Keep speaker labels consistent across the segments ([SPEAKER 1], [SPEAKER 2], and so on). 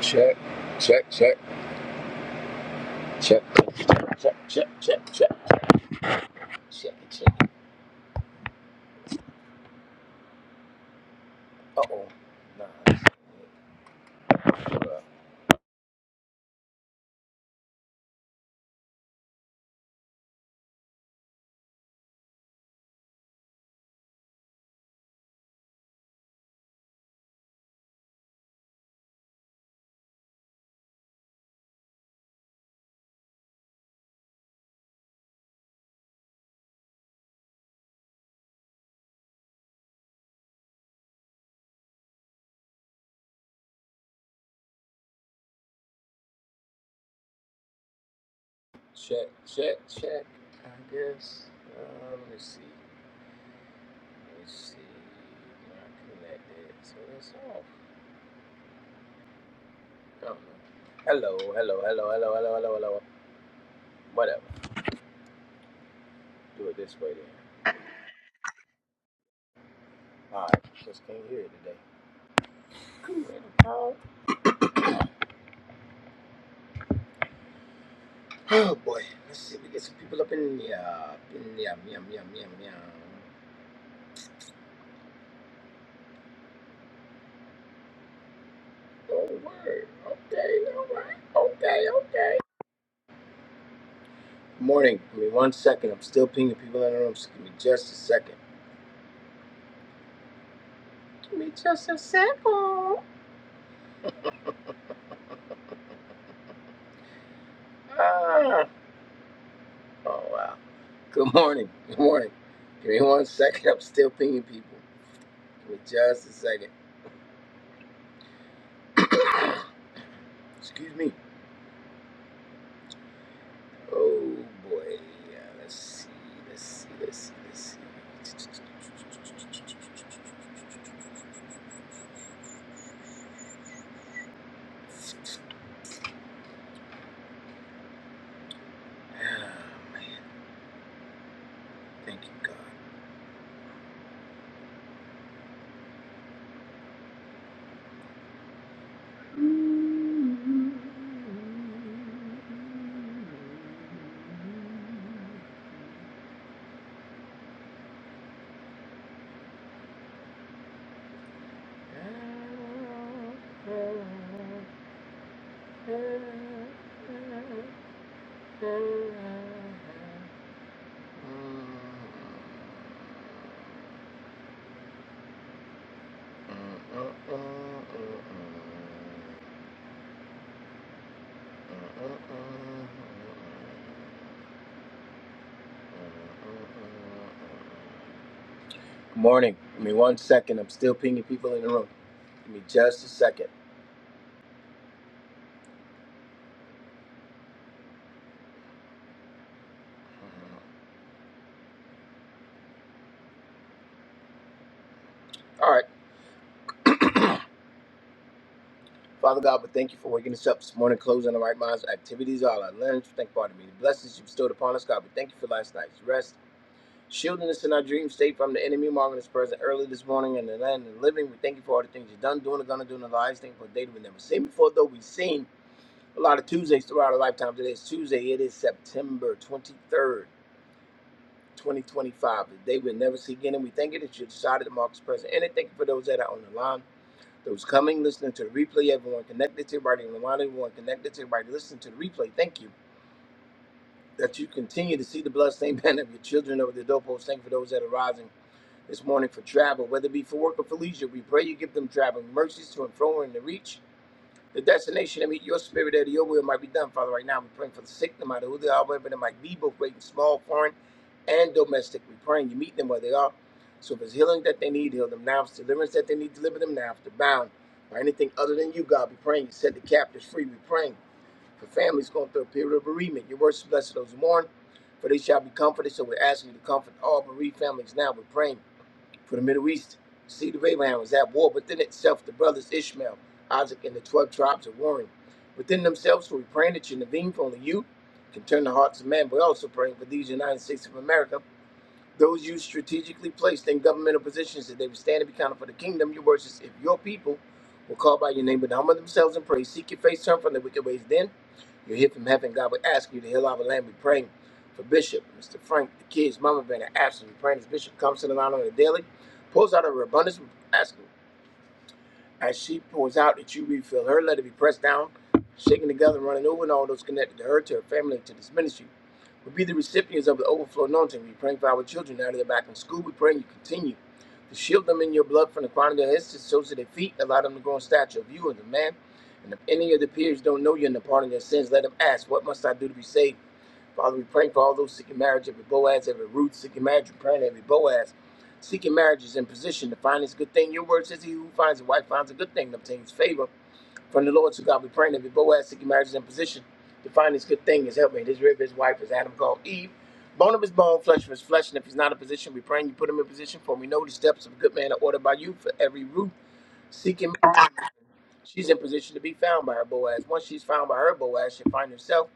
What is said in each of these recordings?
[SPEAKER 1] Check, check, check, check, check, check, check, check, check, check, check, check. Uh oh. Nah, that's not right. check, check, check. I guess. Uh, let me see. Let me see. Can I connect it? So it's off. I don't know. Hello, hello, hello, hello, hello, hello, hello. Whatever. Do it this way then. Alright, just can't hear it today. Cool. Oh boy. Let's see if we get some people up in the, uh, in the, uh, meow, meow, meow, meow. Oh, word. Okay, all right. Okay, okay. Morning. Give me one second. I'm still pinging people in the room. So give me just a second. Give me just a second. Ah. Oh, wow. Good morning. Good morning. Give me one second. I'm still pinging people. Give me just a second. Excuse me. Oh, boy. Yeah, let's see. Let's see. Let's see. Let's see. Ah, man. Thank you, God. Morning. Give me one second. I'm still pinging people in the room. Give me just a second. All right. Father God, we thank you for waking us up this morning, closing the right minds, activities, all our limbs. Thank you, pardon me. The many blessings you bestowed upon us, God, we thank you for last night's rest, shielding us in our dream state from the enemy, marking us present early this morning in the land of the living. We thank you for all the things you've done, doing, and gonna do in our lives. Thank you for a day that we never seen before, though we've seen a lot of Tuesdays throughout our lifetime. Today is Tuesday. It is September 23rd. 2025, the day we'll never see again, and we thank you that you decided to mark us present. And I thank you for those that are on the line Those coming, listening to the replay, everyone connected to everybody in the line, everyone connected to everybody listening to the replay. Thank you that you continue to see the bloodstained banner of your children over the doorpost. Thank you for those that are rising this morning for travel, whether it be for work or for leisure. We pray you give them traveling mercies to and fro and to reach the destination, I mean, your spirit out of your will might be done, Father. Right now, we're praying for the sick, no matter who they are, wherever they might be, both great and small, foreign and domestic. We're praying you meet them where they are. So if it's healing that they need, heal them now. If it's deliverance that they need, deliver them now. If they're bound by anything other than you, God, we're praying you set the captives free. We're praying for families going through a period of bereavement. Your words blessed those who mourn, for they shall be comforted. So we're asking you to comfort all bereaved families now. We're praying for the Middle East. the Seed of Abraham was at war within itself, the brothers Ishmael, Isaac, and the 12 tribes are warring. Within themselves, so we praying that you intervene, for only you can turn the hearts of men. We're also praying for these United States of America, those you strategically placed in governmental positions that they would stand and be counted for the kingdom. Your words is if your people will call by your name and humble themselves and pray, seek your face, turn from their wicked ways, then you hear from heaven, God will ask you to heal our land. We pray for Bishop, Mr. Frank, the kids, Mama, been an absent. We pray as Bishop comes to the line on the daily, pulls out of her abundance. asking as she pours out that you refill her, let it be pressed down, shaken together, and running over, and all those connected to her, to her family, and to this ministry. will be the recipients of the overflow anointing. We pray for our children now that they're back in school. We pray you continue to shield them in your blood from the crown of their heads to the soles of their feet. Allow them to grow in stature of you and the man. And if any of the peers don't know you and the pardon of their sins, let them ask, What must I do to be saved? Father, we pray for all those seeking marriage, every Boaz, every Ruth, seeking marriage, we pray that every Boaz. Seeking marriage is in position to find this good thing. Your word says he who finds a wife finds a good thing and obtains favor from the Lord. So God, we pray that every Boaz seeking marriage is in position to find this good thing, his helpmate, his rib, his wife, as Adam called Eve. Bone of his bone, flesh of his flesh, and if he's not in position, we pray and you put him in position, for we know the steps of a good man are ordered by you for every Ruth seeking. marriage, She's in position to be found by her Boaz. Once she's found by her Boaz, she'll find herself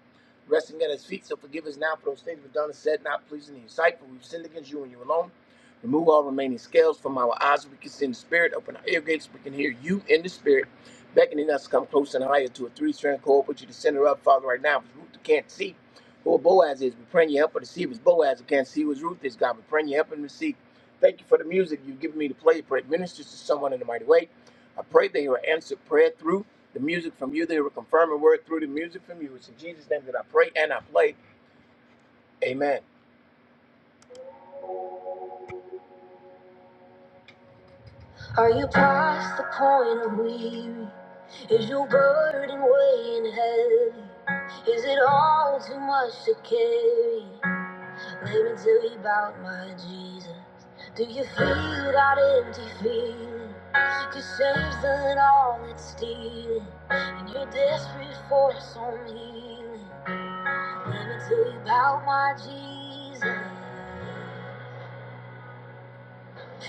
[SPEAKER 1] resting at his feet. So forgive us now for those things we've done and said, not pleasing in your sight, for we've sinned against you and you alone. Remove all remaining scales from our eyes. so We can see in the spirit. Open our ear gates. so We can hear you in the spirit, beckoning us to come close and higher to a three-strand cord. Put you to center up, Father, right now. If it's Ruth who can't see who Boaz is, we are praying you help her to see. If it's Boaz who can't see who Ruth is, God, we are praying you help him to see. Thank you for the music you've given me to play. Pray it ministers to someone in the mighty way. I pray they will answer prayer through the music from you. They will confirm a word through the music from you. It's in Jesus' name that I pray and I play. Amen. Are you past the point of weary? Is your burden weighing heavy? Is it all too much to carry? Let me tell you about my Jesus. Do you feel that empty feeling? Cause shame's done all it's stealing, and you're desperate for some healing. Let me tell you about my Jesus.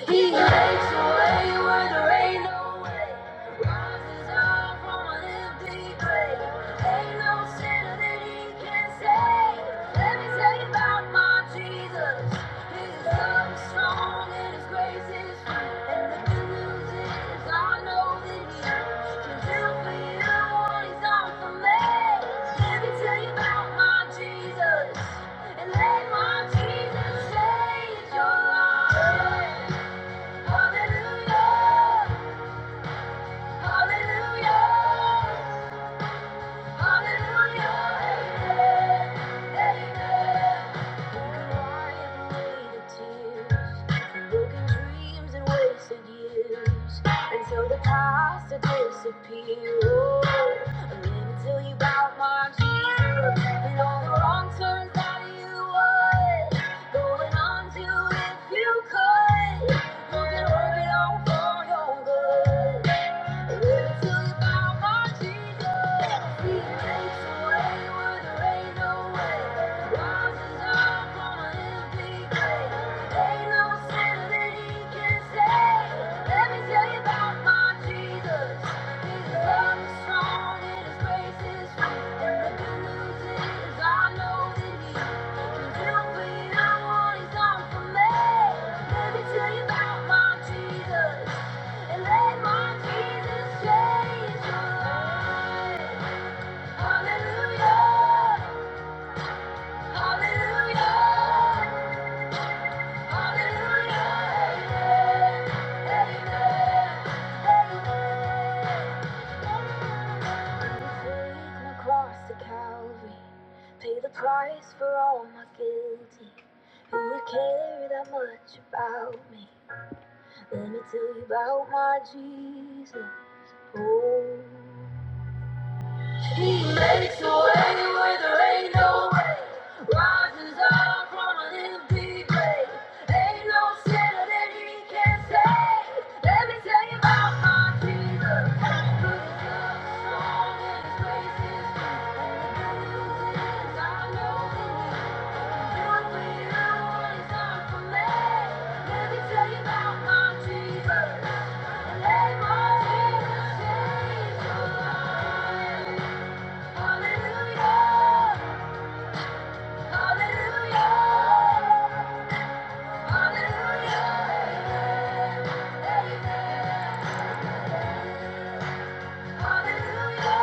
[SPEAKER 1] He makes a way where there ain't no way. Rises up from an empty grave. Ain't no sinner that he can save. Let me tell you about my Jesus. His love is strong and his grace is free. And the good news is I know that he can do for you what he's done for me. Let me tell you about my Jesus. And let my Jesus change your life. Hallelujah, hallelujah. Until the past to oh, and then until you bow my Jesus, and all the wrong turns that you would, going on to if you could, you can work it for your good. Let me tell you about my Jesus. Jesus loves Hallelujah! Hallelujah! Pay the price for all my guilty. Who would care that much about me? Let me tell you about my Jesus. Oh. He makes a way where there ain't no way. Rises up from a little empty grave. Ain't no sinner that he can't save. Let me tell you about my Jesus. Good love, is strong, and his grace is free. And the good news is I know who he is. He can do for you what he's done for me. Let me tell you about my Jesus. And let my Jesus change your life. Hallelujah, hallelujah, hallelujah, amen, hallelujah, hallelujah,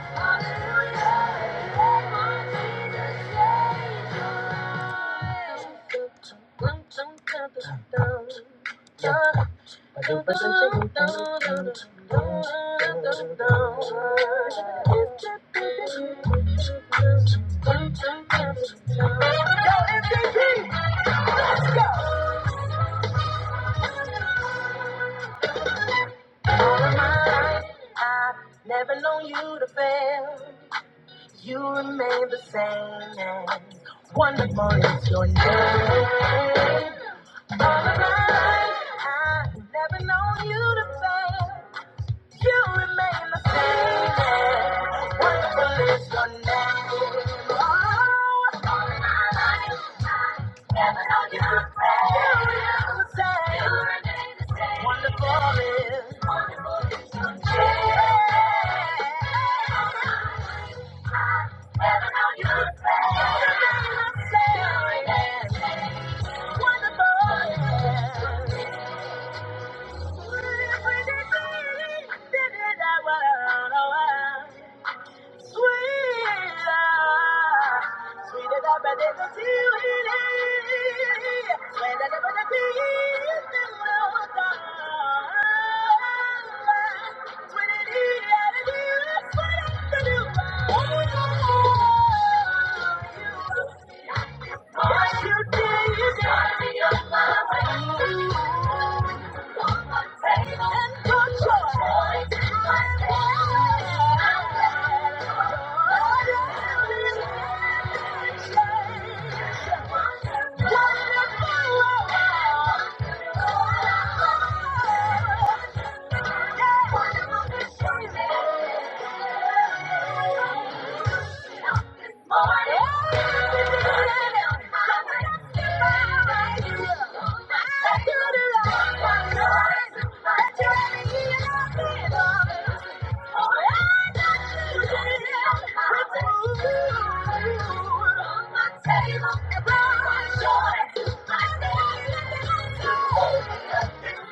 [SPEAKER 1] hallelujah. Let my Jesus change your life. Dum, dum, dum, dum, dum, dum. I've Never known you to fail. You remain the same. And wonderful is your name. All of my life, I've never known you to fail. You remain the same. Wonderful is your name. Oh, how you pray. You remain the same. Wonderful is your name. Heaven, how you pray. You remain the same. Wonderful is your name. Every day, day in and out. Sweeter what you did got me on my way. And your choice is my Table and my joy, my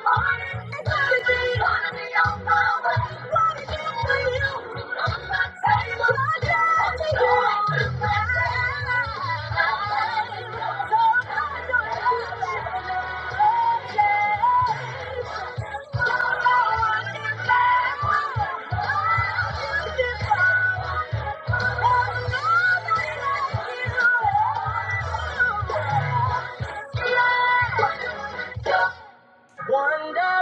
[SPEAKER 1] Wonder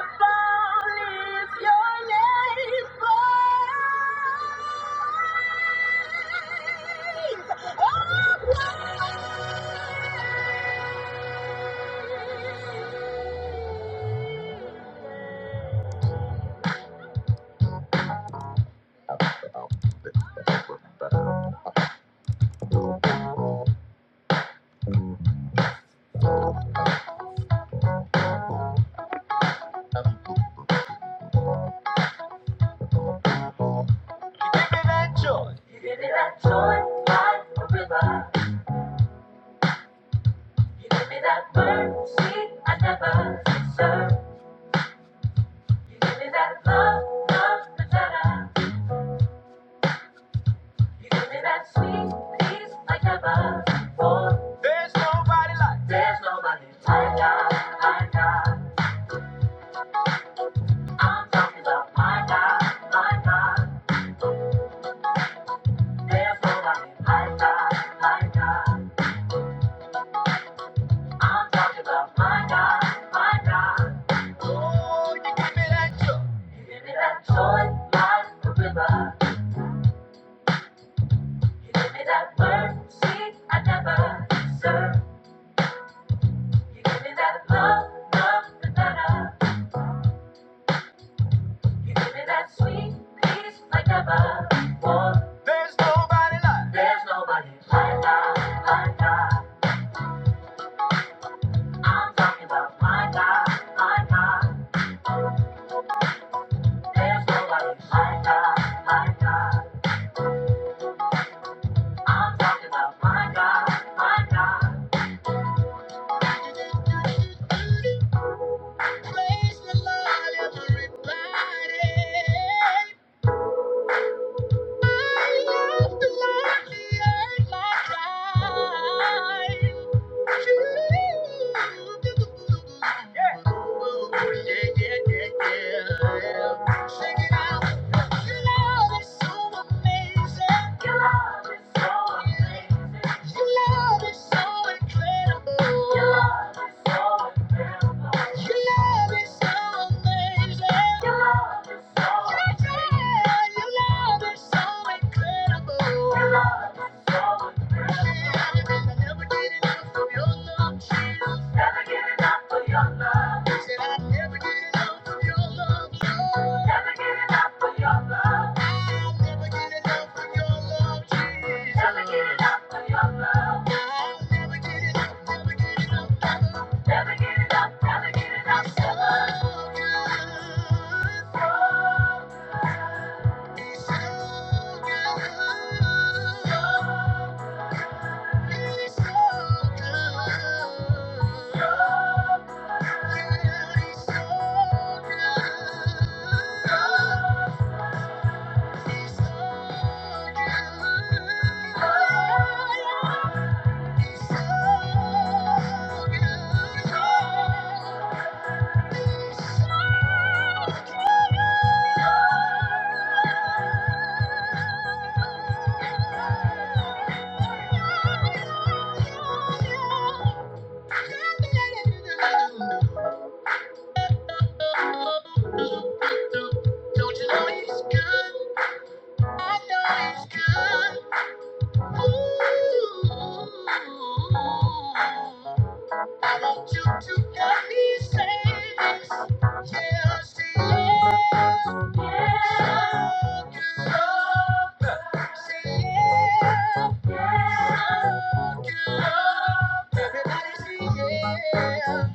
[SPEAKER 1] there's nobody like There's nobody like God, like God. I'm talking about my God, my God. There's nobody like God, like God. I'm talking about my God, my God. You give me that joy like a river. You give me that word, sweet, I never serve. You give me that love, nothing better. You give me that sweet peace like never before. There's nobody like. There's nobody like God, like God. I'm talking about my God, my God. There's nobody like God, like God. I'm talking about my God, my God. Yeah. Yeah, yeah, yeah, yeah. out. Your love is so amazing. so incredible. Your love is so incredible. Your love is so amazing. Your love so Yeah, yeah, your love is so incredible. Your love is so Yeah, I never get enough of your love. Never get enough of your love. I said I'd never get enough of your love. Lord. Never get enough of your love. I'll never get enough of your love, Jesus. Never get enough of your love. I'll never get enough, never get enough, never. Never get enough, never get enough. So good. He's so good. He's so good. Don't you know he's good? I know it's good. Ooh. I want you to help me say this. Yes, yes. So good, so good. Say yeah. So good. Everybody say yeah.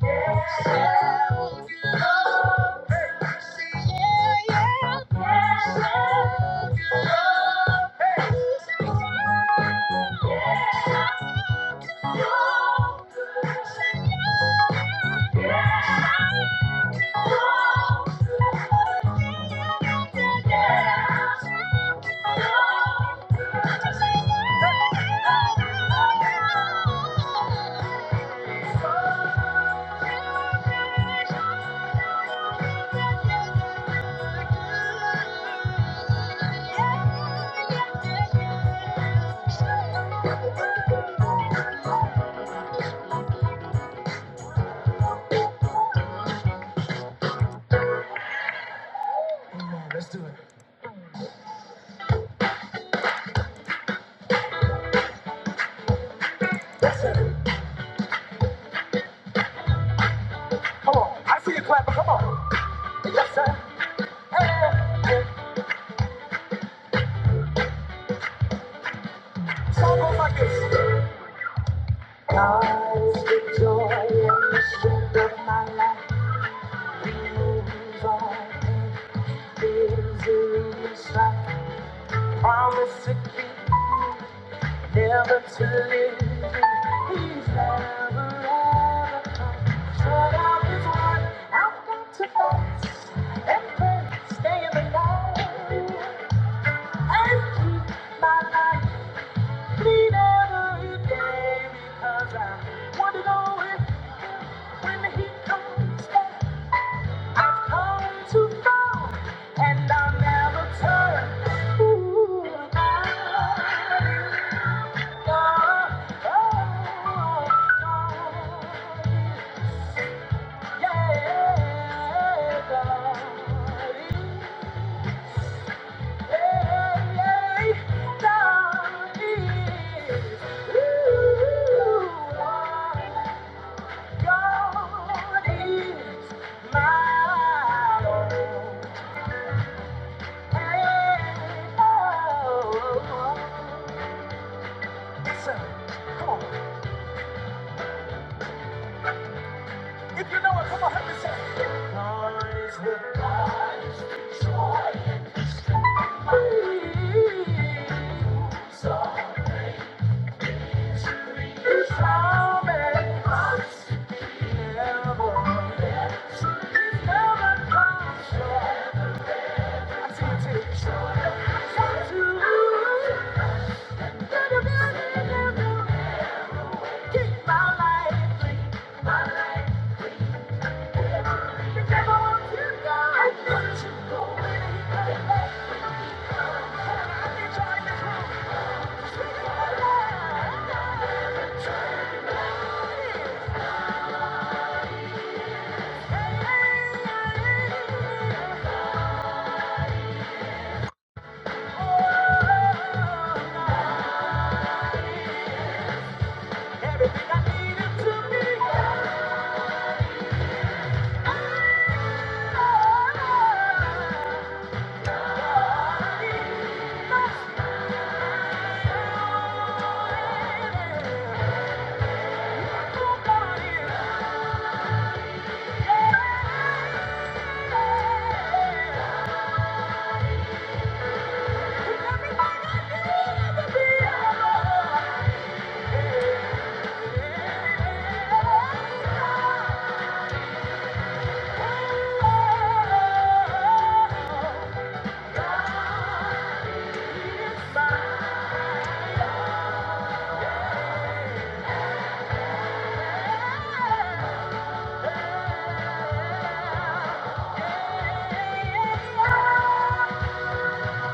[SPEAKER 1] So good. Say yeah, yeah. So good. So good. Say yeah. Come on, I see you clapping. Come on, yes sir. Song goes like this. God's the joy and the strength of my life. Moves on in misery and gives me strength. Promise to keep. Never to leave me. He's never ever come. Shut up is one I've got to face and pray, stay in the light and keep my life clean every day because I want to know if when he comes back I've come too far and I'll never turn. Ooh, I Come on. If you know it, come on, help me say it. God is the God is the joy and the strength. Salvation is coming. Never, lets you, never comes short. I see it too. So true. Gotta be in the mirror. Keep my life clean. Everything I needed to be. Oh, Yeah.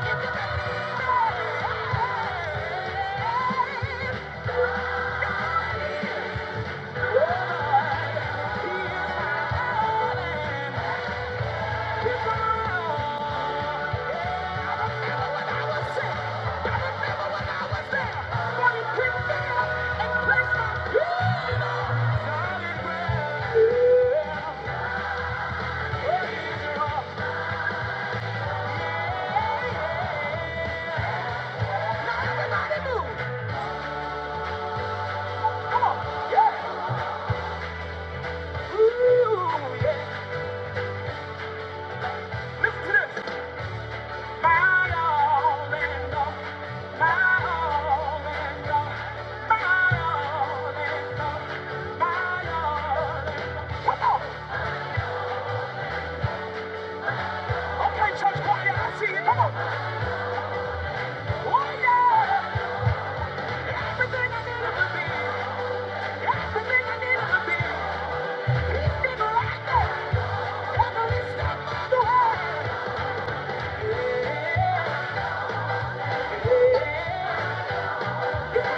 [SPEAKER 1] Everybody move! Come on! Yeah! Ooh, yeah! Listen to this! Yeah. Yeah.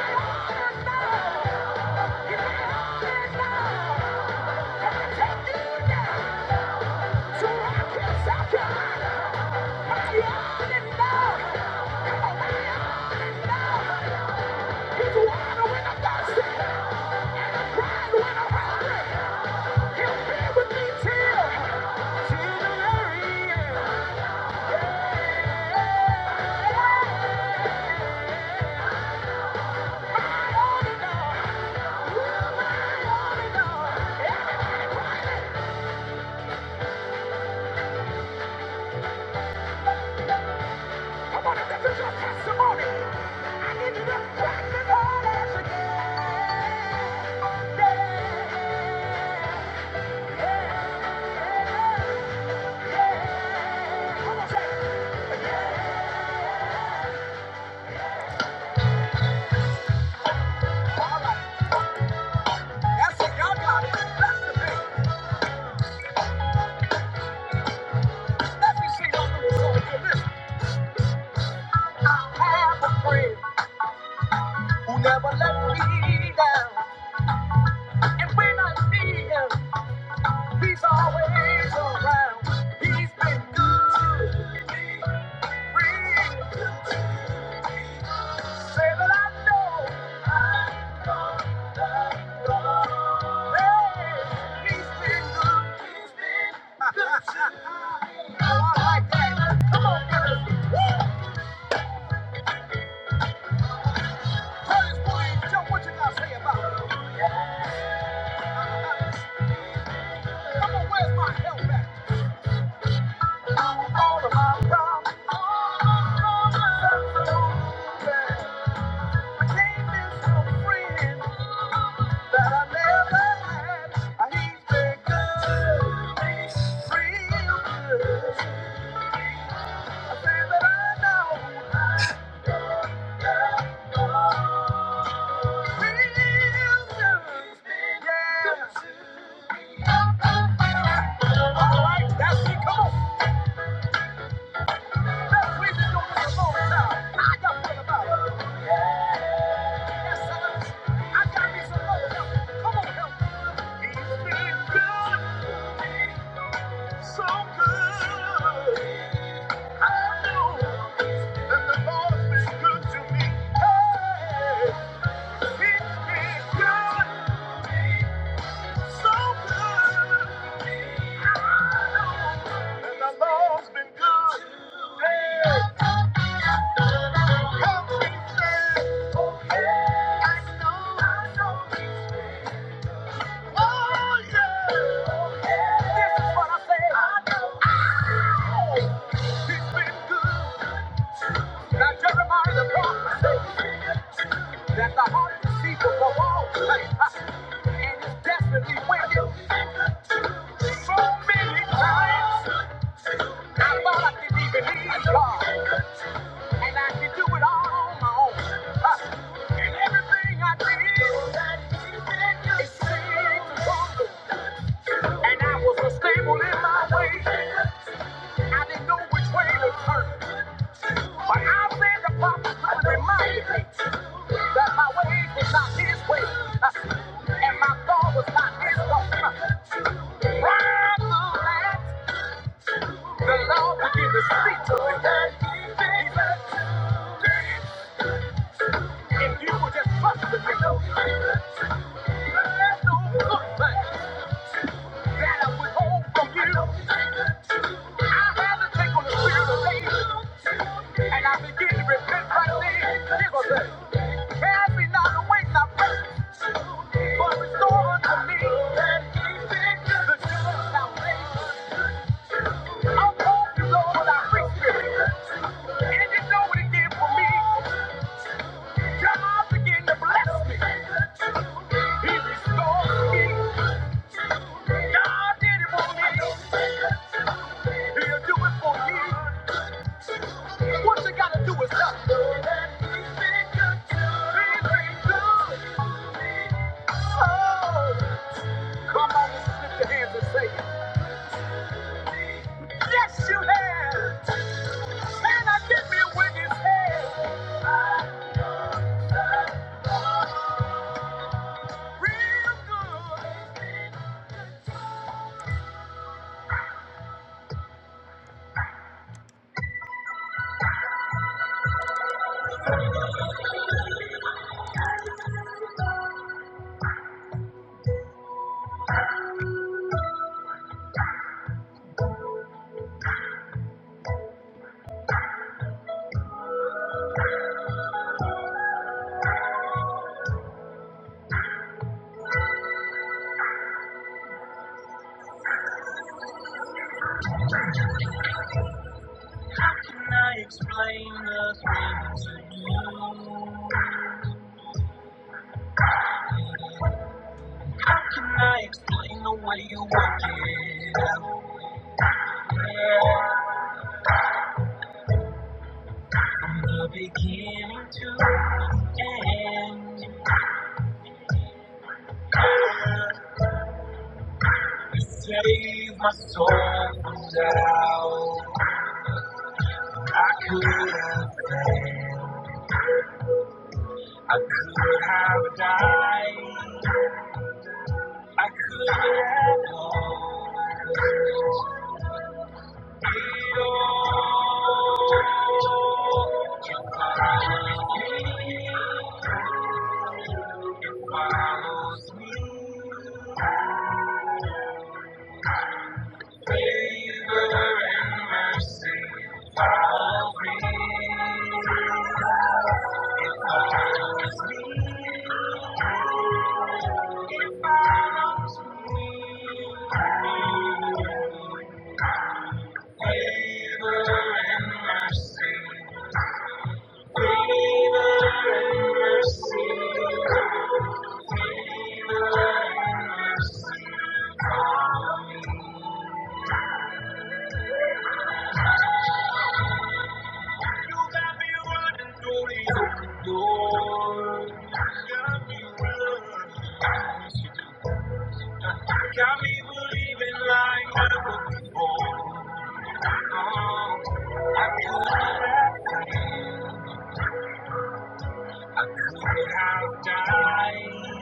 [SPEAKER 1] Come on, if this is your I need you to practice all that you Yeah, yeah, yeah. Come on, say it. Yeah. All right. That's it. you got it. That's the thing. Let me see y'all do this have a friend who never let me down. And when I see him, He's always around. He's been good to me. Say that I know. I know that God. Hey, he's been good. He's been good to me. Oh, I like that. Come on, fellas. Curtis Williams, Joe, what you got to say about it? Come on, where's my help at? All of my problems. all of my problems so I can't miss no friend. So good. Jeremiah the prophet. that the heart is deceitful above all things, and it's desperately wicked. So many times I thought I could even leave God, and I could do it all on my own. Uh, and everything I did, it seemed wrong, and I was unstable in my ways. I didn't know which way to turn. But I said the prophets and reminded me that my ways was not his way, and my thought was not his thought. Right to that? the Lord began to speak to me. He said, if you would just trust in me, there's no good thing. that I would hold from you. I haven't taken the spirit of faith, and I begin to repent right then. Jesus, cast me not away, not but restore unto me the joy I'm hoping, Lord, with our free spirit, and you know what He did for me. God began to bless me. He restored me. God did it for me. he Yes, you have. Can I get me a witness hand? Beginning to end, you saved my soul from doubt. I could have, I could have died. I could have. Lord, got me running, got me believing like my mom would have died.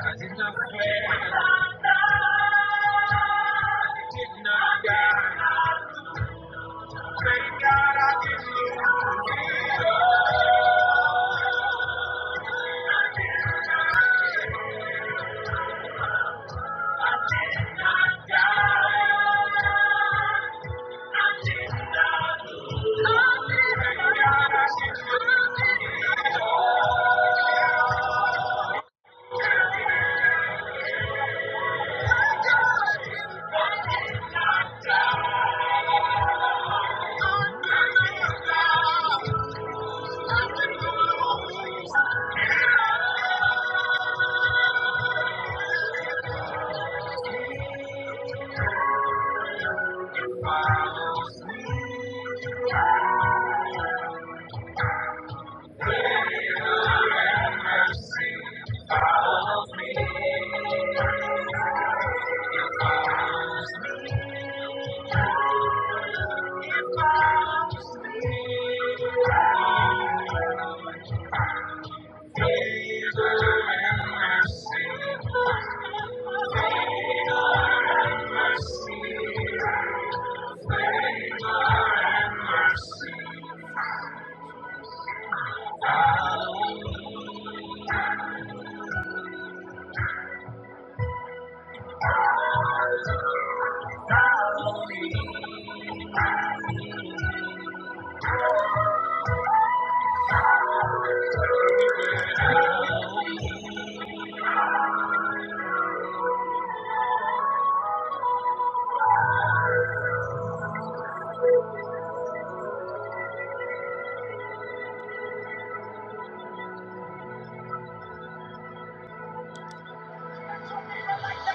[SPEAKER 1] I did not fail, I did not die. Thank God I didn't.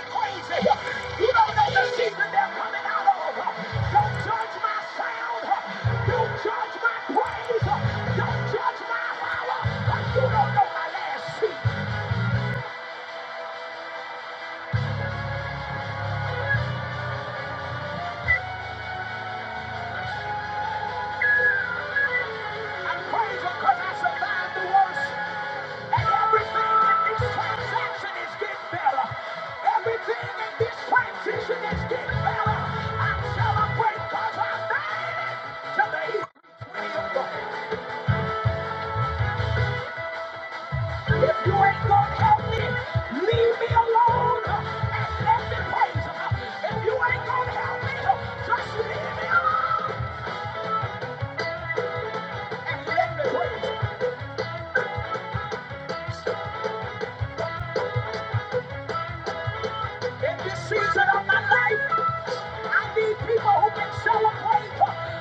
[SPEAKER 1] Praise crazy. You don't know the season they're coming out of. Don't judge my sound. Don't judge my praise. Don't judge my power. You don't know my last seat. I praise Him 'cause I survived the worst. Everything in this transaction is getting better. Everything in this transition is getting better. I celebrate because I made it today. If you ain't gonna help me, leave me alone and let me praise him. If you ain't gonna help me, just leave me alone and let me praise him. In this season of my life, I need people who can celebrate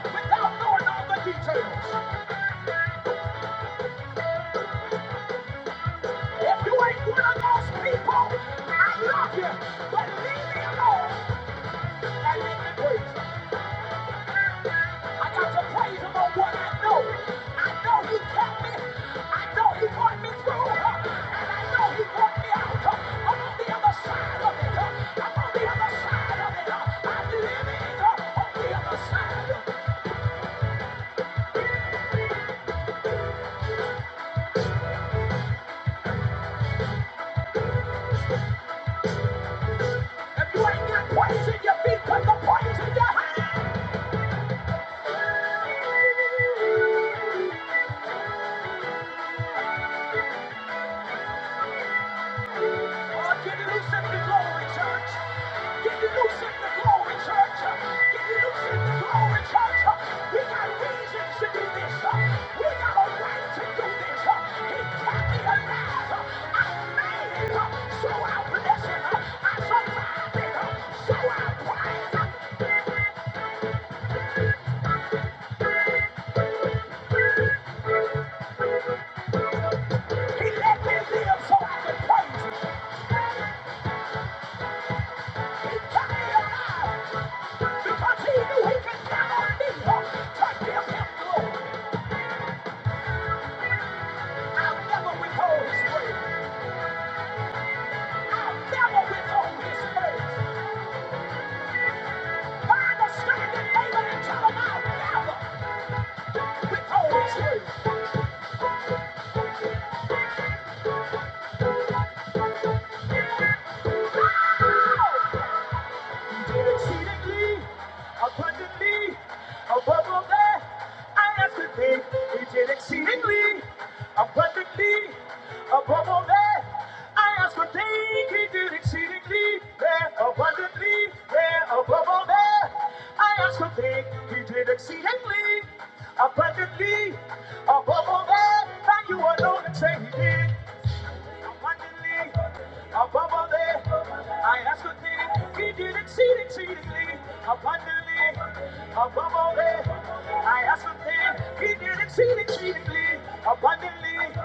[SPEAKER 1] without knowing all the details. If you ain't one of those people, I love you, but leave me alone and let me preach. I got to praise him on what I know. I know he kept me. I know he brought me through. And I know he brought me out. I'm on the other side of it. I'm on the other side of it. I'm living on the other side. of it. If you ain't got praise in your feet, put the praise in your hands. Oh, get loose in the glory, church. Get loose in the glory, church. Get loose in the glory, church. We got reasons to do this. We got a right to do this. He kept me alive. I made it. So I bless him. I survived He let me live so I could praise He kept me alive because he knew he could count on I'll never withhold his praise. I'll never withhold his praise. Father, strengthen David and Jonathan now, forever, with Holy Spirit. Go! He did exceedingly abundantly above all that I asked to think. He did exceedingly abundantly above all that I asked to think. He did exceedingly there abundantly there above all that I asked to think. He did exceedingly abundantly above all that. that you alone and say he did. Above all that, I ask a thing, he did exceed exceedingly abundantly. Above all that, I ask a thing, he did exceed exceedingly abundantly.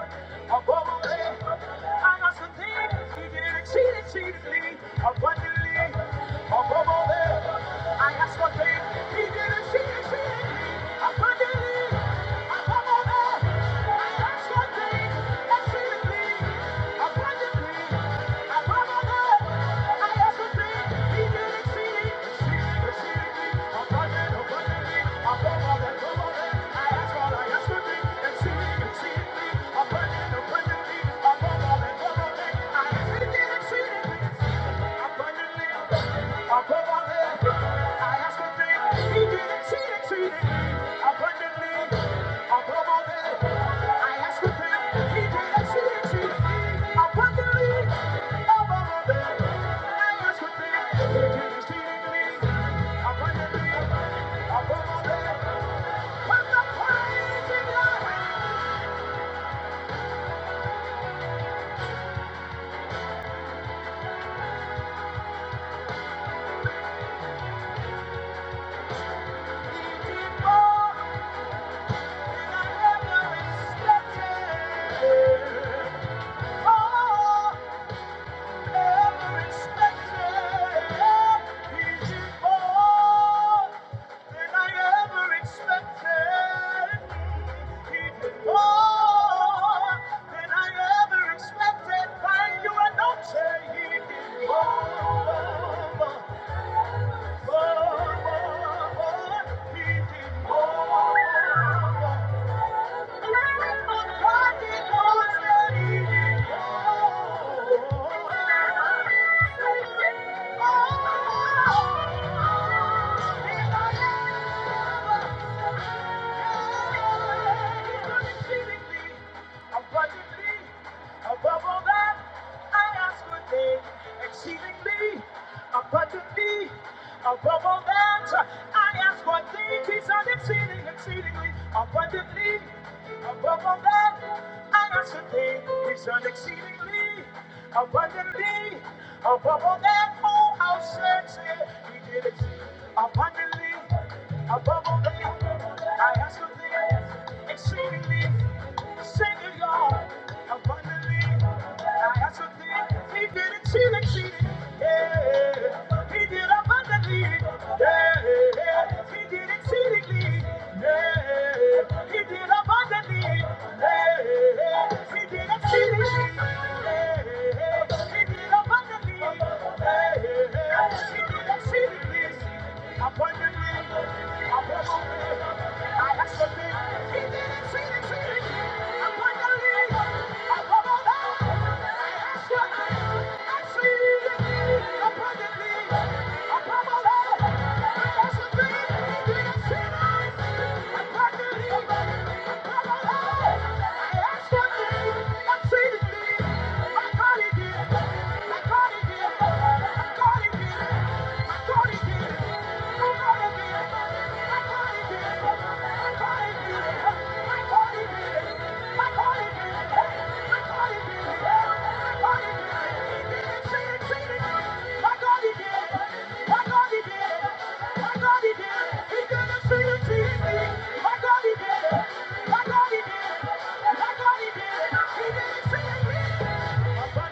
[SPEAKER 1] Above all that, I ask a thing, he did exceed exceedingly abundantly. Above all that, I ask one thing. Abundant, abundant, I ask all I ask for thee, and see, me. and see, me. I'm burning. I'm burning. Abundantly, above all that, what the praise in your hands. yeah. than I ever expected. Thank you. are not saying he did more Above all that, I ask for things exceedingly abundantly Above all that, I ask for thee, peace and exceeding, exceedingly abundantly. Above all that, I ask for thee, peace and exceedingly abundantly. Above all that, oh, how sexy he did it abundantly. Above all that, I ask for thee, exceedingly, sing singular, abundantly. I asked him, he did it, she Yeah, he did abundantly. Yeah, he did exceedingly. Yeah, he did abundantly. Yeah, he Yeah, he did abundantly. Yeah, he did exceedingly. Abundantly, abundantly. I asked Thank you. My God, he did it. My God, he did it. He did it. He did it. My Oh!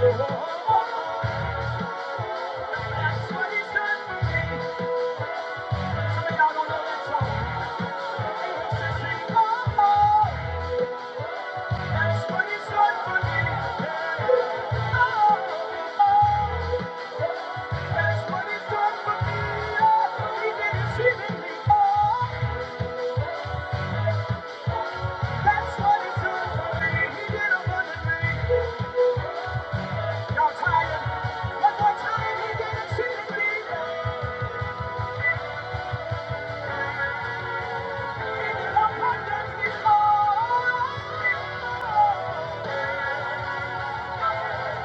[SPEAKER 1] That's what it's done for me. Some of don't know that song. He used to sing, oh, oh, that's what he's done for me. Yeah. Oh, oh, that's what he's done for me. Oh, he did it seemingly. Oh, that's what he's done for me. He did it for me. One more time, he did it, she did it. Give it up, one dance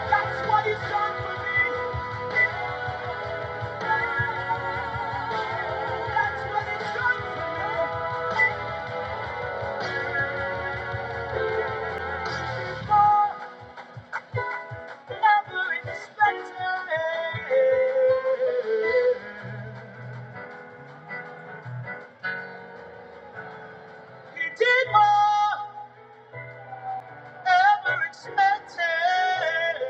[SPEAKER 1] That's what he's done for me. That's what he's done for me. More than ever expected. He did more than ever expected.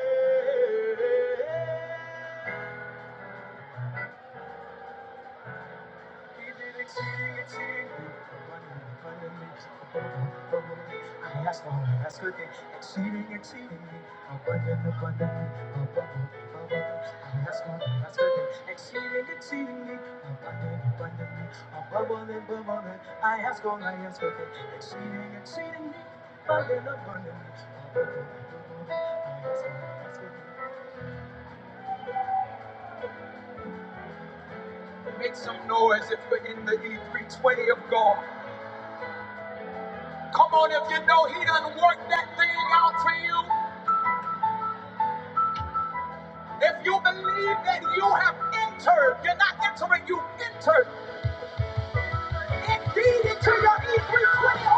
[SPEAKER 1] I ask all I ask good things, exceeding, exceedingly, abundant, abundantly, above all, I ask all I ask good things, exceeding, exceedingly, abundant, abundantly, above all, I ask all I ask good things, exceeding, exceedingly, abundant, abundantly. Make some noise if you're in the E320 of God. Come on, if you know He done worked that thing out for you. If you believe that you have entered, you're not entering, you entered indeed into your E320.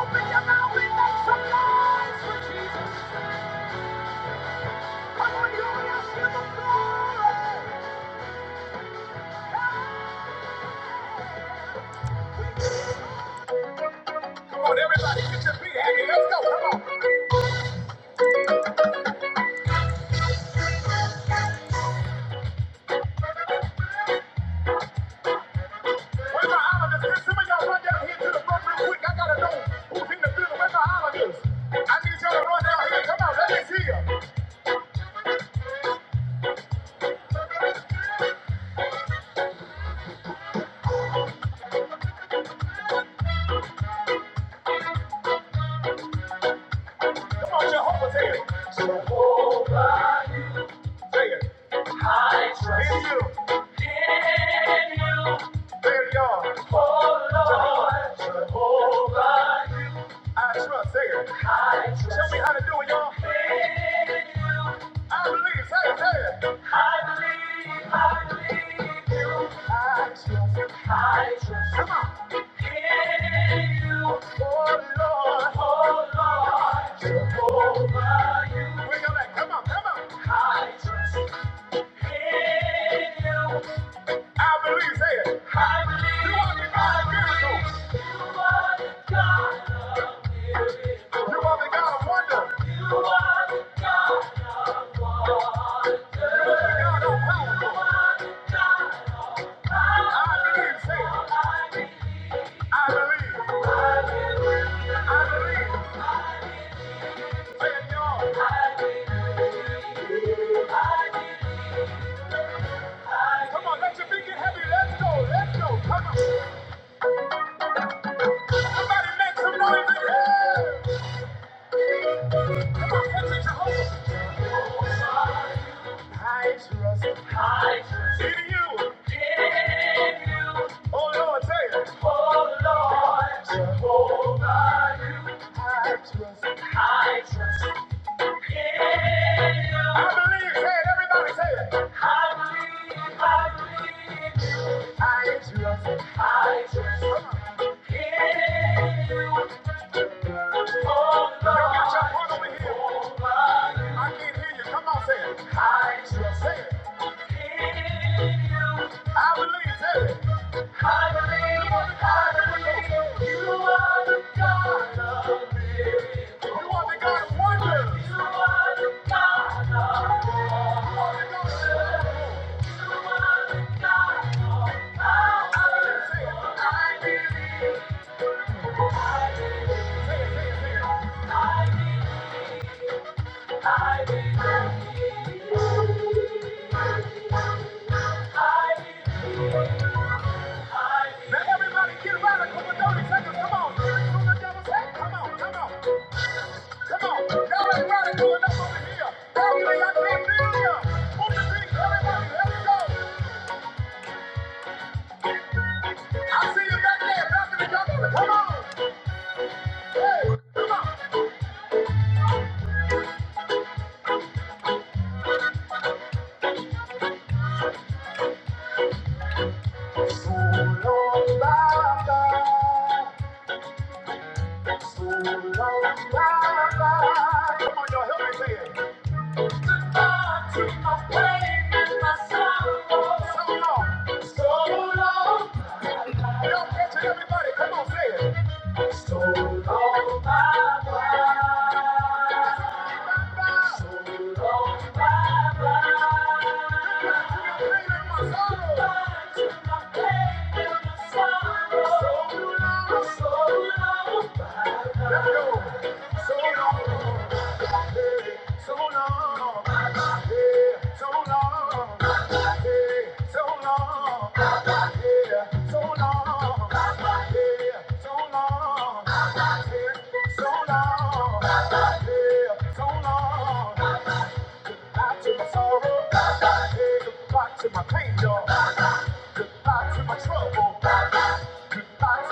[SPEAKER 1] Come on, everybody, get your feet happy. Let's go. Come on. Where's my island? Is some of y'all run down here to the front real quick? I gotta know who's in the building. Where's my island? Is? I need y'all to run down here. Come on, let me see you. Come on, Jehovah, say it. Jehovah, say it. In you, there you are. Jehovah, I trust. Say it. Show me how to do it, y'all. I believe, say it, say it. I believe, I believe you. I trust. Come on. In you. Oh Lord. Oh Lord. Jehovah. Bring it back. Come on, come on. I believe, say it. You are the God of miracles. You are the God of wonder. You are the God of power. I believe, say it. I believe. I believe. Say it, y'all. Come on, let your feet get heavy. Let's go. Let's go. Come on. Somebody make some noise. Come on, catch it, Jehovah. I trust in you. Oh, Lord, say it. I believe. Say it. Everybody say it. I trust. in you. Come on. Y'all got your heart over here. I can't hear you. Come on, say it. I trust. Say it. I believe. Say it. I believe you are the God of miracles. You are the God of wonders. You are the God of miracles. I believe. say it. Now everybody get radical for 30 seconds. Come on. Give the devil's head. Come on. Come on. Come on. Y'all ain't radical enough over here. Balcony, I can't feel ya. Move the feet, everybody. Let it go. I see you back there. Balcony, y'all got Come on. Hey. Solo Baba. Solo Baba. Come on, you Help me say it. Solo. Solo. Y'all catch it, everybody. Come on, say it. Baba. Goodbye to my pain, y'all. Goodbye to my trouble. Goodbye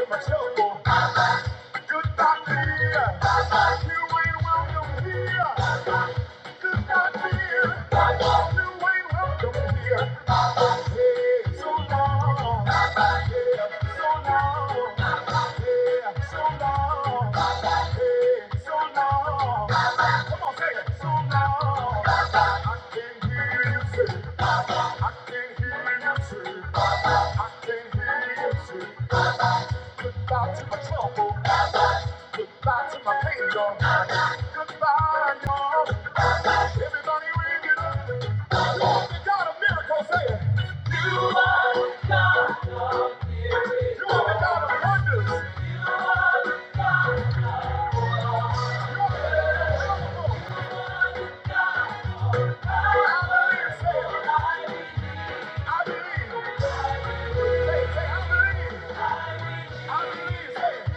[SPEAKER 1] to my trouble. Goodbye to my pain, y'all. Goodbye, y'all. Everybody ring it up. You want the God of miracles, say it. You want the God of wonders. You want the God of miracles. I believe, say it. I believe. Say, it, say, I believe. I believe, say it.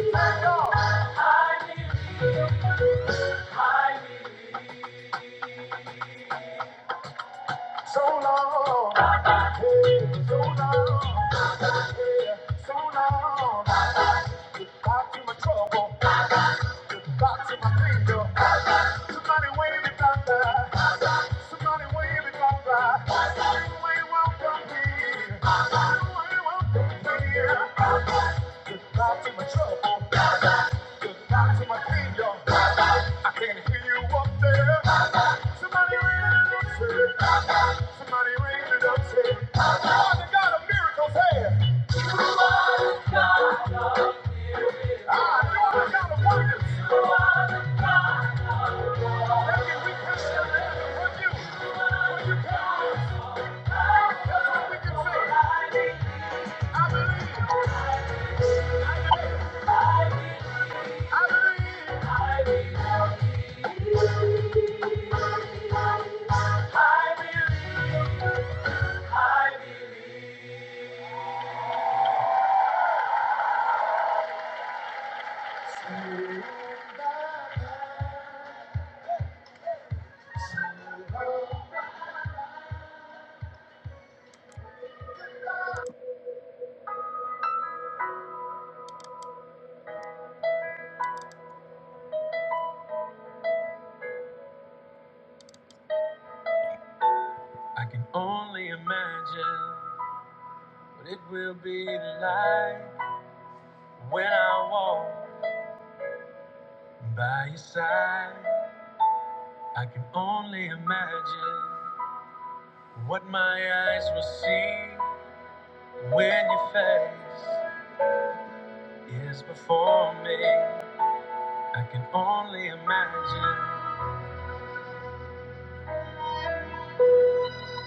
[SPEAKER 1] Say, y'all. So long. Yeah, so long. Yeah, so long. Goodbye to my trouble. Goodbye to my pain, y'all. Somebody wave it down there. Somebody wave and come by. Somebody wave, welcome me. Somebody wave, welcome me. Goodbye to my trouble. Goodbye to my kingdom. I can not hear you up there. Somebody ring it up, say. Somebody ring it up, say. I'm the God of miracles, hey. I know I'm the God of wonders. That can we can share that with you. When you come, that's what we can say. I can only imagine what it will be like when I walk by your side. I can only imagine what my eyes will see when your face is before me. I can only,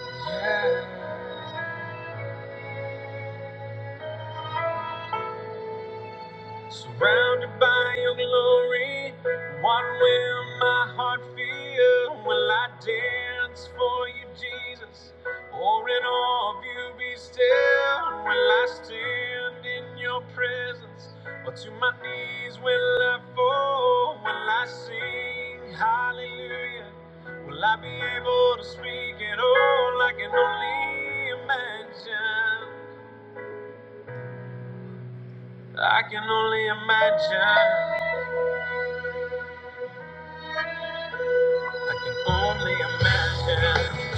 [SPEAKER 1] yeah. Surrounded by your glory, what will my heart feel? Will I dance for you, Jesus? Or in awe of you be still? Will I stand in your presence? Or to my knees will I fall? Will I sing hallelujah? Will I be able to speak at all? I can only imagine. I can only imagine. I can only imagine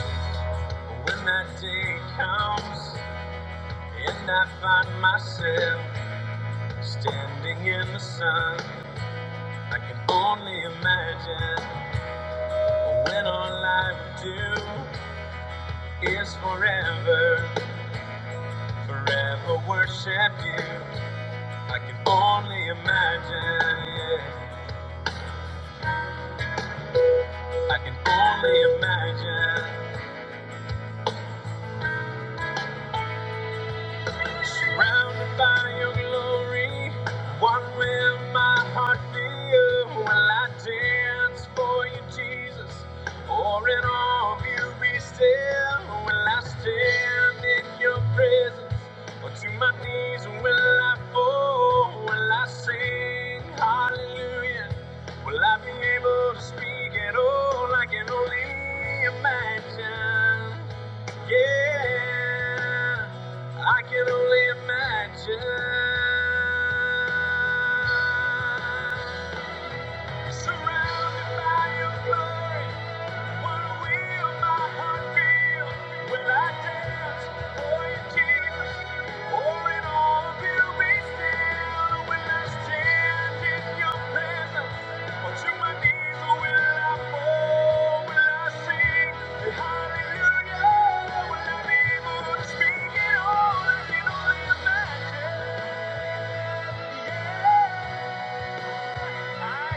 [SPEAKER 1] when that day comes and I find myself standing in the sun. I can only imagine when all I would do is forever, forever worship you. I can only imagine, yeah. I can only imagine. Surrounded by your glory, what will my heart do? Will I dance for you, Jesus? Or in all of you be still? Will I stand in your presence? Or to my knees will I fall? Will I sing hallelujah? Will I be able to speak at all? I can only imagine. Yeah. I can only imagine. Surrounded by your glory. Yeah. I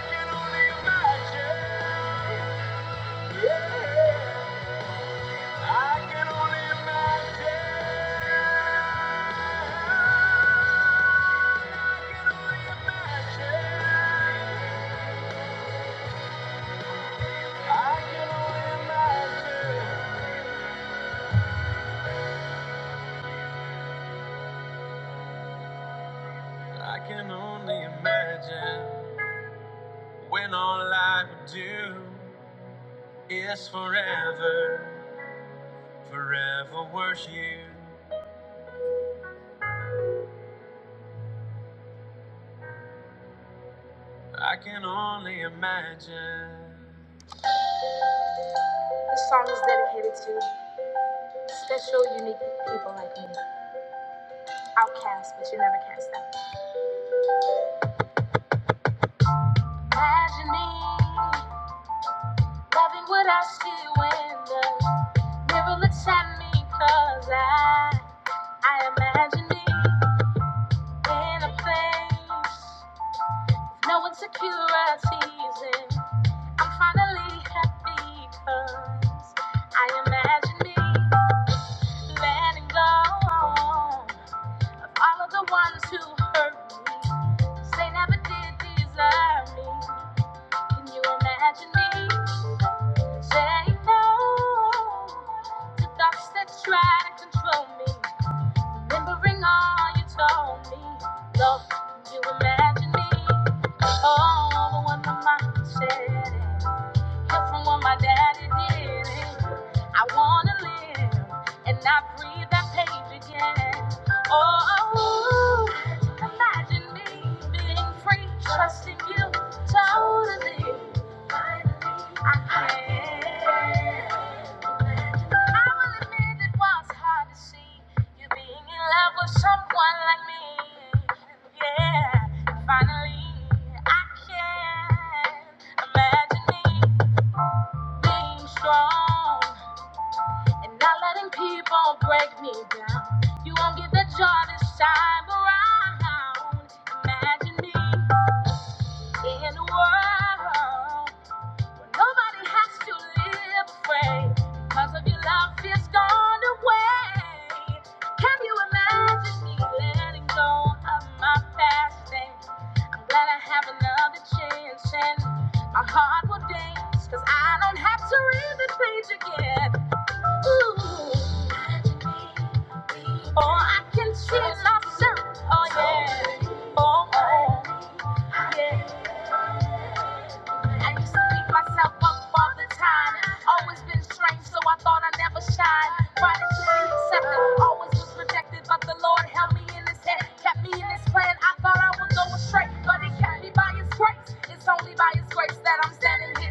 [SPEAKER 1] can only imagine. I can only imagine. I can only imagine. I can only imagine. when all I would do is forever, forever worship you. I can only imagine. Outcast, but you never cast out. Imagine me. Loving what I see when the mirror looks at me, cause I, I imagine me in a place. with No insecurities, and I'm finally happy, cause I imagine me letting go. All of the ones who hurt me, 'cause they never did deserve me. Can you imagine me saying no? The thoughts that try to control me, remembering all you told me. Love, can you imagine me? Oh, the one my mind said. it. But from what my daddy did, I wanna live and not read that page again. Oh, imagine me being free, trusting you totally. I can. not I will admit it was hard to see you being in love with someone like me. Yeah, finally I can imagine me staying strong and not letting people break me down. You won't get the joy this time around. Imagine me in a world where nobody has to live afraid because of your love is gone away. Can you imagine me letting go of my past things? I'm glad I have another chance and my heart will dance because I don't have to read the page again. Oh, I can see myself. Oh, yeah. Oh, oh, yeah. I used to beat myself up all the time. Always been strange, so I thought I never shine. Why did you be accepted? Always was rejected, but the Lord held me in His hand. Kept me in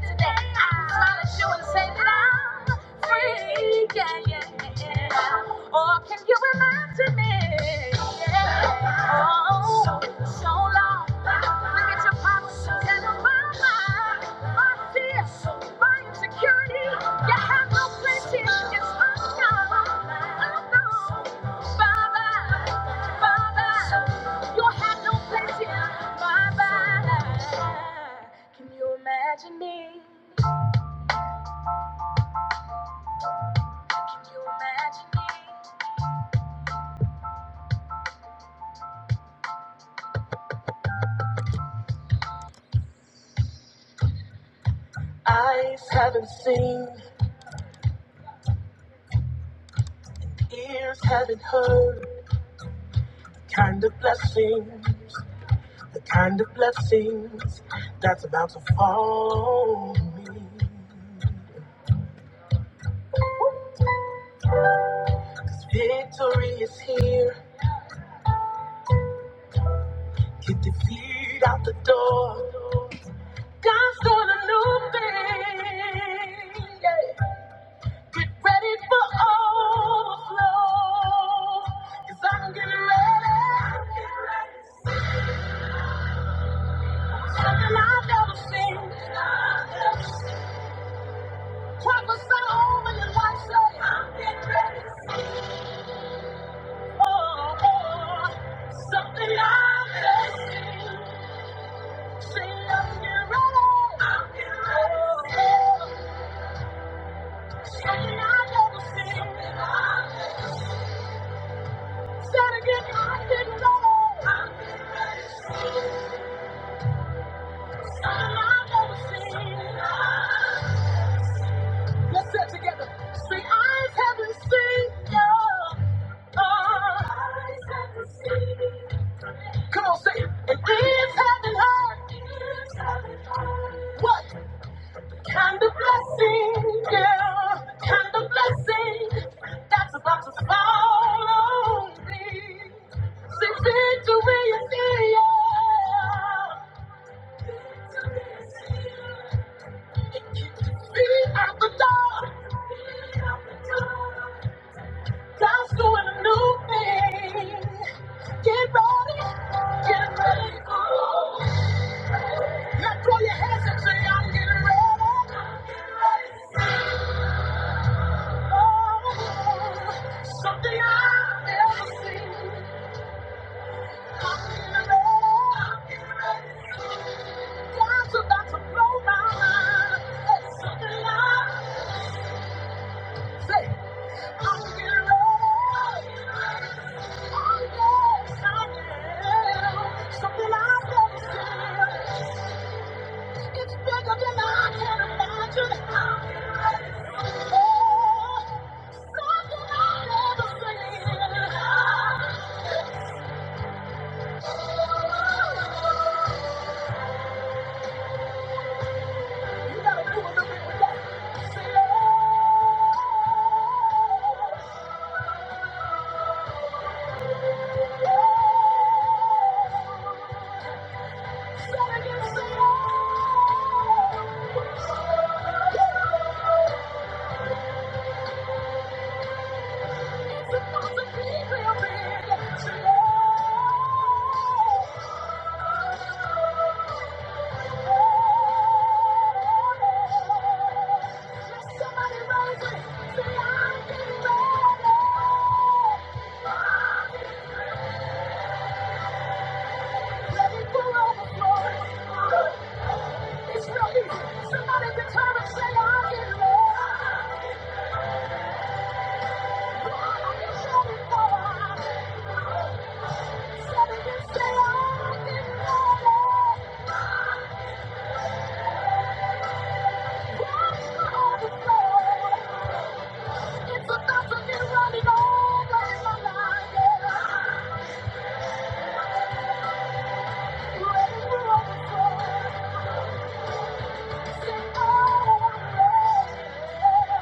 [SPEAKER 1] His knowledge, you and say that I'm free. Oh, Father, Father, you have no place here. Father, can you imagine me? Ears haven't heard the kind of blessings, the kind of blessings that's about to fall on me. Victory is here. Get the feet out the door. God's doing a new thing. yeah. Get ready for overflow. i I'm getting ready. Something I've never seen. Prophesy over your life, say, I'm getting ready for something I've never seen. Say, I'm getting ready. I'm getting ready for something I've never seen. Something I've never seen. Say it again, I'm getting ready. I'm getting ready for something I've never seen. Something I've never seen. Let's say it together. Say, eyes haven't seen. Yeah. Uh, eyes haven't seen. Come on, say it. It is if heaven huh? what kind of blessing, yeah, kind of blessing that's about to fall on me? Say victory is here. Feet out the door. God's doing a new thing. Get ready, get ready. Now throw your hands up, say, I'm getting ready. Oh, something I've never seen. I'm getting ready. God's about to blow my mind. It's something I say. I'm getting ready. Oh, yes, I am. Something I've never seen. It's bigger than I can imagine. Oh, something I've never seen. You gotta do a little bit with that. Say it, say it again, say it. It's about to be real big. Say it. Watch the overflow. It's about to be running over in my life. Yeah. Ready for overflow. Say, oh, yeah.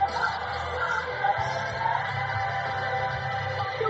[SPEAKER 1] Thank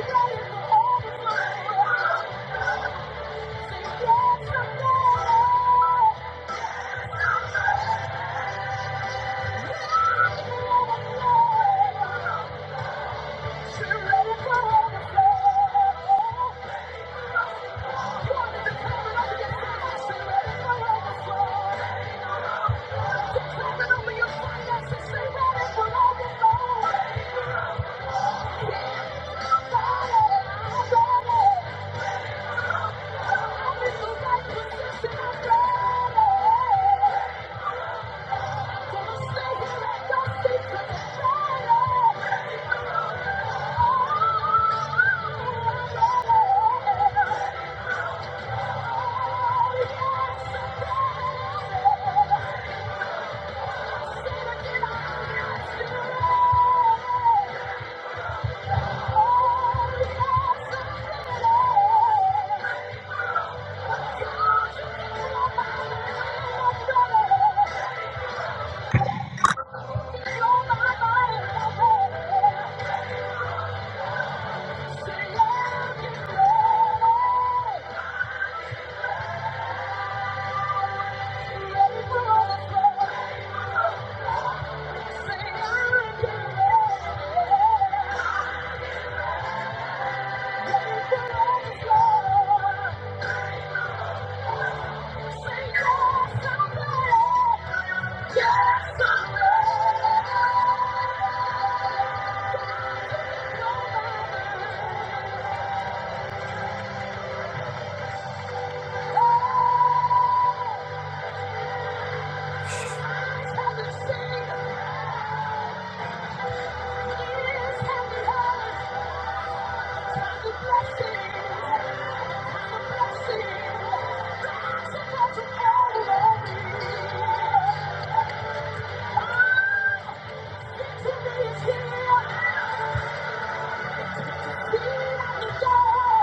[SPEAKER 1] you.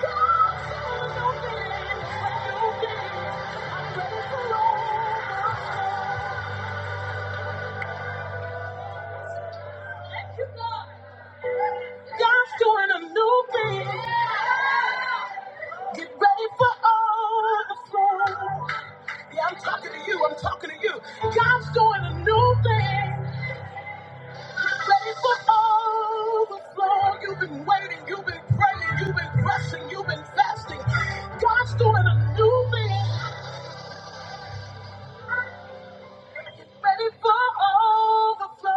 [SPEAKER 1] God's doing a new thing. Get ready for overflow. Yeah, I'm talking to you. I'm talking to you. God's doing a new thing. Get ready for overflow. You've been waiting. You've been praying. You've been pressing. You've been fasting. God's doing a new thing. Ready for overflow.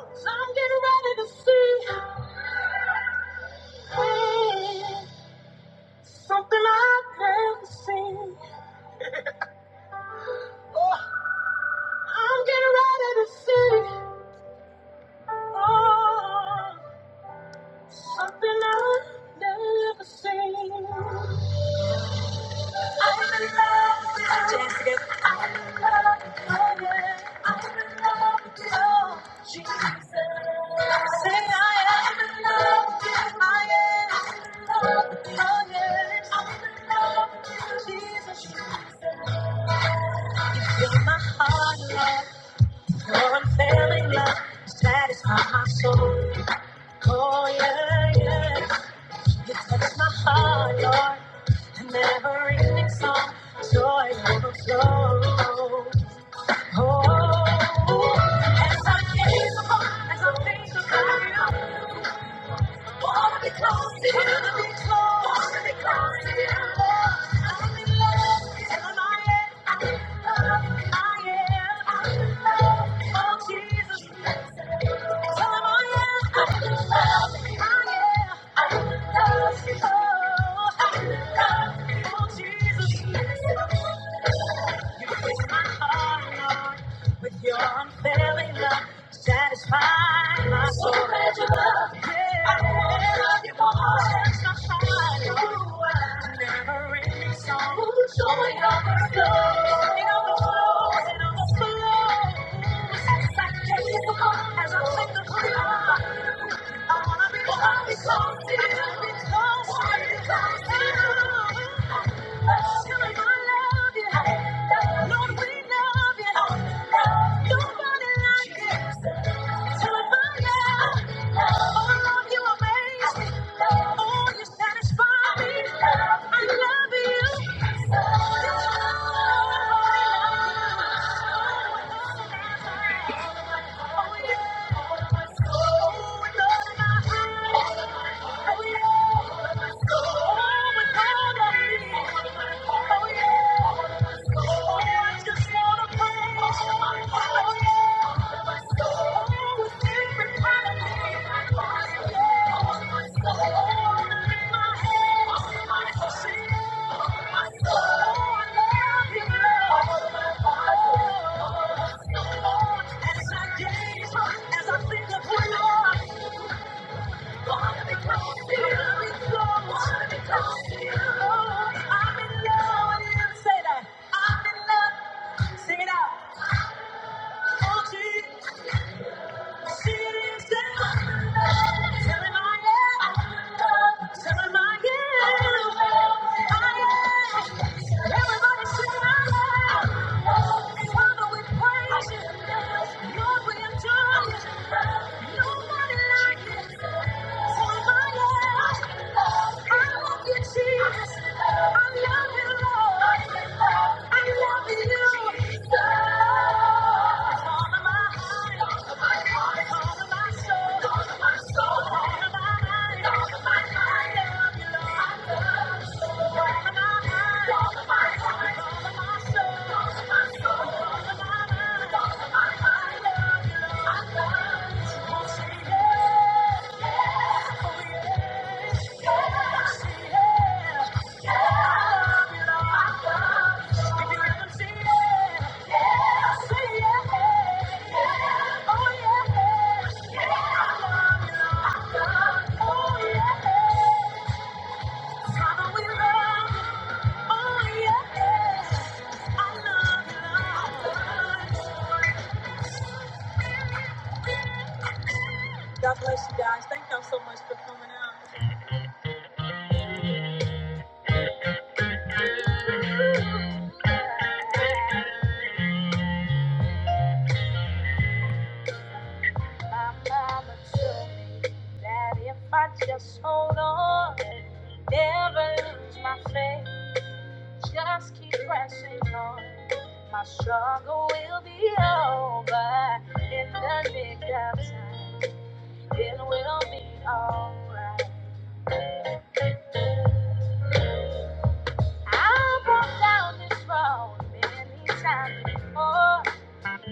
[SPEAKER 1] So I'm getting ready to see hey, something I've never seen. I'm getting ready for something I've never seen. I'm in love with you. I just you. love you. Oh, yeah. I'm in love with you. Oh, Jesus. Say I am. in love with you. I am. I'm in love with you. Oh, yeah. I'm in love with you, Jesus. Say that. Sing it out. Oh, Jesus, she is there. Jesus. I love you, Lord. I love you. With all of my heart. God bless you guys. Thank y'all so much for coming. My mama told me that if I just hold on, never lose my faith. Just keep pressing on. My struggle will be over in the nick of time. It will be alright. I've walked down this road many times before.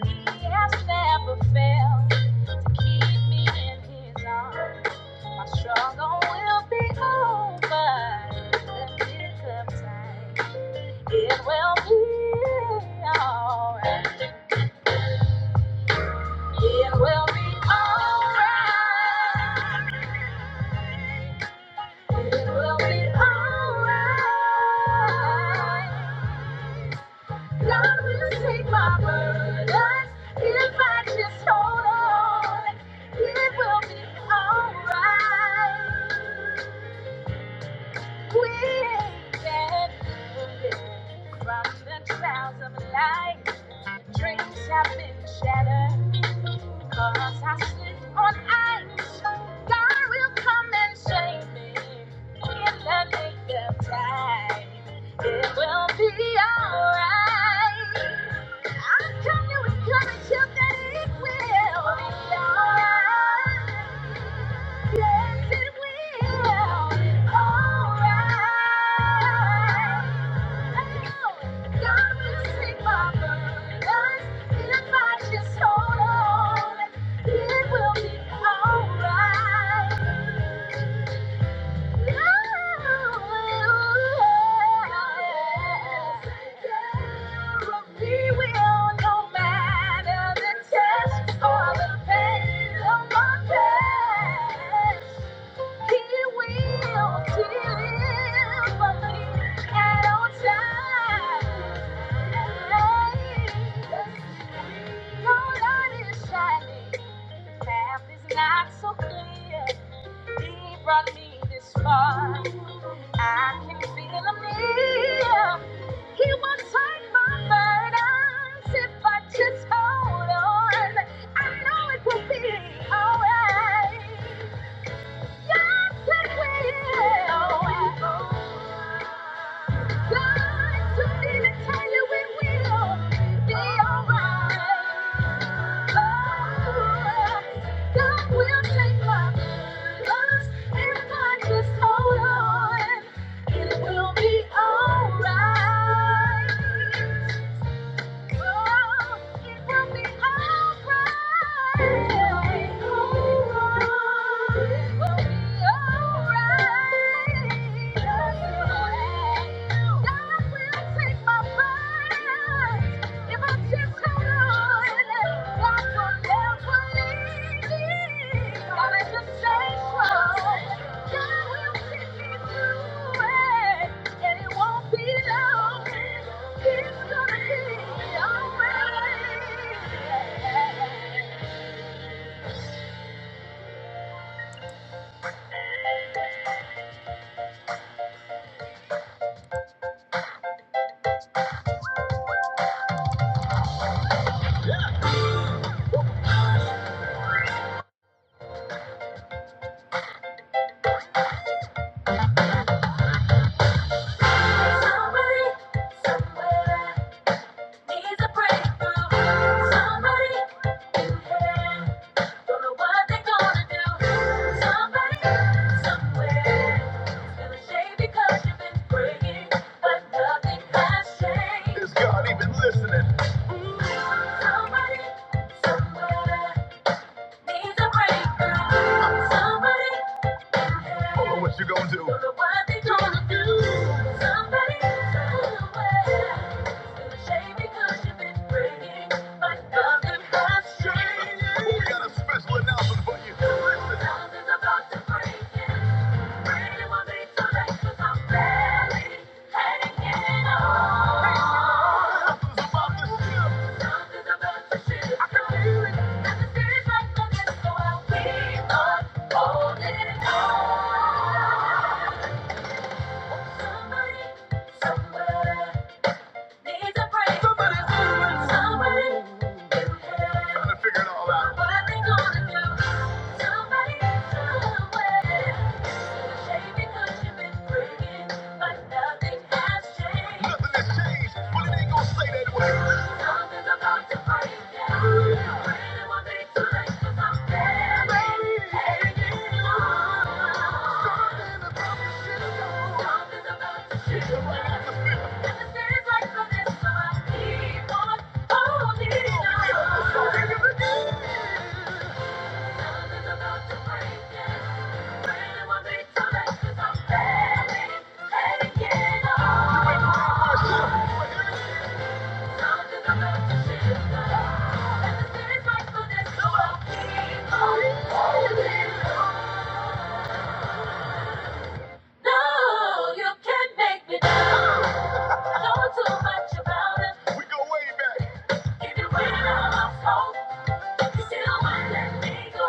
[SPEAKER 1] He has never failed to keep me in his arms. My struggle will be over in the nick of time. It will be alright. It will be alright. It will be alright. God will take my burdens if I just hold on. It will be alright. From the trials of life, dreams have been shattered. Cause I slip on ice. God will come and save me in the nick of time. It will be alright. I come to encourage you that it will be alright. Yes, it will. All right. I know God will take my burdens if I just hold on. It will be all right. Hallelujah. He will, no matter the test or the pain of my past. He will deliver me at all times. Your light is shining. The path is not so clear. He brought me this far. I can feel him near. He will take my burdens if I just hold on. I know it will be alright. It will be alright. It will and it won't be long. Somebody, somewhere, needs a breakthrough. Somebody, yeah. Don't know what they doing. Somebody, somewhere. Needs a break. something. Trying to figure it all out. What are they gonna do? Somebody somewhere. Shady cause you've been drinking, but nothing has changed. Something's about to break down. Really won't be too 'cause I'm barely hanging on. Something's about to shift. And the city's right for this, so I keep on holding on. No, you can't make me down. I know too much about it. We go way back. Keep it waiting on my phone. You still won't let me go.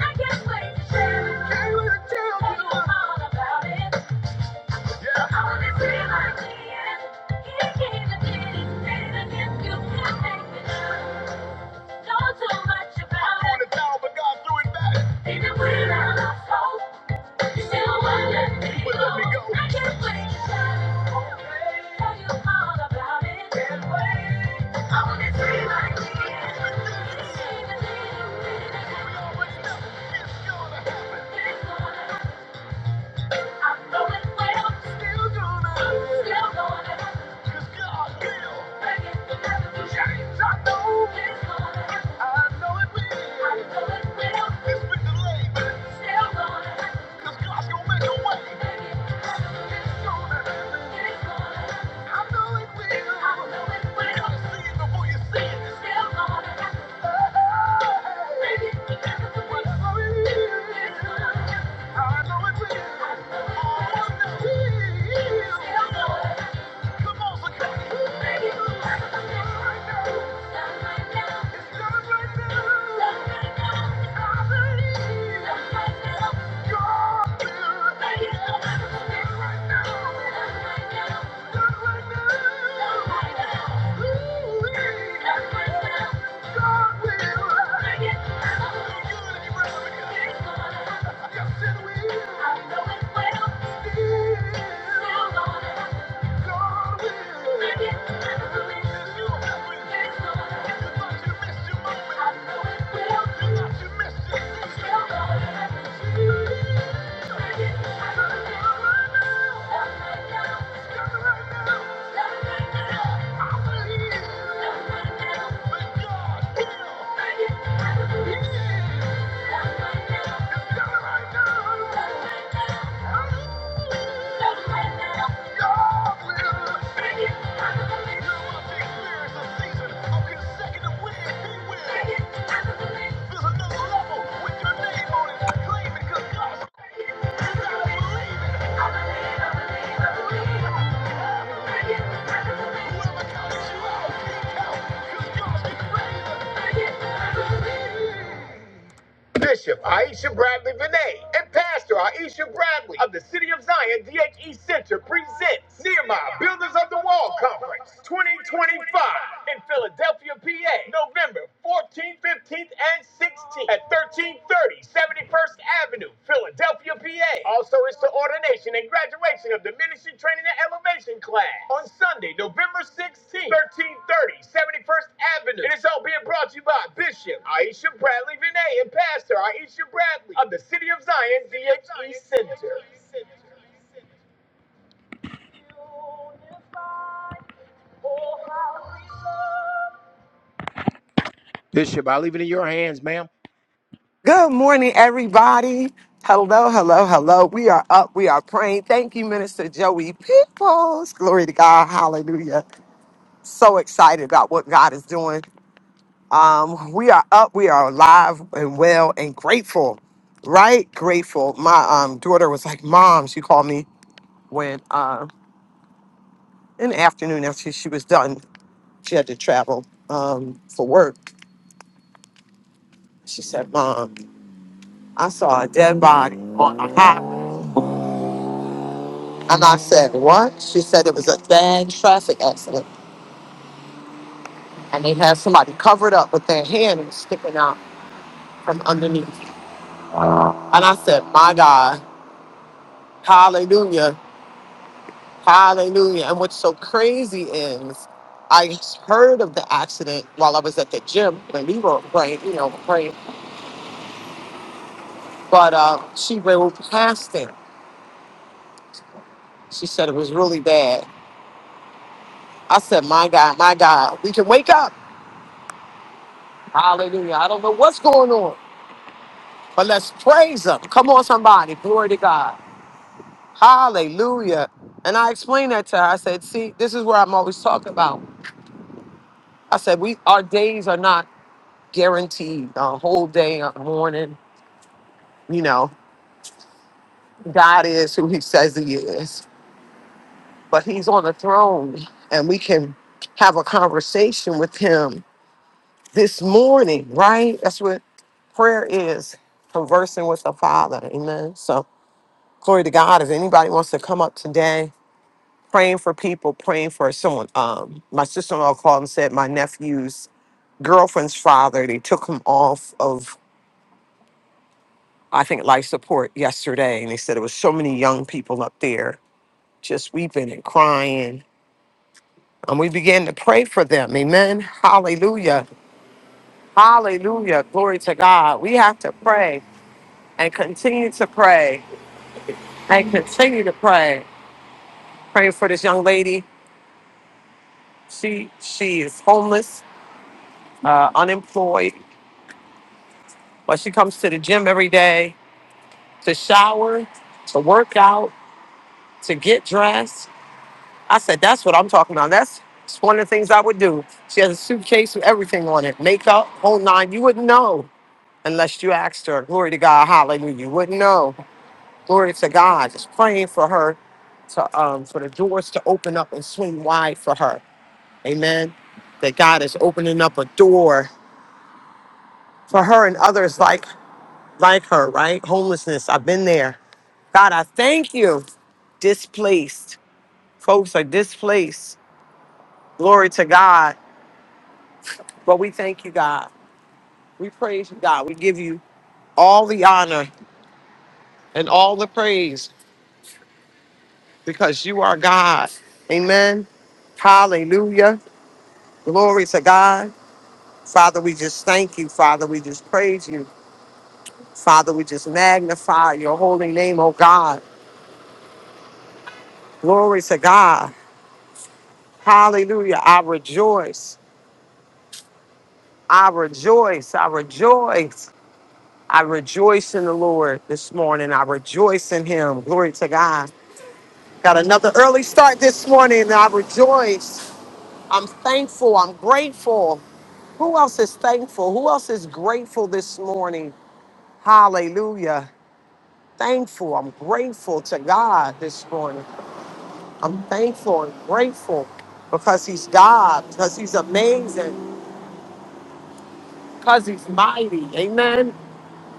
[SPEAKER 1] I can't wait to share it. Tell you all about it. I I'm Yeah. I know it will. Oh, I know it will. Yes, it will. I know it will. Still, still gonna happen. Yeah. Whoever counts you out, Bishop Aisha Bradley Vinay and Pastor Aisha Bradley of the City of Zion DHE Center presents Nehemiah Builders of the Wall Conference 2025 in Philadelphia, PA, November 14th, 15th, and 16th at 1330 71st Avenue Philadelphia, PA. Also, it's the ordination and graduation of the Ministry Training and Elevation class on Sunday, November 16th, thirty, seventy first 71st Avenue. It is all being brought to you by Bishop Aisha Bradley Vinay and Pastor Aisha Bradley of the City of Zion DHE Center. Bishop, I leave it in your hands, ma'am.
[SPEAKER 2] Good morning, everybody. Hello, hello, hello. We are up. We are praying. Thank you, Minister Joey Peoples. Glory to God. Hallelujah. So excited about what God is doing. Um, we are up. We are alive and well and grateful. Right? Grateful. My um, daughter was like, Mom, she called me when uh, in the afternoon after she was done. She had to travel um, for work. She said, Mom, I saw a dead body on the highway And I said, What? She said it was a bad traffic accident. And they had somebody covered up with their hand and sticking out from underneath. And I said, My God, hallelujah, hallelujah. And what's so crazy is I heard of the accident while I was at the gym when we were praying, you know, praying. But uh, she rode past it. She said it was really bad. I said, My God, my God, we can wake up. Hallelujah. I don't know what's going on. But let's praise him. Come on, somebody. Glory to God. Hallelujah. And I explained that to her. I said, see, this is where I'm always talking about. I said, we our days are not guaranteed. A whole day, a morning, you know, God is who he says he is. But he's on the throne and we can have a conversation with him this morning, right? That's what prayer is conversing with the Father. Amen. So glory to God. If anybody wants to come up today, praying for people, praying for someone. Um, my sister-in-law called and said my nephew's girlfriend's father, they took him off of, I think, life support yesterday. And they said there was so many young people up there just weeping and crying. And we began to pray for them. Amen. Hallelujah. Hallelujah. Glory to God. We have to pray and continue to pray and continue to pray. Praying for this young lady. She she is homeless, uh, unemployed. But she comes to the gym every day to shower, to work out, to get dressed. I said, that's what I'm talking about. That's one of the things I would do. She has a suitcase with everything on it, makeup, whole nine. You wouldn't know unless you asked her. Glory to God, hallelujah. You wouldn't know. Glory to God. Just praying for her to um for the doors to open up and swing wide for her. Amen. That God is opening up a door for her and others like like her, right? Homelessness. I've been there. God, I thank you. Displaced. Folks are displaced. Glory to God. But we thank you, God. We praise you, God. We give you all the honor and all the praise because you are God. Amen. Hallelujah. Glory to God. Father, we just thank you. Father, we just praise you. Father, we just magnify your holy name, oh God. Glory to God. Hallelujah. I rejoice. I rejoice. I rejoice. I rejoice in the Lord this morning. I rejoice in Him. Glory to God. Got another early start this morning. I rejoice. I'm thankful. I'm grateful. Who else is thankful? Who else is grateful this morning? Hallelujah. Thankful. I'm grateful to God this morning. I'm thankful and grateful because He's God, because He's amazing, because He's mighty. Amen.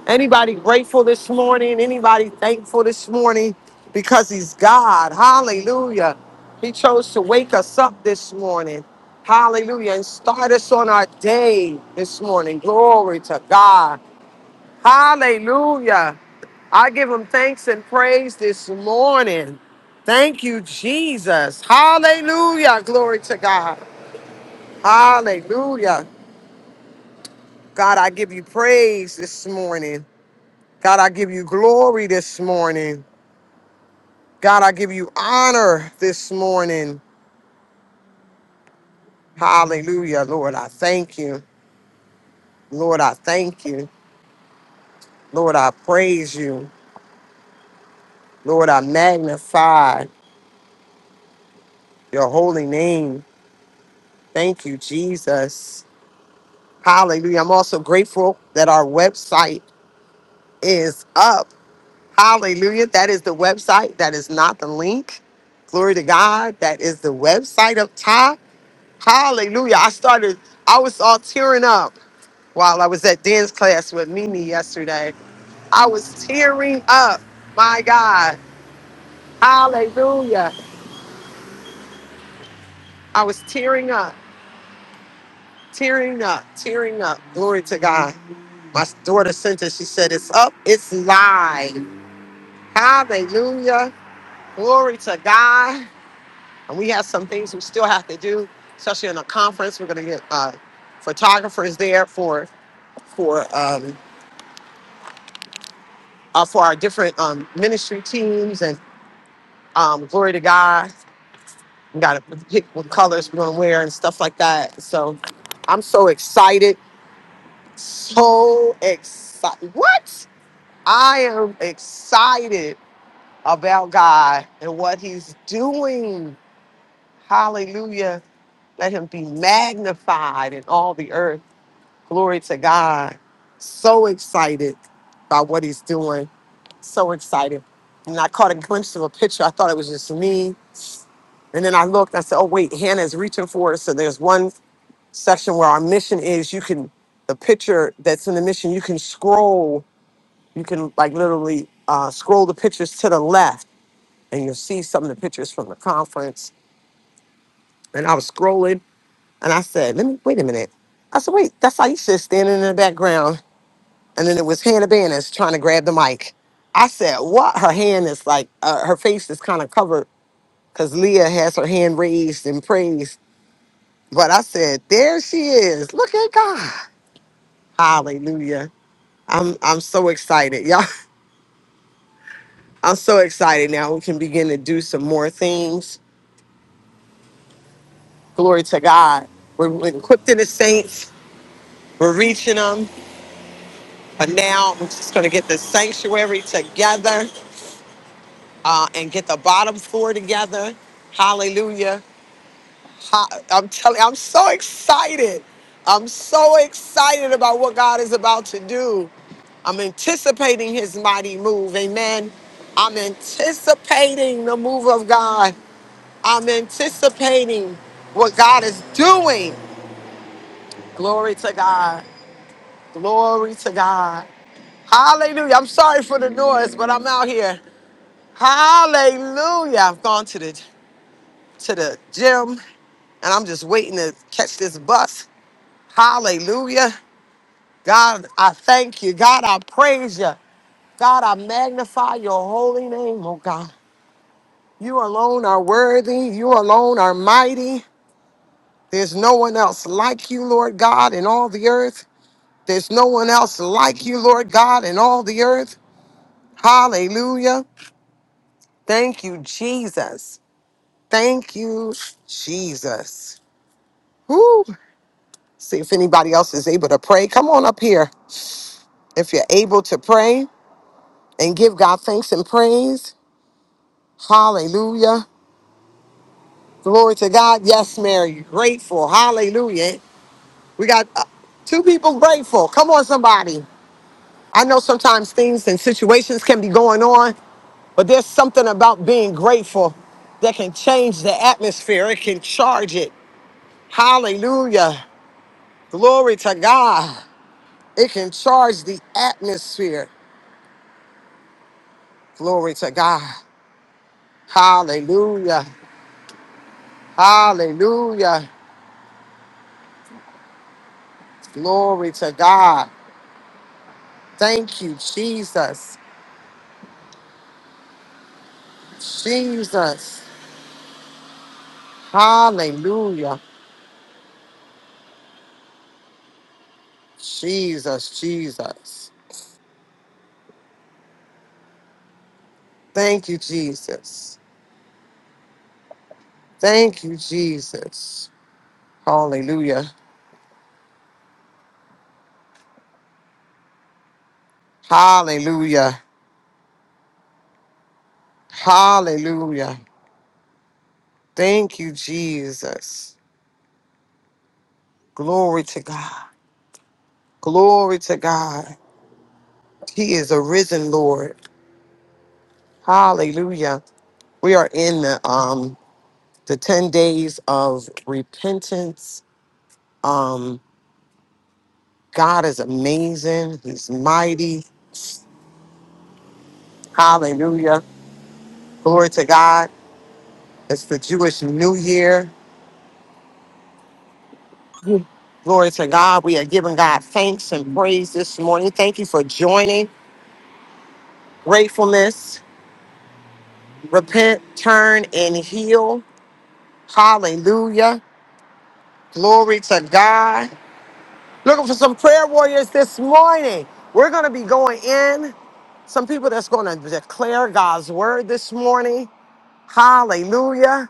[SPEAKER 2] Anybody grateful this morning? Anybody thankful this morning? Because he's God. Hallelujah. He chose to wake us up this morning. Hallelujah. And start us on our day this morning. Glory to God. Hallelujah. I give him thanks and praise this morning. Thank you, Jesus. Hallelujah. Glory to God. Hallelujah. God, I give you praise this morning. God, I give you glory this morning. God, I give you honor this morning. Hallelujah. Lord, I thank you. Lord, I thank you. Lord, I praise you. Lord, I magnify your holy name. Thank you, Jesus. Hallelujah. I'm also grateful that our website is up. Hallelujah. That is the website. That is not the link. Glory to God. That is the website up top. Hallelujah. I started, I was all tearing up while I was at dance class with Mimi yesterday. I was tearing up. My God. Hallelujah. I was tearing up, tearing up, tearing up. Glory to God. My daughter sent it. She said, It's up, it's live. Hallelujah. Glory to God. And we have some things we still have to do, especially in a conference. We're going to get uh, photographers there for for um, uh, for our different um, ministry teams and um, glory to God got to pick what colors we're gonna wear and stuff like that. So I'm so excited, so excited. What? I am excited about God and what He's doing. Hallelujah! Let Him be magnified in all the earth. Glory to God. So excited by what he's doing. So excited. And I caught a glimpse of a picture. I thought it was just me. And then I looked, I said, oh, wait, Hannah's reaching for it. So there's one section where our mission is you can, the picture that's in the mission, you can scroll, you can like literally uh, scroll the pictures to the left and you'll see some of the pictures from the conference. And I was scrolling and I said, let me, wait a minute. I said, wait, that's Aisha standing in the background. and then it was Hannah Banners trying to grab the mic. I said, "What?" Her hand is like uh, her face is kind of covered because Leah has her hand raised in praise. But I said, "There she is! Look at God! Hallelujah!" I'm I'm so excited, y'all. I'm so excited now. We can begin to do some more things. Glory to God. We're we're equipped in the saints. We're reaching them. But now we're just going to get the sanctuary together uh, and get the bottom floor together. Hallelujah. I- I'm telling I'm so excited. I'm so excited about what God is about to do. I'm anticipating his mighty move. Amen. I'm anticipating the move of God. I'm anticipating what God is doing. Glory to God. Glory to God. Hallelujah. I'm sorry for the noise, but I'm out here. Hallelujah. I've gone to the to the gym and I'm just waiting to catch this bus Hallelujah. God, I thank you. God, I praise you. God, I magnify your holy name, oh God. You alone are worthy. You alone are mighty. There's no one else like you, Lord God, in all the earth. There's no one else like you, Lord God, in all the earth. Hallelujah. Thank you, Jesus. Thank you, Jesus. Woo. See if anybody else is able to pray. Come on up here if you're able to pray. and give God thanks and praise. Hallelujah. Glory to God. Yes, Mary, grateful. Hallelujah. We got uh, two people grateful. Come on, somebody. I know sometimes things and situations can be going on, but there's something about being grateful that can change the atmosphere. It can charge it. Hallelujah. Glory to God. It can charge the atmosphere. Glory to God. Hallelujah. Hallelujah. Glory to God. Thank you, Jesus. Jesus. Hallelujah. Jesus, Jesus. Thank you, Jesus. Thank you, Jesus. Hallelujah. Hallelujah. Hallelujah. Thank you, Jesus. Glory to God. Glory to God. He is a risen Lord. Hallelujah. We are in the um the 10 days of repentance Um, God is amazing. He's mighty. Hallelujah. Glory to God. It's the Jewish New Year. Glory to God. We are giving God thanks and praise this morning. Thank you for joining. Gratefulness, repent, turn, and heal. Hallelujah. Glory to God. Looking for some prayer warriors this morning. We're going to be going in. Some people that's going to declare God's word this morning. Hallelujah.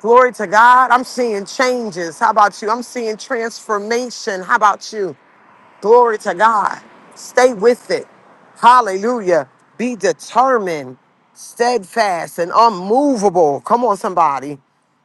[SPEAKER 2] Glory to God. I'm seeing changes. How about you? I'm seeing transformation. How about you? Glory to God. Stay with it. Hallelujah. Be determined, steadfast, and unmovable. Come on, somebody.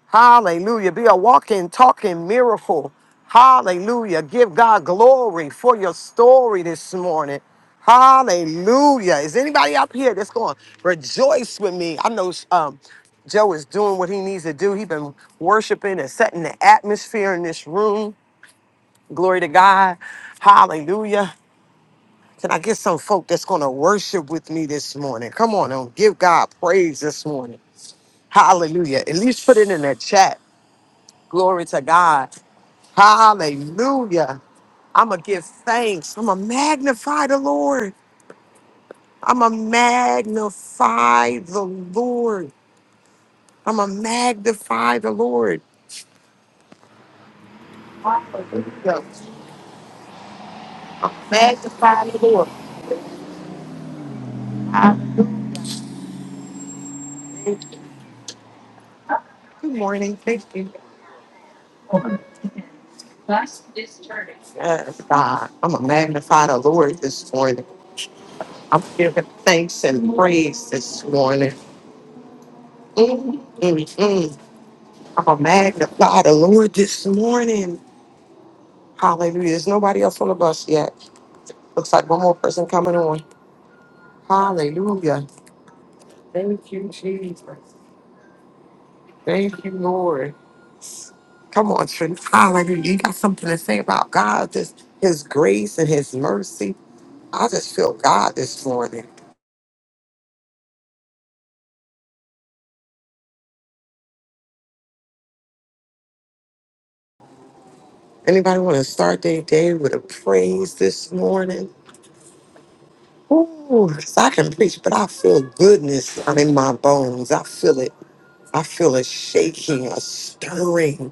[SPEAKER 2] Hallelujah. Be a walking, talking miracle. Hallelujah. Give God glory for your story this morning. Hallelujah. Is anybody up here that's going to rejoice with me? I know um, Joe is doing what he needs to do. He's been worshiping and setting the atmosphere in this room. Glory to God. Hallelujah. Can I get some folk that's going to worship with me this morning? Come on and give God praise this morning. Hallelujah. At least put it in the chat. Glory to God. Hallelujah. I'm going to give thanks. I'm going to magnify the Lord. I'm going to magnify the Lord. I'm going to magnify the Lord. Hallelujah. I'm magnify the Lord. Hallelujah. Good morning. Thank you. Yes, God. I'm going to magnify the Lord this morning. I'm giving thanks and praise this morning. Mm, mm, mm. I'm going to magnify the Lord this morning. Hallelujah. There's nobody else on the bus yet. Looks like one more person coming on. Hallelujah. Thank you, Jesus. Thank you, Lord. Come on, Trinity. Hallelujah. You got something to say about God, just his grace and his mercy. I just feel God this morning. Anybody want to start their day with a praise this morning? Ooh, 'cause I can preach, but I feel goodness in my bones. I feel it. I feel a shaking, a stirring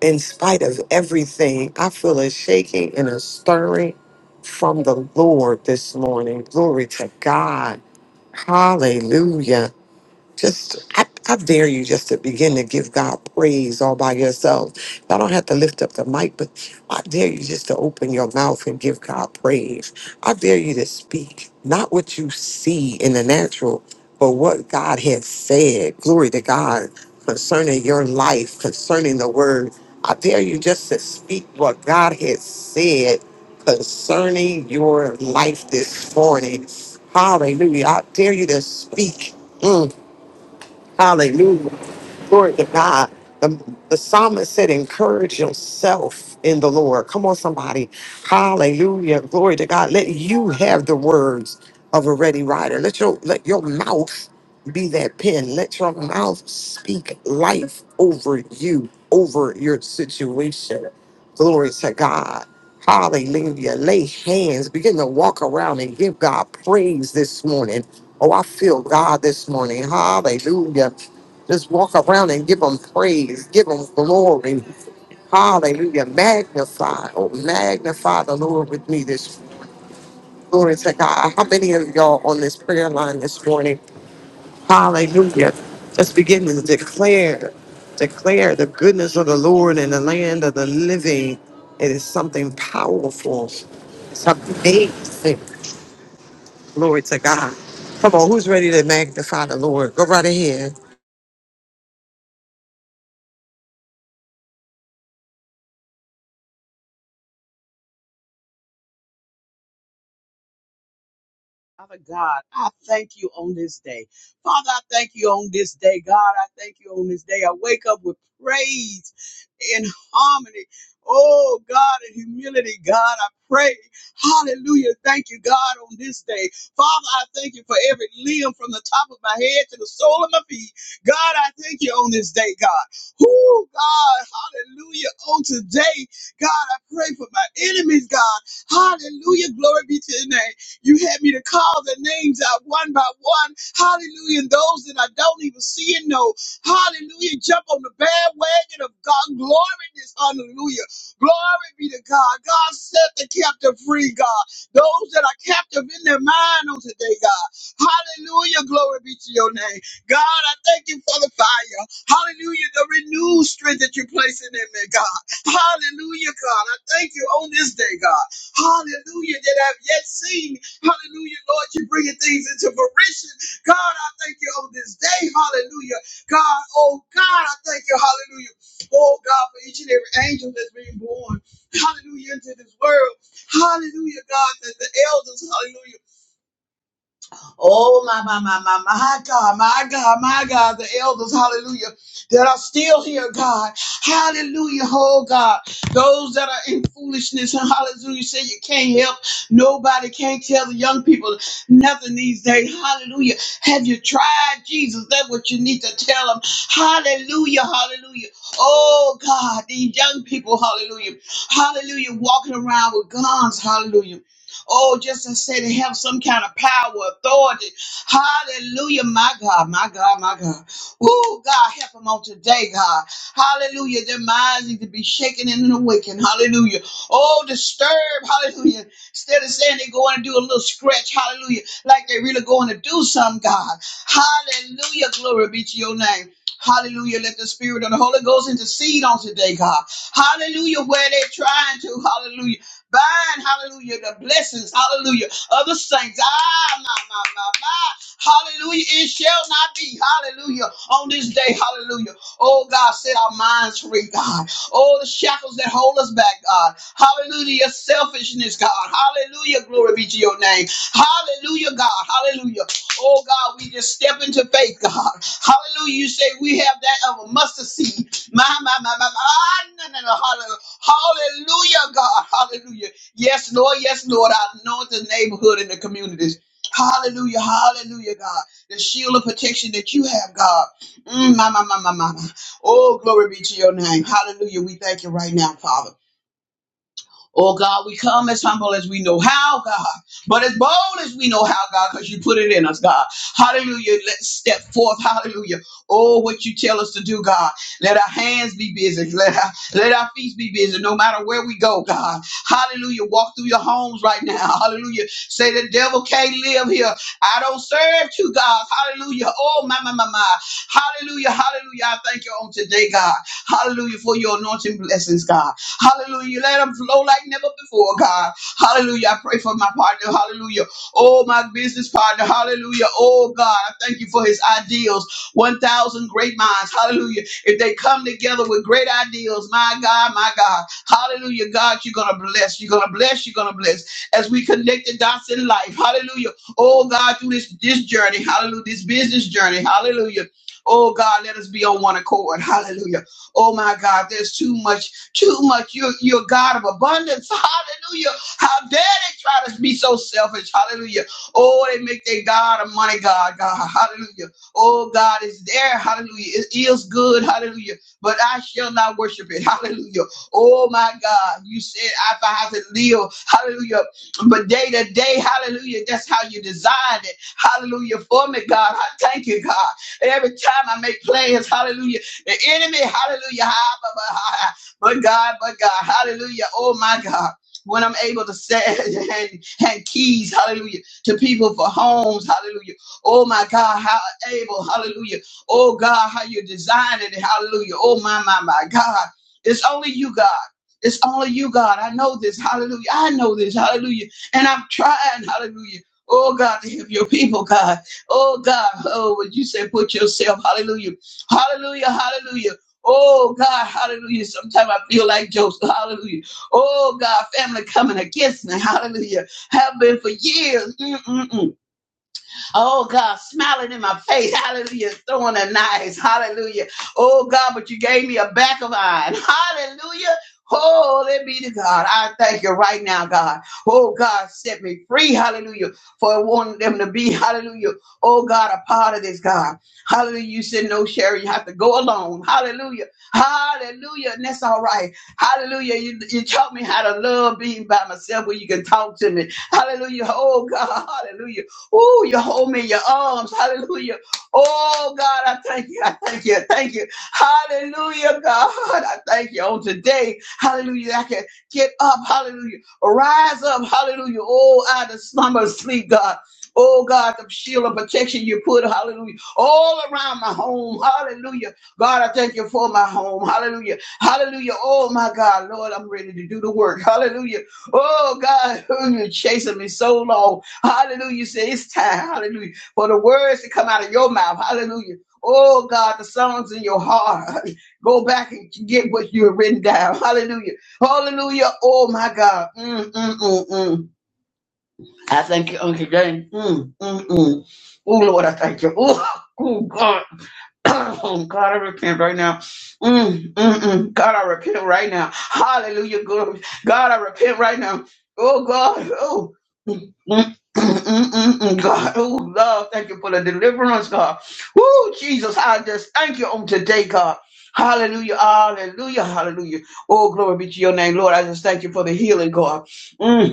[SPEAKER 2] in spite of everything. I feel a shaking and a stirring from the Lord this morning. Glory to God. Hallelujah. Just, I, I dare you just to begin to give God praise all by yourself. I don't have to lift up the mic, but I dare you just to open your mouth and give God praise. I dare you to speak, not what you see in the natural, but what God has said. Glory to God concerning your life, concerning the word. I dare you just to speak what God has said concerning your life this morning. Hallelujah. I dare you to speak. Mm. Hallelujah. Glory to God. The, the psalmist said, encourage yourself in the Lord. Come on, somebody. Hallelujah. Glory to God. Let you have the words of a ready writer. Let your let your mouth be that pen. Let your mouth speak life over you, over your situation. Glory to God. Hallelujah. Lay hands. Begin to walk around and give God praise this morning. Oh, I feel God this morning. Hallelujah. Just walk around and give them praise, give them glory. Hallelujah. Magnify, oh, magnify the Lord with me this glory to God. How many of y'all on this prayer line this morning? Hallelujah. Let's begin to declare, declare the goodness of the Lord in the land of the living. It is something powerful, something amazing. Glory to God. Come on, who's ready to magnify the Lord? Go right ahead.
[SPEAKER 3] Father God, I thank you on this day. Father, I thank you on this day. God, I thank you on this day. I wake up with praise and harmony. Oh, God, in humility, God, I pray. Hallelujah. Thank you, God, on this day. Father, I thank you for every limb from the top of my head to the sole of my feet. God, I thank you on this day, God. Oh, God, hallelujah. On today, God, I pray for my enemies, God. Hallelujah. Glory be to your name. You had me to call the names out one by one. Hallelujah. And those that I don't even see and know. Hallelujah. Jump on the bandwagon of God. Glory this. Hallelujah. Glory be to God. God set the captive free, God. Those that are captive in their mind on today, God. Hallelujah. Glory be to your name. God, I thank you for the fire. Hallelujah. The renewed strength that you place in me, God. Hallelujah, God. I thank you on this day, God. Hallelujah. That I've yet seen. Hallelujah, Lord, you're bringing things into fruition. God, I thank you on this day. Hallelujah. God, oh God, I thank you. Hallelujah. Oh God, for each and every angel that's being born. Hallelujah, into this world. Hallelujah, God, that the elders, hallelujah. Oh, my, my, my, my, my God, my God, my God, the elders, hallelujah, that are still here, God. Hallelujah, oh God. Those that are in foolishness, and hallelujah, say you can't help. Nobody can't tell the young people nothing these days. Hallelujah. Have you tried Jesus? That's what you need to tell them. Hallelujah, hallelujah. Oh God, these young people, hallelujah. Hallelujah, walking around with guns, hallelujah Oh, just to say to have some kind of power, authority. Hallelujah, my God, my God, my God. Woo, God, help them on today, God. Hallelujah. Their minds need to be shaken and awakened. Hallelujah. Oh, disturb. Hallelujah. Instead of saying they're going to do a little stretch. Hallelujah. Like they're really going to do something, God. Hallelujah. Glory be to your name. Hallelujah. Let the Spirit of the Holy Ghost intercede on today, God. Hallelujah. Where they're trying to. Hallelujah Bind, hallelujah, the blessings, hallelujah, of the saints. Ah, my, my, my, my. Hallelujah. It shall not be, hallelujah, on this day, hallelujah. Oh, God, set our minds free, God. All the shackles that hold us back, God. Hallelujah, your selfishness, God. Hallelujah, glory be to your name. Hallelujah, God. Hallelujah. Oh, God, we just step into faith, God. Hallelujah. You say we have that of a mustard seed. My, my, my, my, my. Ah, no, no, no. Hallelujah. Hallelujah, God. Hallelujah. Yes, Lord. Yes, Lord. I know the neighborhood and the communities. Hallelujah. Hallelujah, God. The shield of protection that you have, God. Mm, my, my, my, my, my. my. Oh, glory be to your name. Hallelujah. We thank you right now, Father. Oh God, we come as humble as we know how, God, but as bold as we know how, God, because you put it in us, God. Hallelujah. Let's step forth. Hallelujah. Oh, what you tell us to do, God. Let our hands be busy. Let our, let our feet be busy, no matter where we go, God. Hallelujah. Walk through your homes right now. Hallelujah. Say the devil can't live here. I don't serve you, God. Hallelujah. Oh, my, my, my, my. Hallelujah. Hallelujah. I thank you on today, God. Hallelujah for your anointing blessings, God. Hallelujah. Let them flow like never before, God. Hallelujah. I pray for my partner. Hallelujah. Oh, my business partner. Hallelujah. Oh, God. I thank you for his ideals. 1,000 great minds. Hallelujah. If they come together with great ideals, my God, my God. Hallelujah. God, you're going to bless. You're going to bless. You're going to bless. As we connect the dots in life. Hallelujah. Oh, God, through this, this journey. Hallelujah. This business journey. Hallelujah. Oh God, let us be on one accord. Hallelujah. Oh my God, there's too much too much. You're, you're a God of abundance. Hallelujah. How dare they try to be so selfish? Hallelujah. Oh, they make their God a money God. God. Hallelujah. Oh, God is there. Hallelujah. It is good. Hallelujah. But I shall not worship it. Hallelujah. Oh, my God. You said, if I have to live. Hallelujah. But day to day, hallelujah. That's how you designed it. Hallelujah. For me, God. I thank you, God. Every time I make plans, hallelujah. The enemy, hallelujah. But God, but God, hallelujah. Oh my God. When I'm able to send and, and keys, hallelujah, to people for homes, hallelujah. Oh my God, how able, hallelujah. Oh God, how you designed it, hallelujah. Oh my, my, my God. It's only you, God. It's only you, God. I know this, hallelujah. I know this, hallelujah. And I'm trying, hallelujah. Oh God, to help your people, God. Oh God, oh, would you say, put yourself, hallelujah, hallelujah, hallelujah. Oh God, hallelujah. Sometimes I feel like Joseph, hallelujah. Oh God, family coming against me, hallelujah. Have been for years. Mm-mm-mm. Oh God, smiling in my face. Hallelujah. Throwing a knife. Hallelujah. Oh God, but you gave me a back of iron. Hallelujah. Holy be to God. I thank you right now, God. Oh God, set me free. Hallelujah. For wanting them to be, hallelujah. Oh God, a part of this, God. Hallelujah. You said no, Sherry. You have to go alone. Hallelujah. Hallelujah. And that's all right. Hallelujah. You, you taught me how to love being by myself where you can talk to me. Hallelujah. Oh God. Hallelujah. Oh, you hold me in your arms. Hallelujah. Oh, God, I thank you. I thank you. I thank you. Hallelujah, God. I thank you on today. Hallelujah. I can get up. Hallelujah. Rise up. Hallelujah. Oh, out of slumber, sleep, God. Oh God, the shield of protection you put, hallelujah, all around my home, hallelujah. God, I thank you for my home, hallelujah, hallelujah. Oh my God, Lord, I'm ready to do the work, hallelujah. Oh God, you're chasing me so long. Hallelujah. You say it's time. Hallelujah. For the words that come out of your mouth. Hallelujah. Oh God, the songs in your heart. Go back and get what you've written down. Hallelujah. Hallelujah. Oh my God. Mm, mm, mm, mm. I thank you, Uncle James. Mm, mm, mm. Oh Lord, I thank you. Oh, oh God. Oh God, I repent right now. Mm, mm, mm. God, I repent right now. Hallelujah. God! God, I repent right now. Oh God. Oh. Mm, mm, mm, mm, mm, God, oh God, thank you for the deliverance, God. Oh Jesus, I just thank you on today, God. Hallelujah, hallelujah, hallelujah. Oh, glory be to your name, Lord. I just thank you for the healing, God. Mm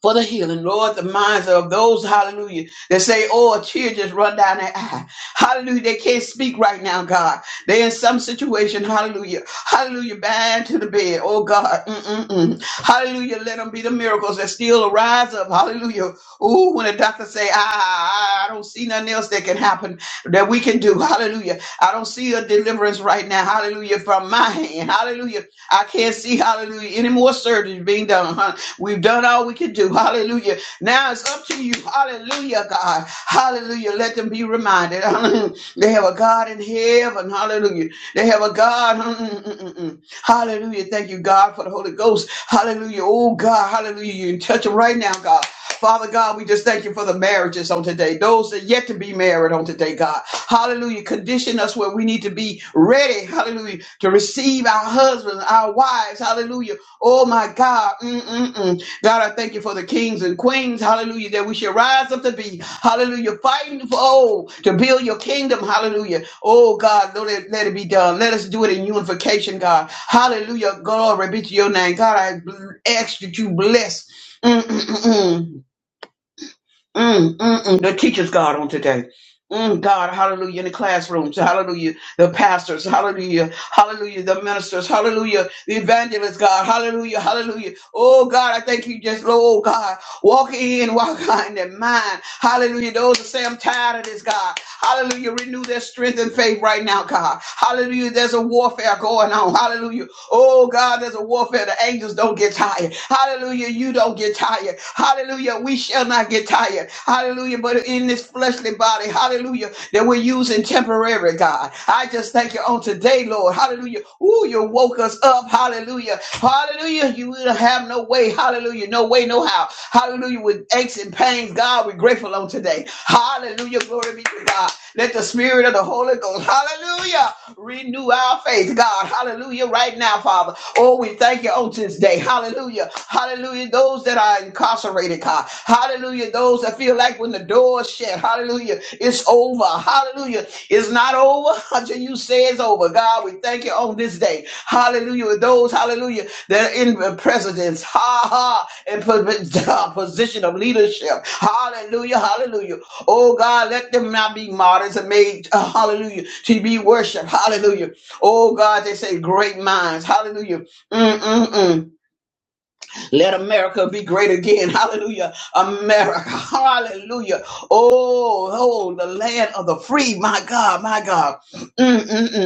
[SPEAKER 3] for the healing. Lord, the minds of those, hallelujah, that say, oh, a tear just run down their eye. Hallelujah, they can't speak right now, God. They're in some situation, hallelujah, hallelujah, bind to the bed, oh God, Mm-mm-mm. hallelujah, let them be the miracles that still arise up, hallelujah. Ooh, when the doctor say, ah, I don't see nothing else that can happen, that we can do, hallelujah. I don't see a deliverance right now, hallelujah, from my hand, hallelujah. I can't see, hallelujah, any more surgery being done. Huh? We've done all we can do, hallelujah. Now it's up to you, hallelujah, God, hallelujah. Let them be reminded, Hallelujah. they have a God in heaven, hallelujah. They have a God. Mm-mm-mm-mm. Hallelujah. Thank you, God, for the Holy Ghost. Hallelujah. Oh, God. Hallelujah. You can touch them right now, God. Father God, we just thank you for the marriages on today, those that yet to be married on today, God. Hallelujah. Condition us where we need to be ready, hallelujah, to receive our husbands, our wives, hallelujah. Oh my God. Mm-mm-mm. God, I thank you for the kings and queens, hallelujah, that we should rise up to be, hallelujah, fighting for, oh, to build your kingdom, hallelujah. Oh, God, no, let it, let it be done. Let us do it in unification, God. Hallelujah, glory be to your name. God, I ask that you bless. Mm-mm-mm. Mm, mm, mm. The teachers, God, on today. Mm, God, hallelujah, in the classrooms, hallelujah, the pastors, hallelujah, hallelujah, the ministers, hallelujah, the evangelists, God, hallelujah, hallelujah. Oh, God, I thank you just, Lord, God, walk in, walk out in their mind, hallelujah. Those that say, I'm tired of this, God, hallelujah, renew their strength and faith right now, God, hallelujah. There's a warfare going on, hallelujah. Oh God, there's a warfare. The angels don't get tired. Hallelujah. You don't get tired. Hallelujah. We shall not get tired. Hallelujah. But in this fleshly body, hallelujah, that we're using temporary, God. I just thank you on today, Lord. Hallelujah. Ooh, you woke us up. Hallelujah. Hallelujah. You will have no way. Hallelujah. No way, no how. Hallelujah. With aches and pains, God, we're grateful on today. Hallelujah. Glory be to God. Let the spirit of the Holy Ghost, hallelujah, renew our faith, God, hallelujah, right now, Father. Oh, we thank you on this day, hallelujah, hallelujah. Those that are incarcerated, God, hallelujah. Those that feel like when the door is shut, hallelujah, it's over, hallelujah. It's not over over until you say it's over. God, we thank you on this day. Hallelujah. With those, hallelujah, that are in presidents, ha ha, in position of leadership. Hallelujah, hallelujah. Oh God, let them not be martyrs and made, uh, hallelujah, to be worshiped. Hallelujah. Oh God, they say great minds. Hallelujah. Mm-mm-mm. Let America be great again. Hallelujah. America. Hallelujah. Oh, oh, the land of the free. My God, my God. Mm, mm, mm.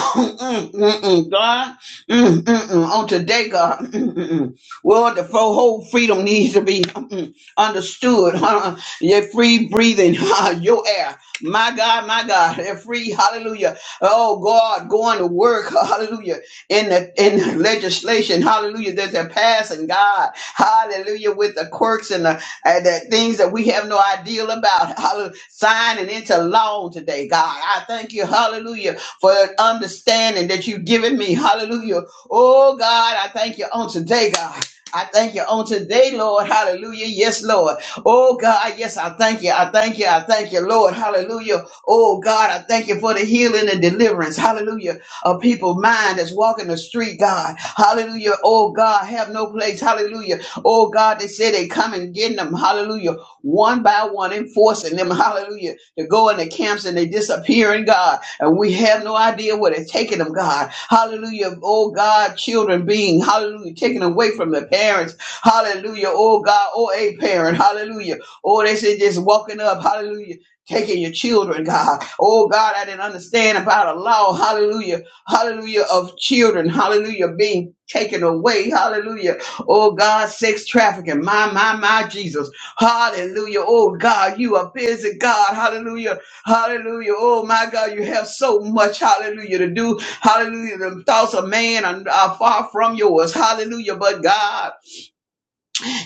[SPEAKER 3] Mm, mm, mm, God, mm, mm, mm. on today, God, mm, mm, mm. well, the whole freedom needs to be mm, mm, understood. Huh? Your free breathing, huh? your air, my God, my God, your free, hallelujah. Oh God, going to work, hallelujah. In the in the legislation, hallelujah, that they're passing, God, hallelujah, with the quirks and the, and the things that we have no idea about, hallelujah, signing into law today, God. I thank you, hallelujah for the understanding that you've given me. Hallelujah. Oh, God, I thank you on today, God. I thank you on today, Lord. Hallelujah. Yes, Lord. Oh, God. Yes, I thank you. I thank you. I thank you, Lord. Hallelujah. Oh, God, I thank you for the healing and deliverance. Hallelujah of people mind that's walking the street, God. Hallelujah. Oh God, have no place. Hallelujah. Oh God, they say they come and getting them. Hallelujah. One by one, enforcing them. Hallelujah. To go in the camps and they disappearing, God. And we have no idea where they're taking them, God. Hallelujah. Oh God, children being, hallelujah, taken away from the parents. Hallelujah. Oh God, oh a parent. Hallelujah. Oh, they say just walking up. Hallelujah. Taking your children, God. Oh God, I didn't understand about a law. Hallelujah hallelujah, of children, hallelujah, being taken away, hallelujah. Oh God, sex trafficking, my, my, my Jesus, hallelujah. Oh God, you are busy, God, hallelujah, hallelujah. Oh my God, you have so much, hallelujah, to do, hallelujah. The thoughts of man are, are far from yours, hallelujah, but God.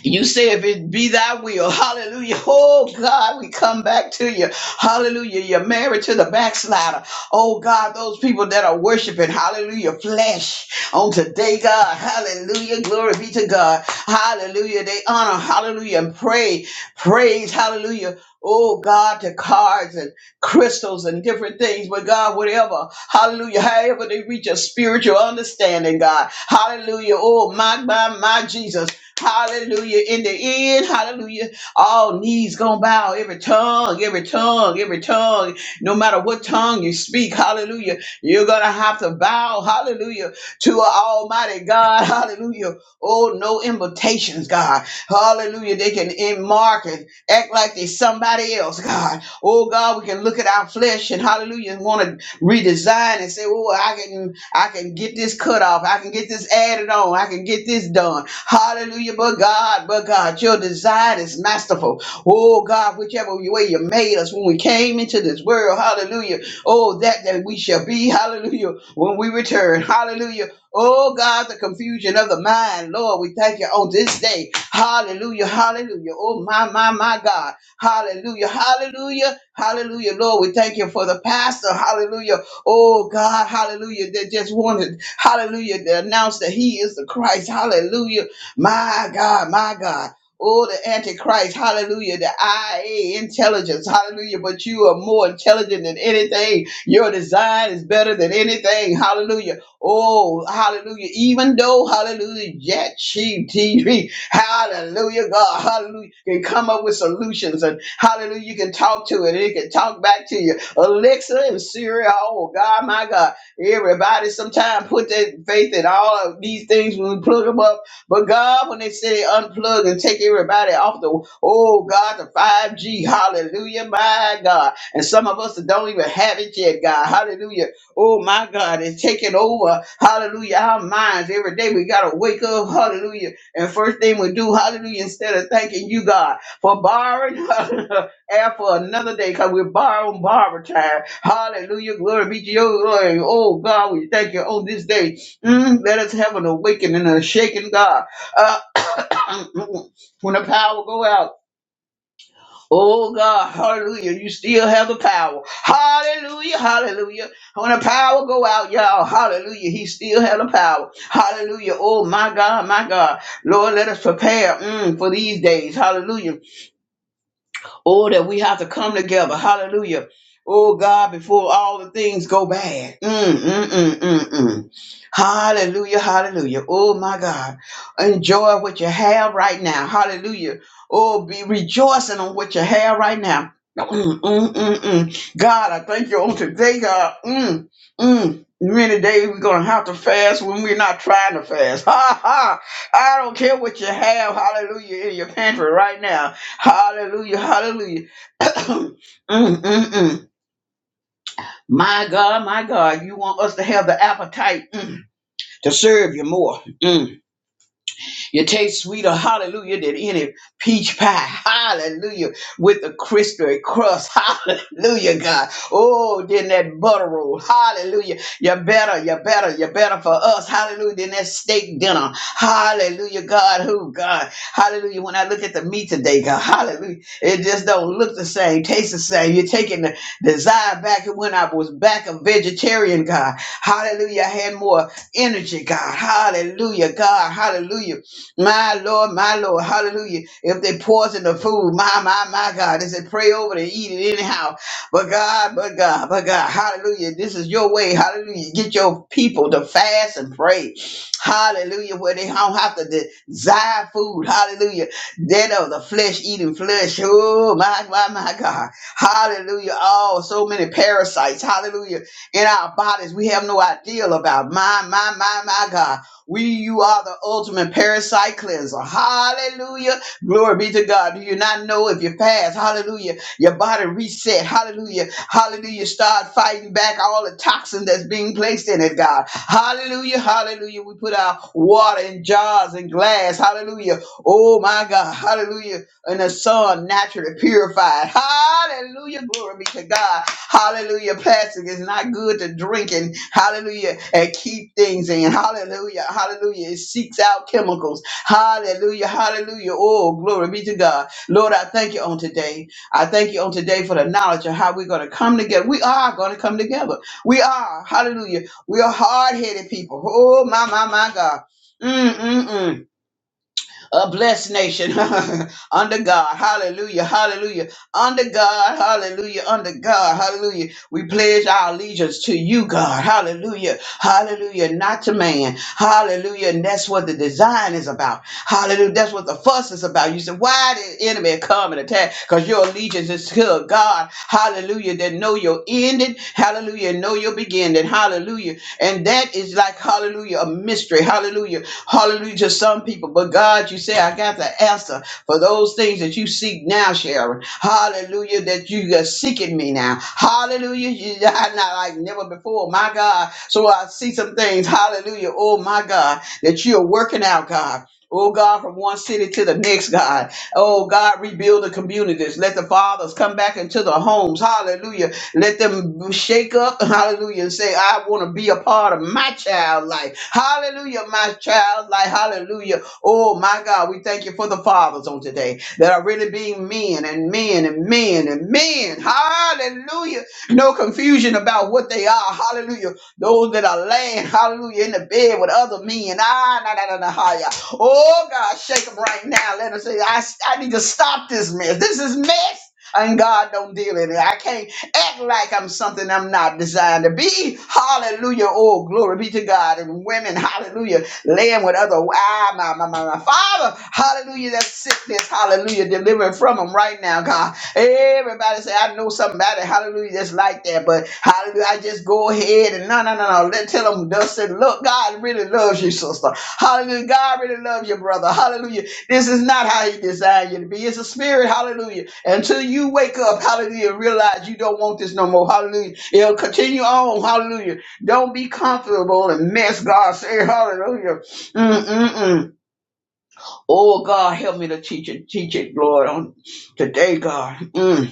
[SPEAKER 3] You say, if it be thy will, hallelujah. Oh God, we come back to you. Hallelujah. You're married to the backslider. Oh God, those people that are worshiping, hallelujah, flesh on today, God. Hallelujah. Glory be to God. Hallelujah. They honor, hallelujah, and pray, praise, hallelujah. Oh God, to cards and crystals and different things, but God, whatever, hallelujah, however they reach a spiritual understanding, God, hallelujah, oh my, my, my Jesus, Hallelujah. In the end, hallelujah. All knees gonna bow, every tongue, every tongue, every tongue. No matter what tongue you speak, hallelujah. You're gonna have to bow, hallelujah, to an Almighty God, hallelujah. Oh, no invitations, God. Hallelujah. They can in mark and act like they somebody else, God. Oh God, we can look at our flesh and hallelujah and want to redesign and say, Oh, I can I can get this cut off, I can get this added on, I can get this done. Hallelujah. But God, but God, your design is masterful. Oh God, whichever way you made us when we came into this world, hallelujah. Oh, that that we shall be, hallelujah, when we return. Hallelujah. Oh God, the confusion of the mind, Lord, we thank you on this day. Hallelujah, hallelujah. Oh my, my, my God. Hallelujah, hallelujah, hallelujah. Lord, we thank you for the pastor. Hallelujah. Oh God, hallelujah. They just wanted, hallelujah, to announce that he is the Christ. Hallelujah. My God, my God. Oh, the Antichrist, hallelujah, the IA intelligence, hallelujah. But you are more intelligent than anything. Your design is better than anything, hallelujah. Oh, hallelujah. Even though, hallelujah, Jet Chief TV, hallelujah, God, hallelujah, can come up with solutions and hallelujah, you can talk to it and it can talk back to you. Alexa and Siri, oh, God, my God. Everybody sometimes put their faith in all of these things when we plug them up but God, when they say they unplug and take everybody off the, oh God, the 5G, hallelujah, my God. And some of us that don't even have it yet, God, hallelujah. Oh my God, it's taking over, hallelujah, our minds every day. We got to wake up, hallelujah. And first thing we do, hallelujah, instead of thanking you, God, for borrowing air for another day, because we're borrowing borrow time. Hallelujah, glory be to your glory. Oh God, we thank you on this day. Mm, let us have an awakening and a shaking, God. Uh, when the power go out, oh God, hallelujah, you still have the power. Hallelujah, hallelujah. When the power go out, y'all, hallelujah, he still had the power. Hallelujah, oh my God, my God. Lord, let us prepare mm, for these days. Hallelujah. Oh, that we have to come together. Hallelujah. Oh, God, before all the things go bad. Mm, mm, mm, mm, mm. Hallelujah. Hallelujah. Oh, my God. Enjoy what you have right now. Hallelujah. Oh, be rejoicing on what you have right now. Mm, mm, mm, mm. God, I thank you on today, God. Mm, mm. Many days we're going to have to fast when we're not trying to fast. Ha ha. I don't care what you have. Hallelujah. In your pantry right now. Hallelujah, hallelujah. Mm, mm, mm. My God, my God, you want us to have the appetite mm, to serve you more. Mm. You taste sweeter, hallelujah, than any peach pie, hallelujah, with a crispy crust, hallelujah, God. Oh, then that butter roll, hallelujah. You better, you better, you better for us, hallelujah, than that steak dinner, hallelujah, God. Who, God, hallelujah. When I look at the meat today, God, hallelujah, it just don't look the same, taste the same. You're taking the desire back of when I was back a vegetarian, God, hallelujah. I had more energy, God, hallelujah, God, hallelujah my Lord, my Lord, hallelujah. If they poison the food, my, my, my God, they said pray over it, and eat it anyhow. But God, but God, but God, hallelujah. This is your way, hallelujah. Get your people to fast and pray, hallelujah, where they don't have to desire food, hallelujah. That of the flesh eating flesh, oh, my, my, my God, hallelujah. Oh, so many parasites, hallelujah, in our bodies we have no idea about. My, my, my, my God. We, you are the ultimate parasite cleanser. Hallelujah. Glory be to God. Do you not know if you fast? Hallelujah. Your body reset. Hallelujah. Hallelujah. Start fighting back all the toxin that's being placed in it, God. Hallelujah. Hallelujah. We put our water in jars and glass. Hallelujah. Oh my God. Hallelujah. And the sun naturally purified. Hallelujah. Glory be to God. Hallelujah. Plastic is not good to drink and hallelujah and keep things in. Hallelujah. Hallelujah. It seeks out chemicals. Hallelujah. Hallelujah. Oh, glory be to God. Lord, I thank you on today. I thank you on today for the knowledge of how we're going to come together. We are going to come together. We are. Hallelujah. We are hard headed people. Oh, my, my, my God. Mm, mm, mm. A blessed nation under God. Hallelujah. Hallelujah. Under God. Hallelujah. Under God. Hallelujah we pledge our allegiance to you, God. Hallelujah. Hallelujah. Not to man. Hallelujah. And that's what the design is about. Hallelujah. That's what the fuss is about. You said, why did the enemy come and attack? Because your allegiance is to God. Hallelujah. That know your ending. Hallelujah. Know your beginning. Hallelujah. And that is like, hallelujah, a mystery. Hallelujah. Hallelujah to some people. But God, you say, I got the answer for those things that you seek now, Sharon. Hallelujah, that you are seeking me now. Hallelujah, you are not like never before, my God. So I see some things, hallelujah, oh my God, that you are working out, God. Oh God, from one city to the next, God. Oh God, rebuild the communities. Let the fathers come back into the homes. Hallelujah. Let them shake up, hallelujah, and say, I want to be a part of my child life. Hallelujah, my child life. Hallelujah. Oh my God, we thank you for the fathers on today that are really being men and men and men and men. Hallelujah. No confusion about what they are. Hallelujah. Those that are laying, hallelujah, in the bed with other men. Ah, na, na, na, na, ha, ya. Oh God, shake them right now. Let them say, I, I need to stop this mess. This is mess. And God don't deal in it. I can't act like I'm something I'm not designed to be. Hallelujah. Oh, glory be to God. And women, hallelujah laying with other ah, my, my, my, my father. Hallelujah, that sickness, hallelujah, delivering from them right now, God. Everybody say, I know somebody, hallelujah, that's like that, but hallelujah, I just go ahead and no, no, no, no. Let tell them Dustin, look, God really loves you, sister. Hallelujah, God really loves you, brother. Hallelujah. This is not how he designed you to be. It's a spirit, hallelujah. Until you wake up, hallelujah, and realize you don't want this no more. Hallelujah. It'll continue on, hallelujah don't be comfortable and mess God. Say hallelujah. Mm-mm-mm. Oh, God, help me to teach it, teach it, Lord, on today, God. Mm,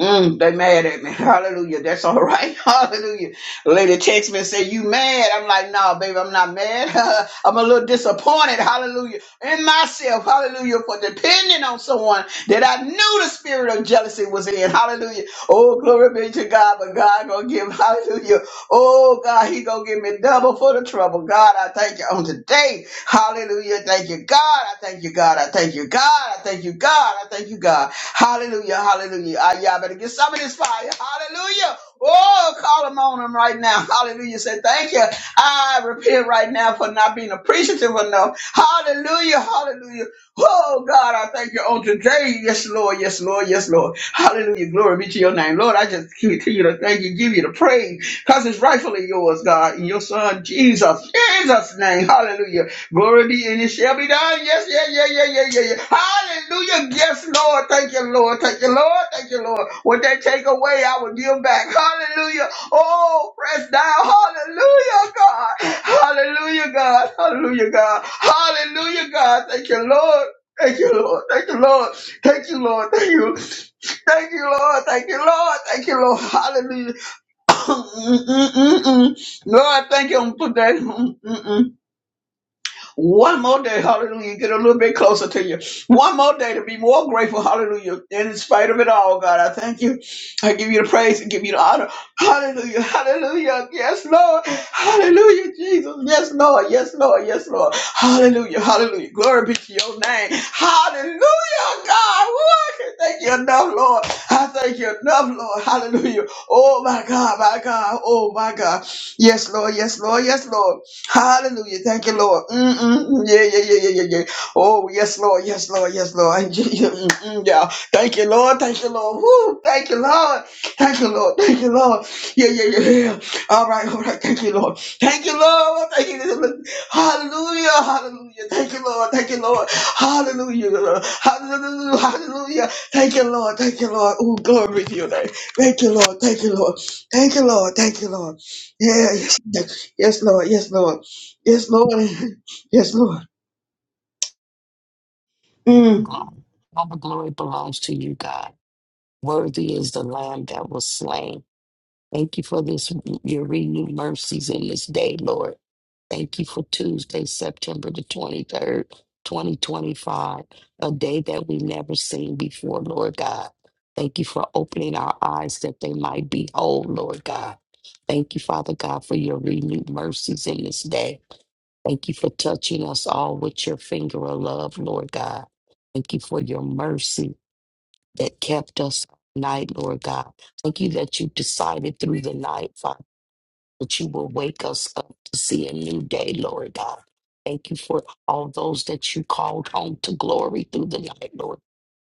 [SPEAKER 3] mm, they mad at me. Hallelujah. That's all right. Hallelujah. Lady text me and say, you mad? I'm like, nah, baby, I'm not mad. I'm a little disappointed. Hallelujah. In myself. Hallelujah. For depending on someone that I knew the spirit of jealousy was in. Hallelujah. Oh, glory be to God. But God gonna give. Hallelujah. Oh God, he gonna give me double for the trouble. God, I thank you on today. Hallelujah. Thank you, God. I thank you, God. I thank you, God. I thank you, God. I thank you, God. Hallelujah. Hallelujah. Ah, y'all better get some of this fire. Hallelujah. Oh, call him on him right now. Hallelujah. Say thank you. I repent right now for not being appreciative enough. Hallelujah. Hallelujah. Oh God, I thank you on today. Yes, Lord. Yes, Lord. Yes, Lord. Hallelujah. Glory be to your name. Lord, I just continue to thank you, give you the praise because it's rightfully yours, God, in your son, Jesus. Jesus' name. Hallelujah. Glory be and it shall be done. Yes, yeah, yeah, yeah, yeah, yeah, yeah. Hallelujah. Yes, Lord. Thank you, Lord. Thank you, Lord. Thank you, Lord. What they take away, I will give back. Hallelujah. Oh, press down. Hallelujah, God. Hallelujah, God. Hallelujah, God. Hallelujah, God. Thank you, Lord. Thank you, Lord. Thank you, Lord. Thank you, Lord. Thank you. Thank you, Lord. Thank you, Lord. Thank you, Lord. Hallelujah. Mm, mm, mm, mm, mm. Lord, thank you for that. Mm, mm, mm. One more day, hallelujah, get a little bit closer to you. One more day to be more grateful, hallelujah. And in spite of it all, God, I thank you. I give you the praise and give you the honor. Hallelujah, hallelujah. Yes, Lord. Hallelujah, Jesus. Yes, Lord. Yes, Lord. Yes, Lord. Hallelujah, hallelujah. Glory be to your name. Hallelujah, God. Woo, I can thank you enough, Lord. I thank you enough, Lord. Hallelujah. Oh, my God, my God. Oh, my God. Yes, Lord. Yes, Lord. Yes, Lord. Hallelujah. Thank you, Lord. Mm-mm. Yeah, yeah, yeah, yeah, yeah, yeah. Oh, yes, Lord. Yes, Lord. Yes, Lord. Mm-mm, yeah. Thank you, Lord. Thank you, Lord. Woo. Thank you, Lord. Thank you, Lord. Thank you, Lord. Yeah, yeah, yeah, yeah. All right, all right. Thank you, Lord. Thank you, Lord. Thank you. Hallelujah. Hallelujah. Thank you, Lord. Thank you, Lord. Hallelujah. Hallelujah. Hallelujah. Thank you, Lord. Thank you, Lord. Oh, glory to your name. Thank you, Lord. Thank you, Lord. Thank you, Lord. Thank you, Lord. Yeah. Yes, yes, Lord. Yes, Lord. Yes, Lord. Yes, Lord. Mm.
[SPEAKER 4] God. All the glory belongs to you, God. Worthy is the Lamb that was slain. Thank you for this, your renewed mercies in this day, Lord. Thank you for Tuesday, September the 23rd, 2025, a day that we never seen before, Lord God. Thank you for opening our eyes that they might behold, Lord God. Thank you, Father God, for your renewed mercies in this day. Thank you for touching us all with your finger of love, Lord God. Thank you for your mercy that kept us all night, Lord God. Thank you that you decided through the night, Father, that you will wake us up to see a new day, Lord God. Thank you for all those that you called home to glory through the night, Lord.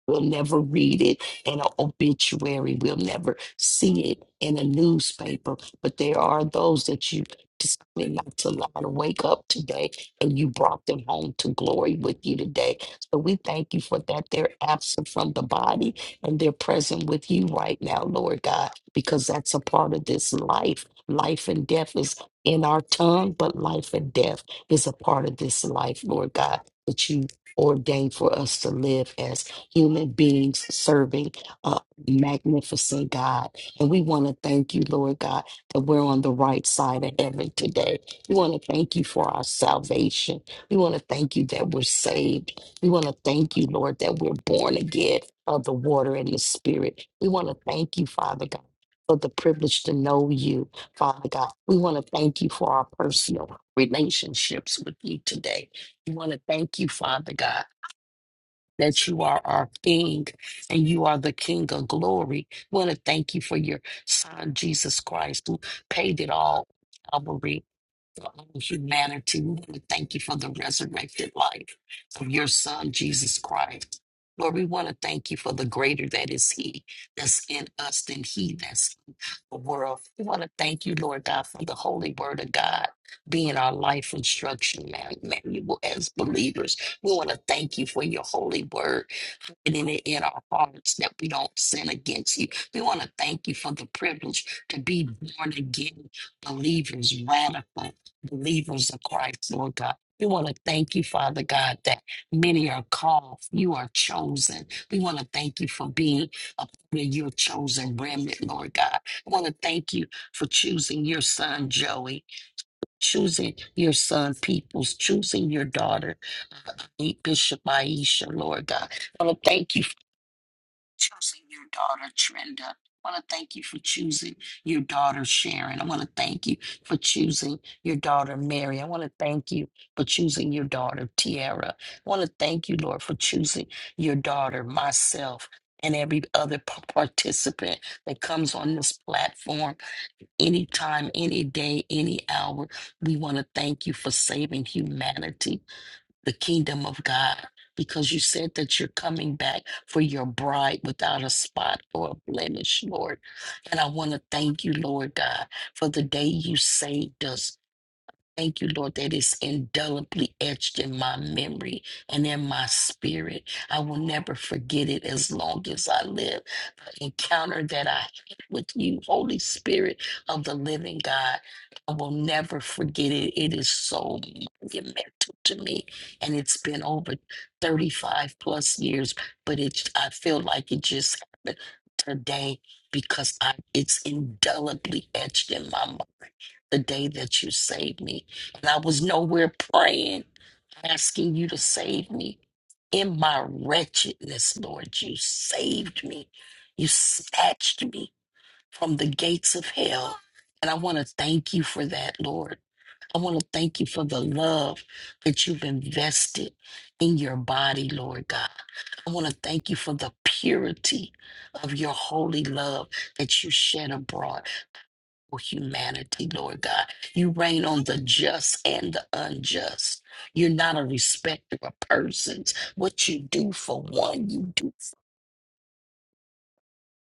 [SPEAKER 4] We'll never read it in an obituary. We'll never see it in a newspaper. But there are those that you decided not to allow to wake up today, and you brought them home to glory with you today. So we thank you for that. They're absent from the body and they're present with you right now, Lord God, because that's a part of this life. Life and death is in our tongue, but life and death is a part of this life, Lord God, that you ordained for us to live as human beings serving a magnificent God. And we want to thank you, Lord God, that we're on the right side of heaven today. We want to thank you for our salvation. We want to thank you that we're saved. We want to thank you, Lord, that we're born again of the water and the spirit. We want to thank you, Father God. For the privilege to know you, Father God. We want to thank you for our personal relationships with you today. We want to thank you, Father God that you are our King and you are the King of glory. We want to thank you for your Son, Jesus Christ, who paid it all, Calvary, for all of humanity. We want to thank you for the resurrected life of your Son, Jesus Christ. Lord, we want to thank you for the greater that is He that's in us than He that's in the world. We want to thank you, Lord God, for the holy word of God being our life instruction, man. Manual as believers. We want to thank you for your holy word and in it in our hearts that we don't sin against you. We want to thank you for the privilege to be born again believers, radical believers of Christ, Lord God. We want to thank you, Father God, that many are called. You are chosen. We want to thank you for being a part of your chosen remnant, Lord God. I want to thank you for choosing your son, Joey, choosing your son, Peoples, choosing your daughter, Bishop Aisha, Lord God. I want to thank you choosing your daughter, Trenda. I want to thank you for choosing your daughter, Sharon. I want to thank you for choosing your daughter, Mary. I want to thank you for choosing your daughter, Tiara. I want to thank you, Lord, for choosing your daughter, myself, and every other p- participant that comes on this platform anytime, any day, any hour. We want to thank you for saving humanity the kingdom of God because you said that you're coming back for your bride without a spot or a blemish, Lord. And I want to thank you, Lord God, for the day you saved us. Thank you, Lord, that is indelibly etched in my memory and in my spirit. I will never forget it as long as I live. The encounter that I had with you, Holy Spirit of the living God, I will never forget it. It is so monumental to me. And it's been over 35 plus years, but it I feel like it just happened today because I it's indelibly etched in my mind the day that you saved me and I was nowhere praying, asking you to save me. In my wretchedness, Lord, you saved me. You snatched me from the gates of hell. And I want to thank you for that, Lord. I want to thank you for the love that you've invested in your body, Lord God. I want to thank you for the purity of your holy love that you shed abroad for humanity, Lord God. You reign on the just and the unjust. You're not a respecter of persons. What you do for one, you do for.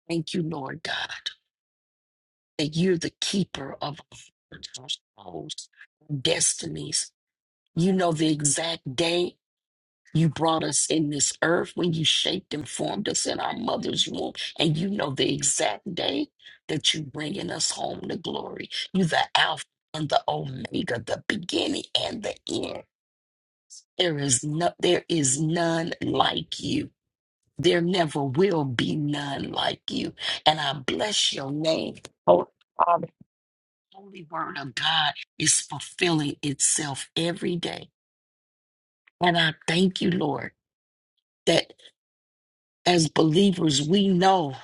[SPEAKER 4] Thank you, Lord God, that you're the keeper of our souls, destinies. You know the exact day You brought us in this earth when you shaped and formed us in our mother's womb, and you know the exact day that you bringing us home to glory. You the Alpha and the Omega, the beginning and the end. There is no, there is none like you. There never will be none like you. And I bless your name, Holy Father. the Holy Word of God is fulfilling itself every day. And I thank you, Lord. that. as believers, we know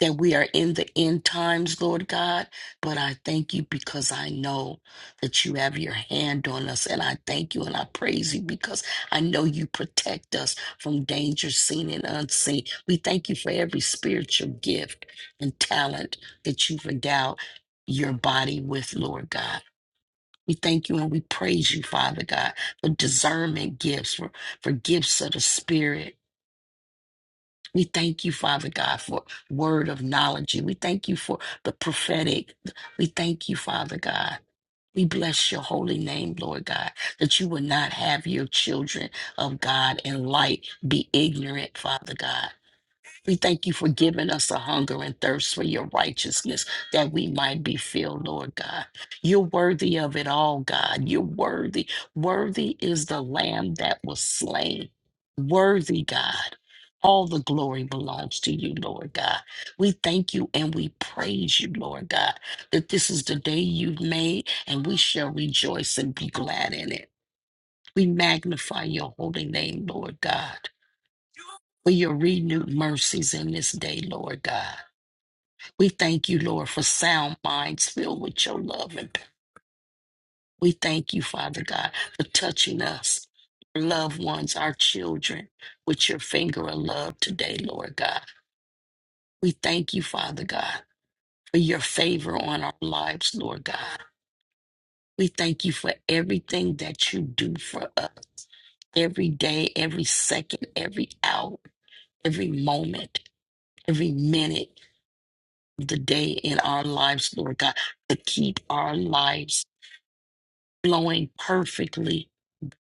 [SPEAKER 4] that we are in the end times, Lord God, but I thank you because I know that you have your hand on us. And I thank you and I praise you because I know you protect us from danger seen and unseen. We thank you for every spiritual gift and talent that you've endowed your body with, Lord God. We thank you and we praise you, Father God, for discernment gifts, for, for gifts of the Spirit we thank you, Father God, for word of knowledge. We thank you for the prophetic. We thank you, Father God. We bless your holy name, Lord God, that you will not have your children of God in light be ignorant, Father God. We thank you for giving us a hunger and thirst for your righteousness that we might be filled, Lord God. You're worthy of it all, God. You're worthy. Worthy is the lamb that was slain. Worthy, God. All the glory belongs to you, Lord God. We thank you and we praise you, Lord God, that this is the day you've made and we shall rejoice and be glad in it. We magnify your holy name, Lord God for your renewed mercies in this day, Lord God. We thank you, Lord, for sound minds filled with your love. And we thank you, Father God, for touching us, our loved ones, our children, with your finger of love today, Lord God. We thank you, Father God, for your favor on our lives, Lord God. We thank you for everything that you do for us every day, every second, every hour, every moment, every minute. The day in our lives, Lord God, to keep our lives flowing perfectly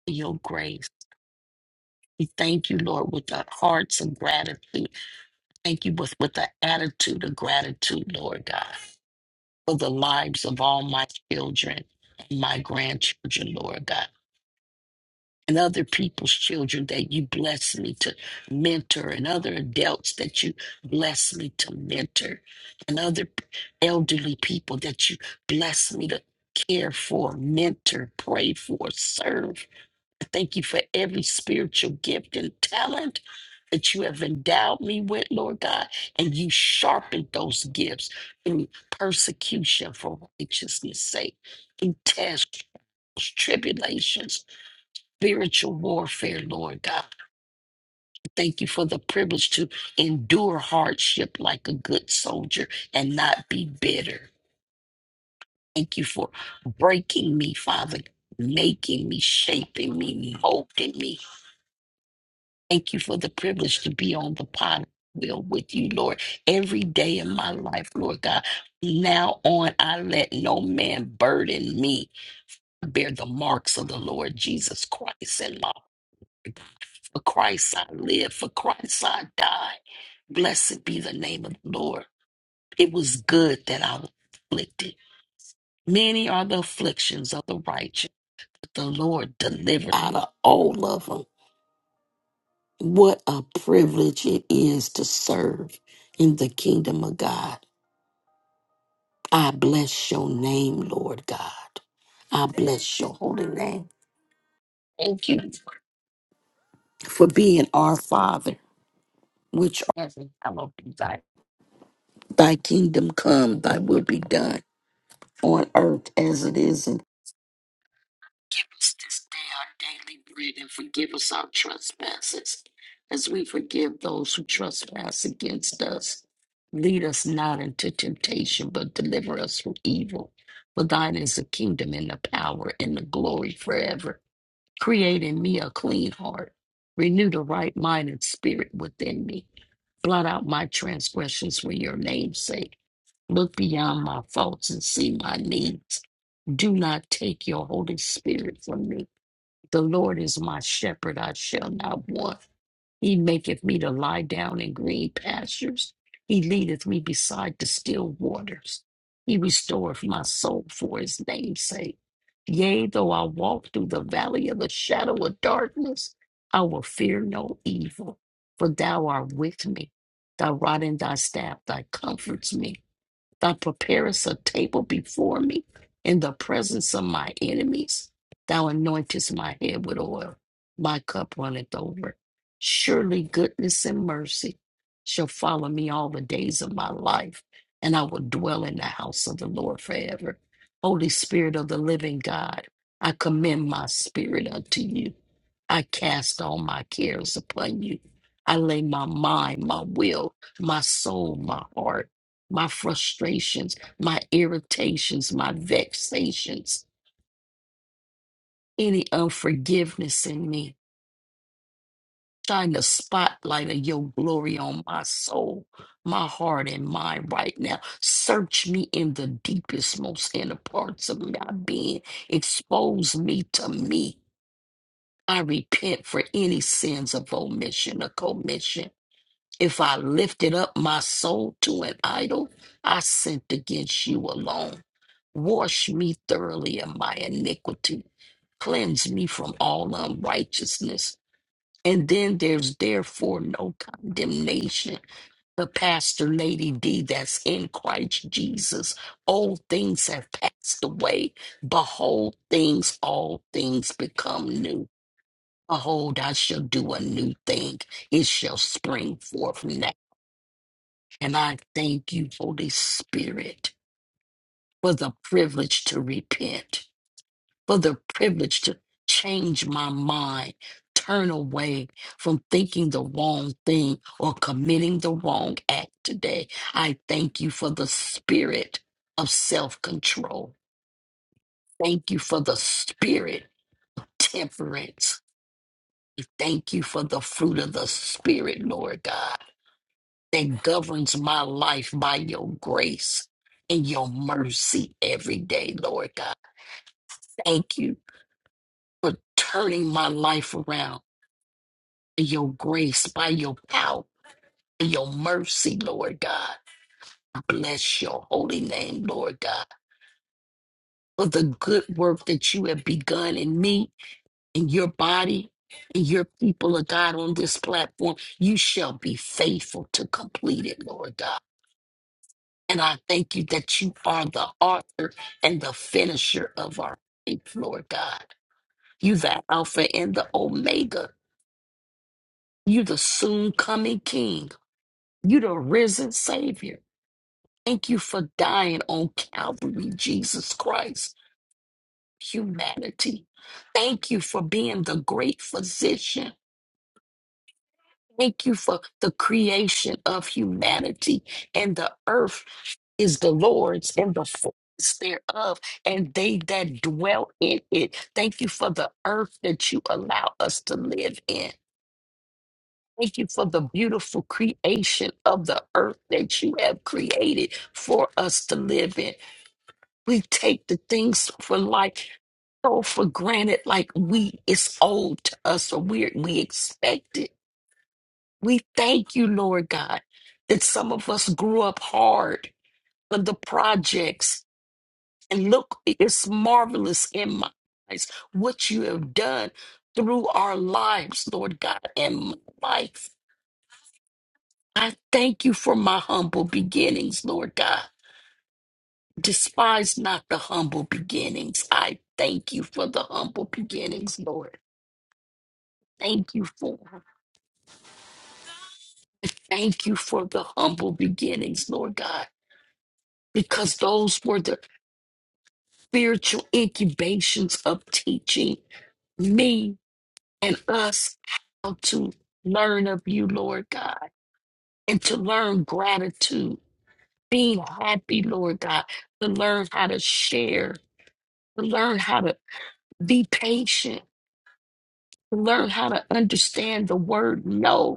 [SPEAKER 4] in your grace. We thank you, Lord, with our hearts of gratitude. Thank you with, with the attitude of gratitude, Lord God, for the lives of all my children and my grandchildren, Lord God. and other people's children that you bless me to mentor, and other adults that you bless me to mentor, and other p- elderly people that you bless me to care for, mentor, pray for, serve. I thank you for every spiritual gift and talent that you have endowed me with, Lord God, and you sharpened those gifts through persecution for righteousness' sake, through tests, tribulations spiritual warfare, Lord God. Thank you for the privilege to endure hardship like a good soldier and not be bitter. Thank you for breaking me, Father, making me, shaping me, molding me. Thank you for the privilege to be on the pot wheel with you, Lord, every day in my life, Lord God. Now on, I let no man burden me. Bear the marks of the Lord Jesus Christ in my For Christ I live, for Christ I die. Blessed be the name of the Lord. It was good that I was afflicted. Many are the afflictions of the righteous, but the Lord delivered out of all of them. What a privilege it is to serve in the kingdom of God. I bless your name, Lord God. I bless your holy name. Thank you for being our Father, which art in heaven. Thy kingdom come, thy will be done on earth as it is in Give us this day our daily bread and forgive us our trespasses as we forgive those who trespass against us. Lead us not into temptation, but deliver us from evil. For thine is the kingdom and the power and the glory forever. Create in me a clean heart. Renew the right mind and spirit within me. Blot out my transgressions for your name's sake. Look beyond my faults and see my needs do not take your Holy Spirit from me. The Lord is my shepherd, I shall not want. He maketh me to lie down in green pastures. He leadeth me beside the still waters. He restoreth my soul for his name's sake. Yea, though I walk through the valley of the shadow of darkness, I will fear no evil, for thou art with me. Thy rod and thy staff, thy comforts me. Thou preparest a table before me in the presence of my enemies. Thou anointest my head with oil. My cup runneth over. Surely goodness and mercy shall follow me all the days of my life, and I will dwell in the house of the Lord forever. Holy Spirit of the living God, I commend my spirit unto you. I cast all my cares upon you. I lay my mind, my will, my soul, my heart my frustrations, my irritations, my vexations, any unforgiveness in me. Shine the spotlight of your glory on my soul, my heart, and mind right now. Search me in the deepest, most inner parts of my being. Expose me to me. I repent for any sins of omission or commission. If I lifted up my soul to an idol, I sinned against you alone. Wash me thoroughly of my iniquity, cleanse me from all unrighteousness. And then there's therefore no condemnation. The pastor, Lady D, that's in Christ Jesus, old things have passed away. Behold, things, all things become new. Behold, I shall do a new thing. It shall spring forth now and I thank you, Holy Spirit, for the privilege to repent, for the privilege to change my mind, turn away from thinking the wrong thing or committing the wrong act today. I thank you for the spirit of self control. Thank you for the spirit temperance. Thank you for the fruit of the spirit, Lord God. that governs my life by your grace and your mercy every day, Lord God. Thank you for turning my life around in your grace, by your power, and your mercy, Lord God. Bless your holy name, Lord God, for the good work that you have begun in me, in your body, in your people of God on this platform. You shall be faithful to complete it, Lord God. And I thank you that you are the author and the finisher of our faith, Lord God. You the Alpha and the Omega. You the soon coming King. You the risen Savior. Thank you for dying on Calvary, Jesus Christ, humanity. Thank you for being the great physician. Thank you for the creation of humanity and the earth is the Lord's and the fullness thereof, and they that dwell in it. Thank you for the earth that you allow us to live in. Thank you for the beautiful creation of the earth that you have created for us to live in. We take the things for life so for granted, like we it's old to us or we we expect it. We thank you, Lord God, that some of us grew up hard for the projects And look, it's marvelous in my eyes what you have done through our lives, Lord God, and my life. I thank you for my humble beginnings, Lord God. Despise not the humble beginnings. I thank you for the humble beginnings, Lord. Thank you for thank you for the humble beginnings, Lord God, because those were the spiritual incubations of teaching me and us how to learn of you, Lord God, and to learn gratitude, being happy, Lord God, to learn how to share, to learn how to be patient, to learn how to understand the word no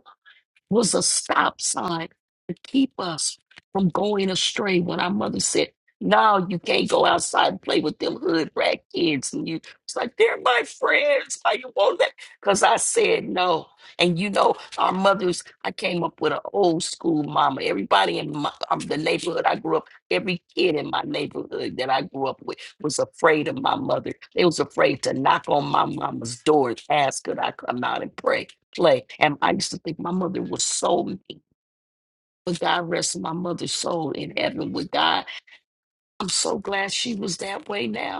[SPEAKER 4] was a stop sign to keep us from going astray. When our mother said, "No, you can't go outside and play with them hood rat kids," and you it's like they're my friends. Why you won't let? Because I said no. And you know, our mothers. I came up with an old school mama. Everybody in my, um, the neighborhood I grew up, every kid in my neighborhood that I grew up with was afraid of my mother. They was afraid to knock on my mama's door and ask, "Could I come out and pray?" play. And I used to think my mother was so mean, but God rest my mother's soul in heaven with God. I'm so glad she was that way now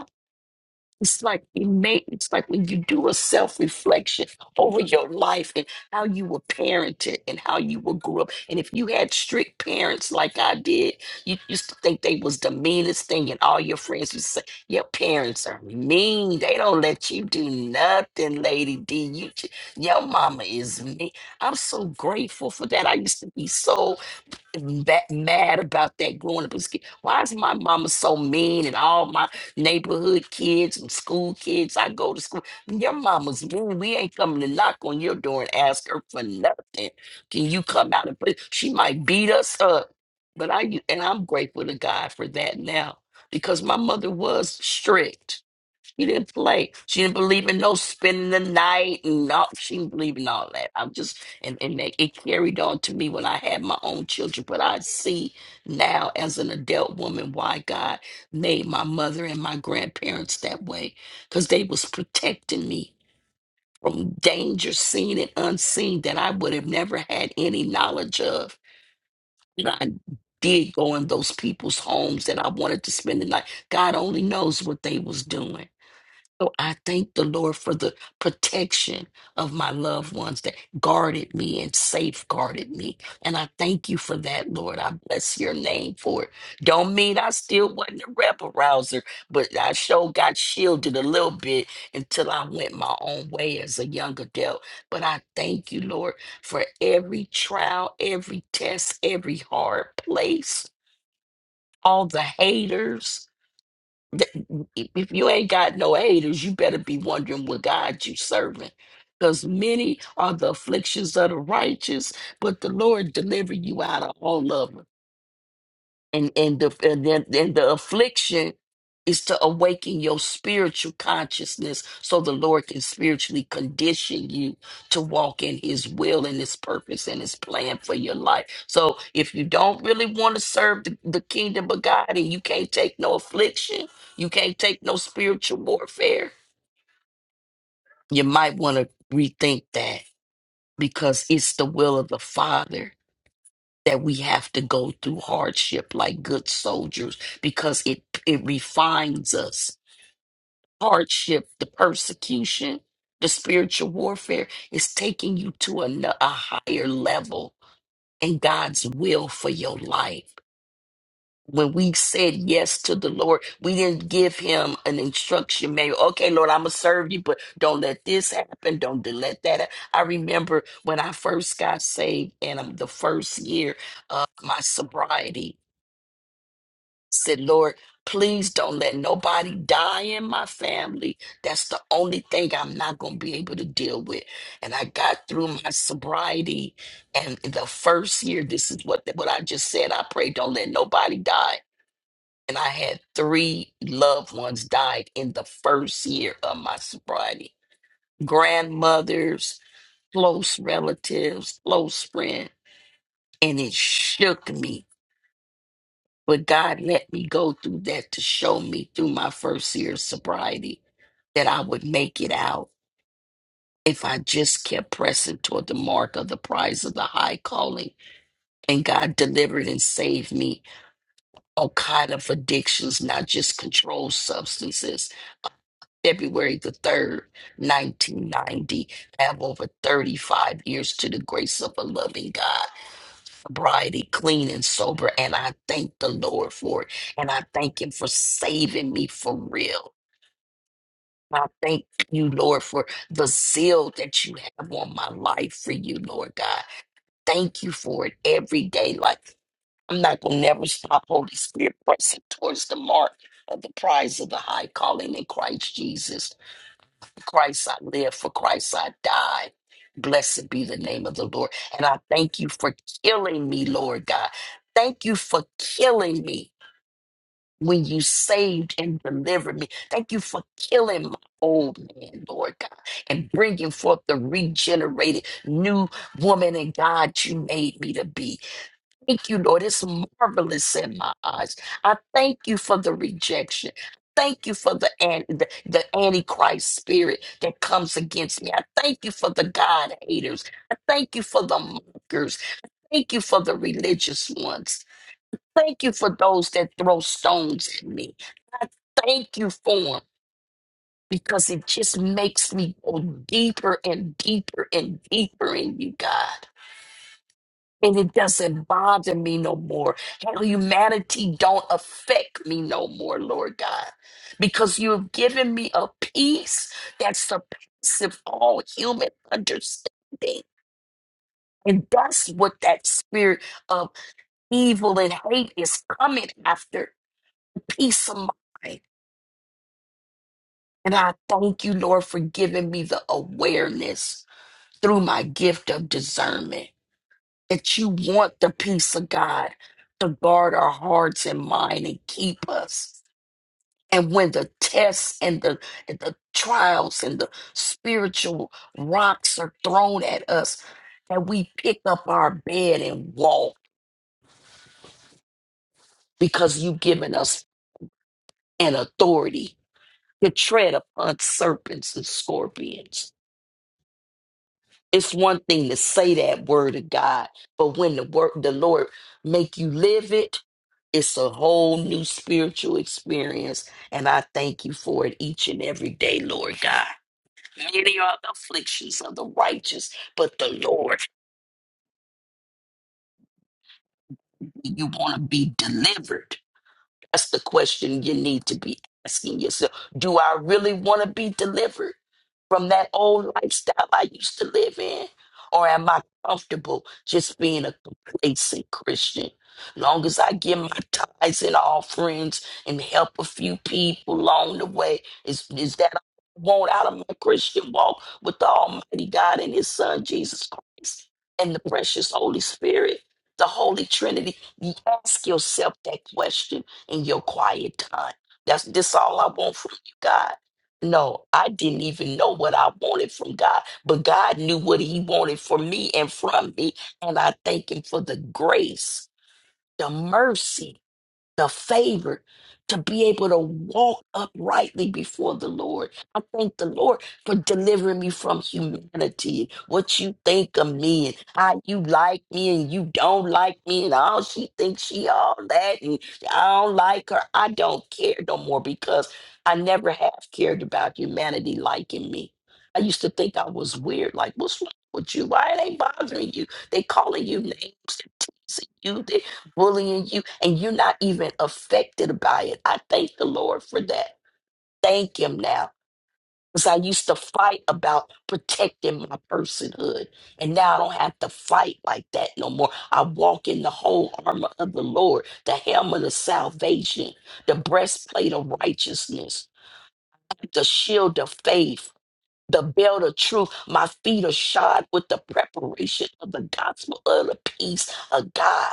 [SPEAKER 4] it's like it may, it's like when you do a self-reflection over your life and how you were parented and how you were grew up. And if you had strict parents like I did, you used to think they was the meanest thing, and all your friends would say, Your parents are mean. They don't let you do nothing, Lady D. You ju- your mama is mean. I'm so grateful for that. I used to be so that mad about that growing up as a kid. Why is my mama so mean and all my neighborhood kids and school kids I go to school? Your mama's mean. We ain't coming to knock on your door and ask her for nothing. Can you come out and play? She might beat us up. But I and I'm grateful to God for that now because my mother was strict she didn't play. She didn't believe in no spending the night and all. She didn't believe in all that. I'm just, and, and that it carried on to me when I had my own children. But I see now as an adult woman why God made my mother and my grandparents that way because they was protecting me from danger seen and unseen that I would have never had any knowledge of. And I did go in those people's homes that I wanted to spend the night. God only knows what they was doing so I thank the Lord for the protection of my loved ones that guarded me and safeguarded me. And I thank you for that, Lord. I bless your name for it. Don't mean I still wasn't a rebel rouser, but I sure got shielded a little bit until I went my own way as a young adult. But I thank you, Lord, for every trial, every test, every hard place, all the haters. Th- If you ain't got no haters, you better be wondering what God you serving. Because many are the afflictions of the righteous, but the Lord deliver you out of all of 'em and and the and then and the affliction is to awaken your spiritual consciousness so the Lord can spiritually condition you to walk in his will and his purpose and his plan for your life. So if you don't really want to serve the, the kingdom of God and you can't take no affliction, you can't take no spiritual warfare, you might want to rethink that because it's the will of the Father that we have to go through hardship like good soldiers because it it refines us. Hardship, the persecution, the spiritual warfare is taking you to a, n- a higher level in God's will for your life. When we said yes to the Lord, we didn't give him an instruction manual. Okay, Lord, I'm going to serve you, but don't let this happen. Don't let that happen. I remember when I first got saved and um, the first year of my sobriety, Said, Lord, please don't let nobody die in my family. That's the only thing I'm not going to be able to deal with. And I got through my sobriety. And the first year, this is what, what I just said. I pray, don't let nobody die. And I had three loved ones died in the first year of my sobriety grandmothers, close relatives, close friends. And it shook me But God let me go through that to show me through my first year of sobriety that I would make it out if I just kept pressing toward the mark of the prize of the high calling. And God delivered and saved me all kind of addictions, not just controlled substances. February the 3rd, 1990. I have over 35 years to the grace of a loving God. sobriety, clean and sober. And I thank the Lord for it. And I thank Him for saving me for real. I thank you, Lord, for the zeal that you have on my life for you, Lord God. Thank you for it every day. Like, I'm not going to never stop, Holy Spirit, pressing towards the mark of the prize of the high calling in Christ Jesus. Christ I live, for Christ I die. Blessed be the name of the Lord. And I thank you for killing me, Lord God. Thank you for killing me when you saved and delivered me. Thank you for killing my old man, Lord God, and bringing forth the regenerated new woman and God you made me to be. Thank you, Lord. It's marvelous in my eyes. I thank you for the rejection. Thank you for the, an- the, the Antichrist spirit that comes against me. I thank you for the God haters. I thank you for the mockers. Thank you for the religious ones. Thank you for those that throw stones at me. I thank you for them because it just makes me go deeper and deeper and deeper in you, God and it doesn't bother me no more. Hell, humanity don't affect me no more, Lord God, because you have given me a peace that surpasses all human understanding. And that's what that spirit of evil and hate is coming after peace of mind. And I thank you, Lord, for giving me the awareness through my gift of discernment. that you want the peace of God to guard our hearts and mind and keep us. And when the tests and the and the trials and the spiritual rocks are thrown at us, that we pick up our bed and walk because you've given us an authority to tread upon serpents and scorpions. It's one thing to say that word of God, but when the word the Lord make you live it, It's a whole new spiritual experience, and I thank you for it each and every day, Lord God. Many are the afflictions of the righteous, but the Lord, you want to be delivered. That's the question you need to be asking yourself. Do I really want to be delivered? from that old lifestyle I used to live in? Or am I comfortable just being a complacent Christian? Long as I give my tithes and offerings and help a few people along the way, is, is that all I want out of my Christian walk with the Almighty God and His Son, Jesus Christ, and the precious Holy Spirit? The Holy Trinity, you ask yourself that question in your quiet time. That's this all I want from you, God. No, I didn't even know what I wanted from God, but God knew what He wanted for me and from me. And I thank Him for the grace, the mercy the favor to be able to walk uprightly before the Lord. I thank the Lord for delivering me from humanity, and what you think of me, and how you like me, and you don't like me, and all she thinks she all that, and I don't like her. I don't care no more because I never have cared about humanity liking me. I used to think I was weird, like, what's wrong with you? Why it ain't bothering you? They calling you names, they're teasing you, bullying you and you're not even affected by it. I thank the Lord for that. Thank Him now. Because I used to fight about protecting my personhood. And now I don't have to fight like that no more. I walk in the whole armor of the Lord, the helmet of salvation, the breastplate of righteousness, the shield of faith, the belt of truth. My feet are shod with the preparation of the gospel of the peace of God.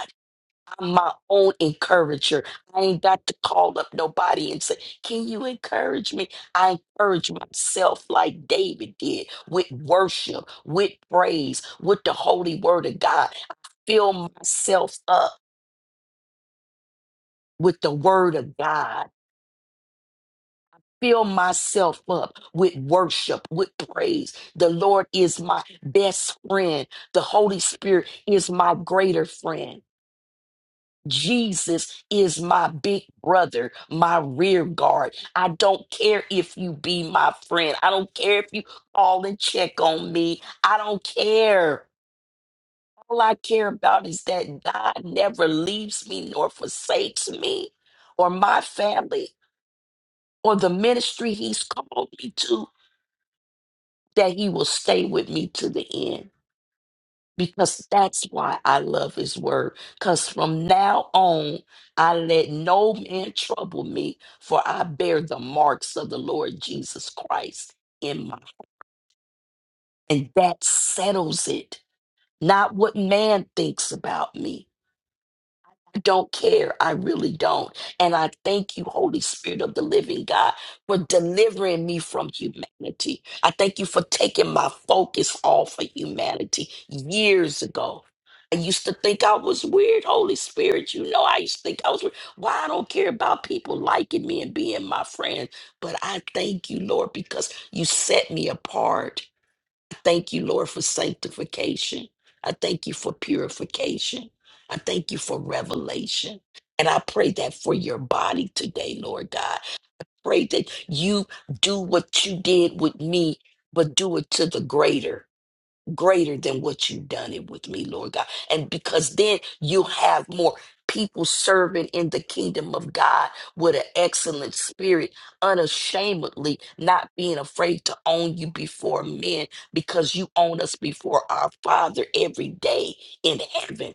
[SPEAKER 4] I'm my own encourager. I ain't got to call up nobody and say, Can you encourage me? I encourage myself like David did with worship, with praise, with the holy word of God. I fill myself up with the word of God. Fill myself up with worship, with praise. The Lord is my best friend. The Holy Spirit is my greater friend. Jesus is my big brother, my rear guard. I don't care if you be my friend. I don't care if you call and check on me. I don't care. All I care about is that God never leaves me nor forsakes me or my family or the ministry he's called me to, that he will stay with me to the end. because that's why I love his word. Because from now on, I let no man trouble me, for I bear the marks of the Lord Jesus Christ in my. And that settles it. Not what man thinks about me, don't care. I really don't. And I thank you, Holy Spirit of the living God, for delivering me from humanity. I thank you for taking my focus off of humanity years ago. I used to think I was weird, Holy Spirit. You know, I used to think I was weird. Why I don't care about people liking me and being my friend. But I thank you, Lord, because you set me apart Thank you, Lord, for sanctification. I thank you for purification. I thank you for revelation. And I pray that for your body today, Lord God. Pray that you do what you did with me, but do it to the greater greater than what you've done it with me, Lord God. And because then you'll have more people serving in the kingdom of God with an excellent spirit, unashamedly, not being afraid to own you before men because you own us before our Father every day in heaven.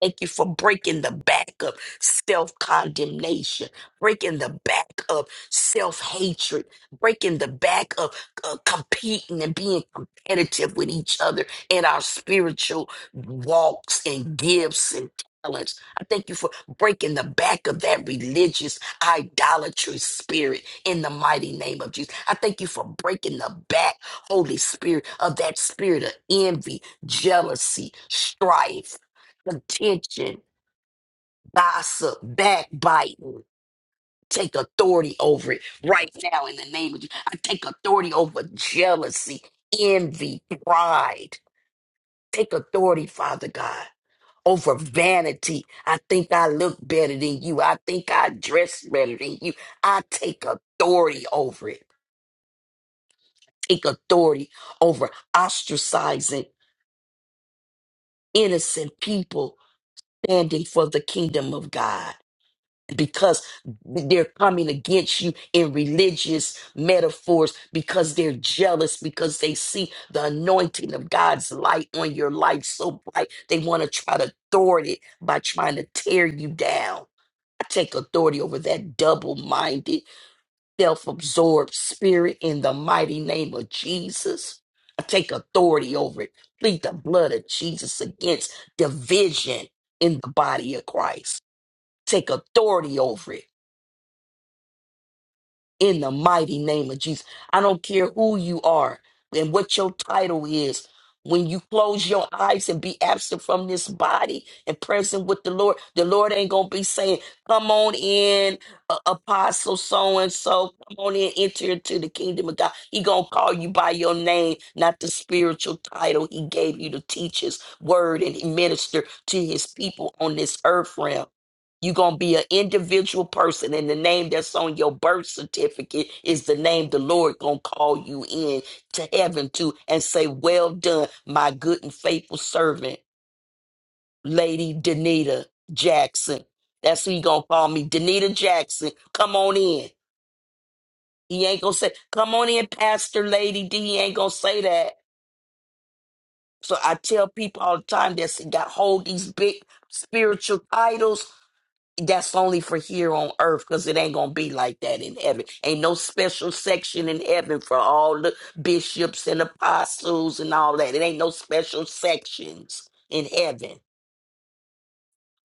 [SPEAKER 4] Thank you for breaking the back of self condemnation, breaking the back of self hatred, breaking the back of uh, competing and being competitive with each other in our spiritual walks and gifts and talents. I thank you for breaking the back of that religious idolatry spirit in the mighty name of Jesus. I thank you for breaking the back, Holy Spirit, of that spirit of envy, jealousy, strife contention, gossip, backbiting. Take authority over it right now in the name of Jesus. I take authority over jealousy, envy, pride. Take authority, Father God, over vanity. I think I look better than you. I think I dress better than you. I take authority over it. Take authority over ostracizing innocent people standing for the kingdom of God. because they're coming against you in religious metaphors because they're jealous because they see the anointing of God's light on your life so bright they want to try to thwart it by trying to tear you down. I take authority over that double minded, self absorbed spirit in the mighty name of Jesus. I take authority over it. Plead the blood of Jesus against division in the body of Christ. Take authority over it in the mighty name of Jesus. I don't care who you are and what your title is. When you close your eyes and be absent from this body and present with the Lord, the Lord ain't going to be saying, Come on in, uh, apostle so and so. Come on in, enter into the kingdom of God. He going to call you by your name, not the spiritual title He gave you to teach His word and minister to His people on this earth realm. You're going to be an individual person, and the name that's on your birth certificate is the name the Lord going to call you in to heaven to and say, Well done, my good and faithful servant, Lady Danita Jackson. That's who he' going to call me, Danita Jackson. Come on in. He ain't going to say, Come on in, Pastor Lady D. He ain't going to say that. So I tell people all the time that's got hold these big spiritual titles that's only for here on earth because it ain't gonna be like that in heaven. Ain't no special section in heaven for all the bishops and apostles and all that. It ain't no special sections in heaven.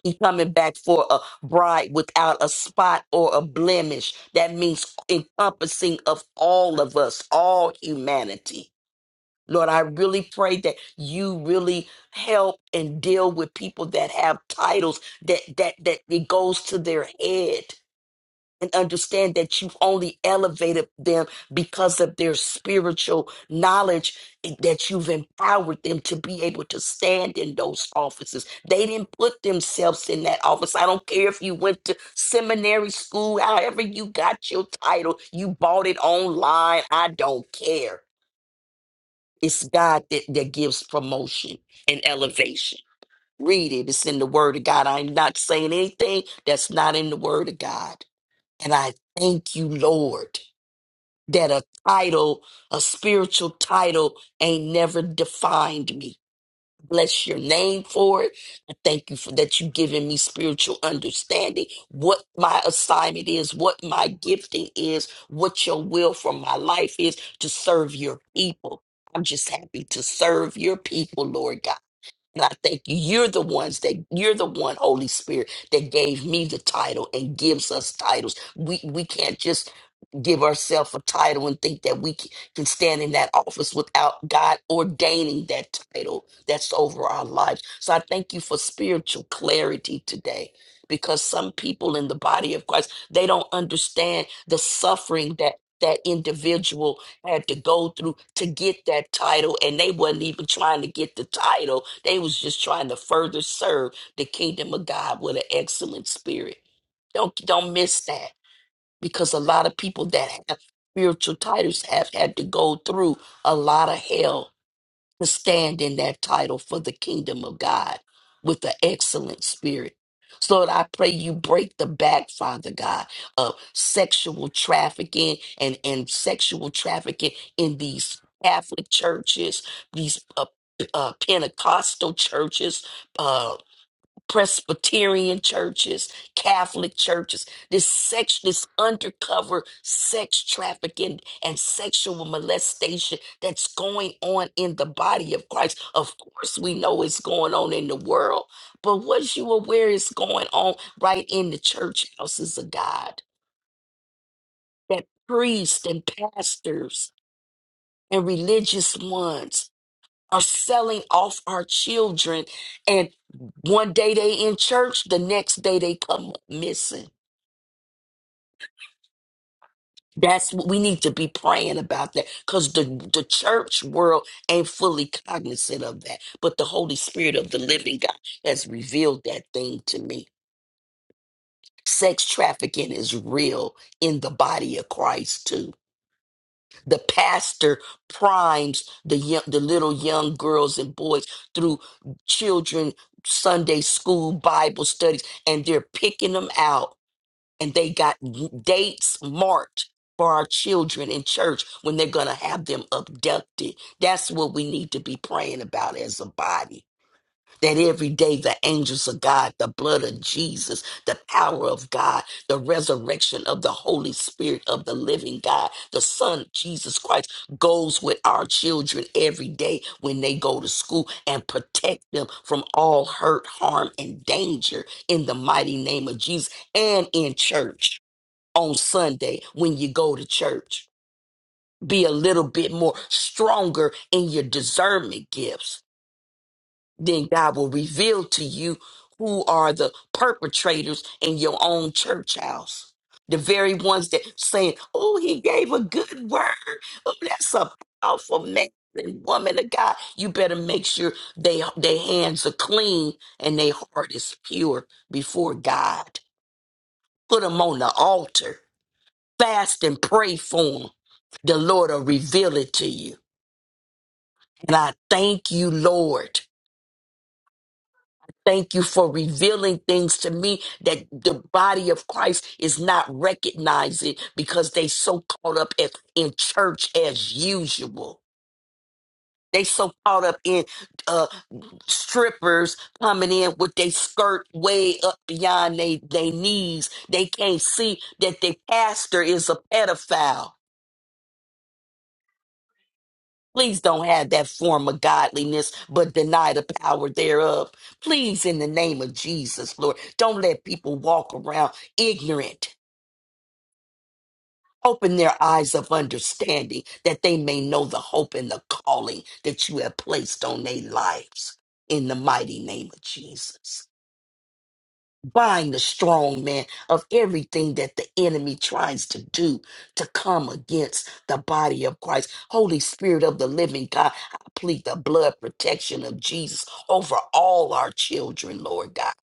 [SPEAKER 4] He coming back for a bride without a spot or a blemish. That means encompassing of all of us, all humanity. Lord, I really pray that you really help and deal with people that have titles that that that it goes to their head and understand that you've only elevated them because of their spiritual knowledge eh, that you've empowered them to be able to stand in those offices. They didn't put themselves in that office. I don't care if you went to seminary school, however you got your title, you bought it online. I don't care. It's God that, that gives promotion and elevation. Read it. It's in the word of God. I'm not saying anything that's not in the word of God. And I thank you, Lord, that a title, a spiritual title, ain't never defined me. Bless your name for it. I thank you for that you giving me spiritual understanding, what my assignment is, what my gifting is, what your will for my life is to serve your people. I'm just happy to serve your people, Lord God. And I thank you. You're the ones that you're the one, Holy Spirit, that gave me the title and gives us titles. We we can't just give ourselves a title and think that we c- can stand in that office without God ordaining that title that's over our lives. So I thank you for spiritual clarity today because some people in the body of Christ, they don't understand the suffering that that individual had to go through to get that title and they wasn't even trying to get the title they was just trying to further serve the kingdom of god with an excellent spirit don't don't miss that because a lot of people that have spiritual titles have had to go through a lot of hell to stand in that title for the kingdom of God with an excellent spirit. So Lord, I pray you break the back, Father God, of sexual trafficking and, and sexual trafficking in these Catholic churches, these uh, uh, Pentecostal churches, uh, Presbyterian churches, Catholic churches, this sex, this undercover sex trafficking and sexual molestation that's going on in the body of Christ. Of course, we know it's going on in the world, but was you aware it's going on right in the church houses of God? That priests and pastors and religious ones are selling off our children and one day they in church the next day they come missing that's what we need to be praying about that because the, the church world ain't fully cognizant of that but the holy spirit of the living god has revealed that thing to me sex trafficking is real in the body of christ too the pastor primes the young, the little young girls and boys through children Sunday school Bible studies, and they're picking them out, and they got dates marked for our children in church when they're gonna have them abducted. That's what we need to be praying about as a body. That every day the angels of God, the blood of Jesus, the power of God, the resurrection of the Holy Spirit of the living God, the Son, Jesus Christ, goes with our children every day when they go to school and protect them from all hurt, harm, and danger in the mighty name of Jesus and in church on Sunday when you go to church. Be a little bit more stronger in your discernment gifts then God will reveal to you who are the perpetrators in your own church house. The very ones that saying, Oh, he gave a good word. Oh, that's a powerful man and woman of God. You better make sure they their hands are clean and their heart is pure before God. Put them on the altar. Fast and pray for them. The Lord will reveal it to you. And I thank you, Lord. Thank you for revealing things to me that the body of Christ is not recognizing because they so caught up at, in church as usual. They so caught up in uh, strippers coming in with their skirt way up beyond their they they knees. They can't see that their pastor is a pedophile Please don't have that form of godliness, but deny the power thereof. Please, in the name of Jesus, Lord, don't let people walk around ignorant. Open their eyes of understanding that they may know the hope and the calling that you have placed on their lives. In the mighty name of Jesus. bind the strong man of everything that the enemy tries to do to come against the body of Christ. Holy Spirit of the living God, I plead the blood protection of Jesus over all our children, Lord God.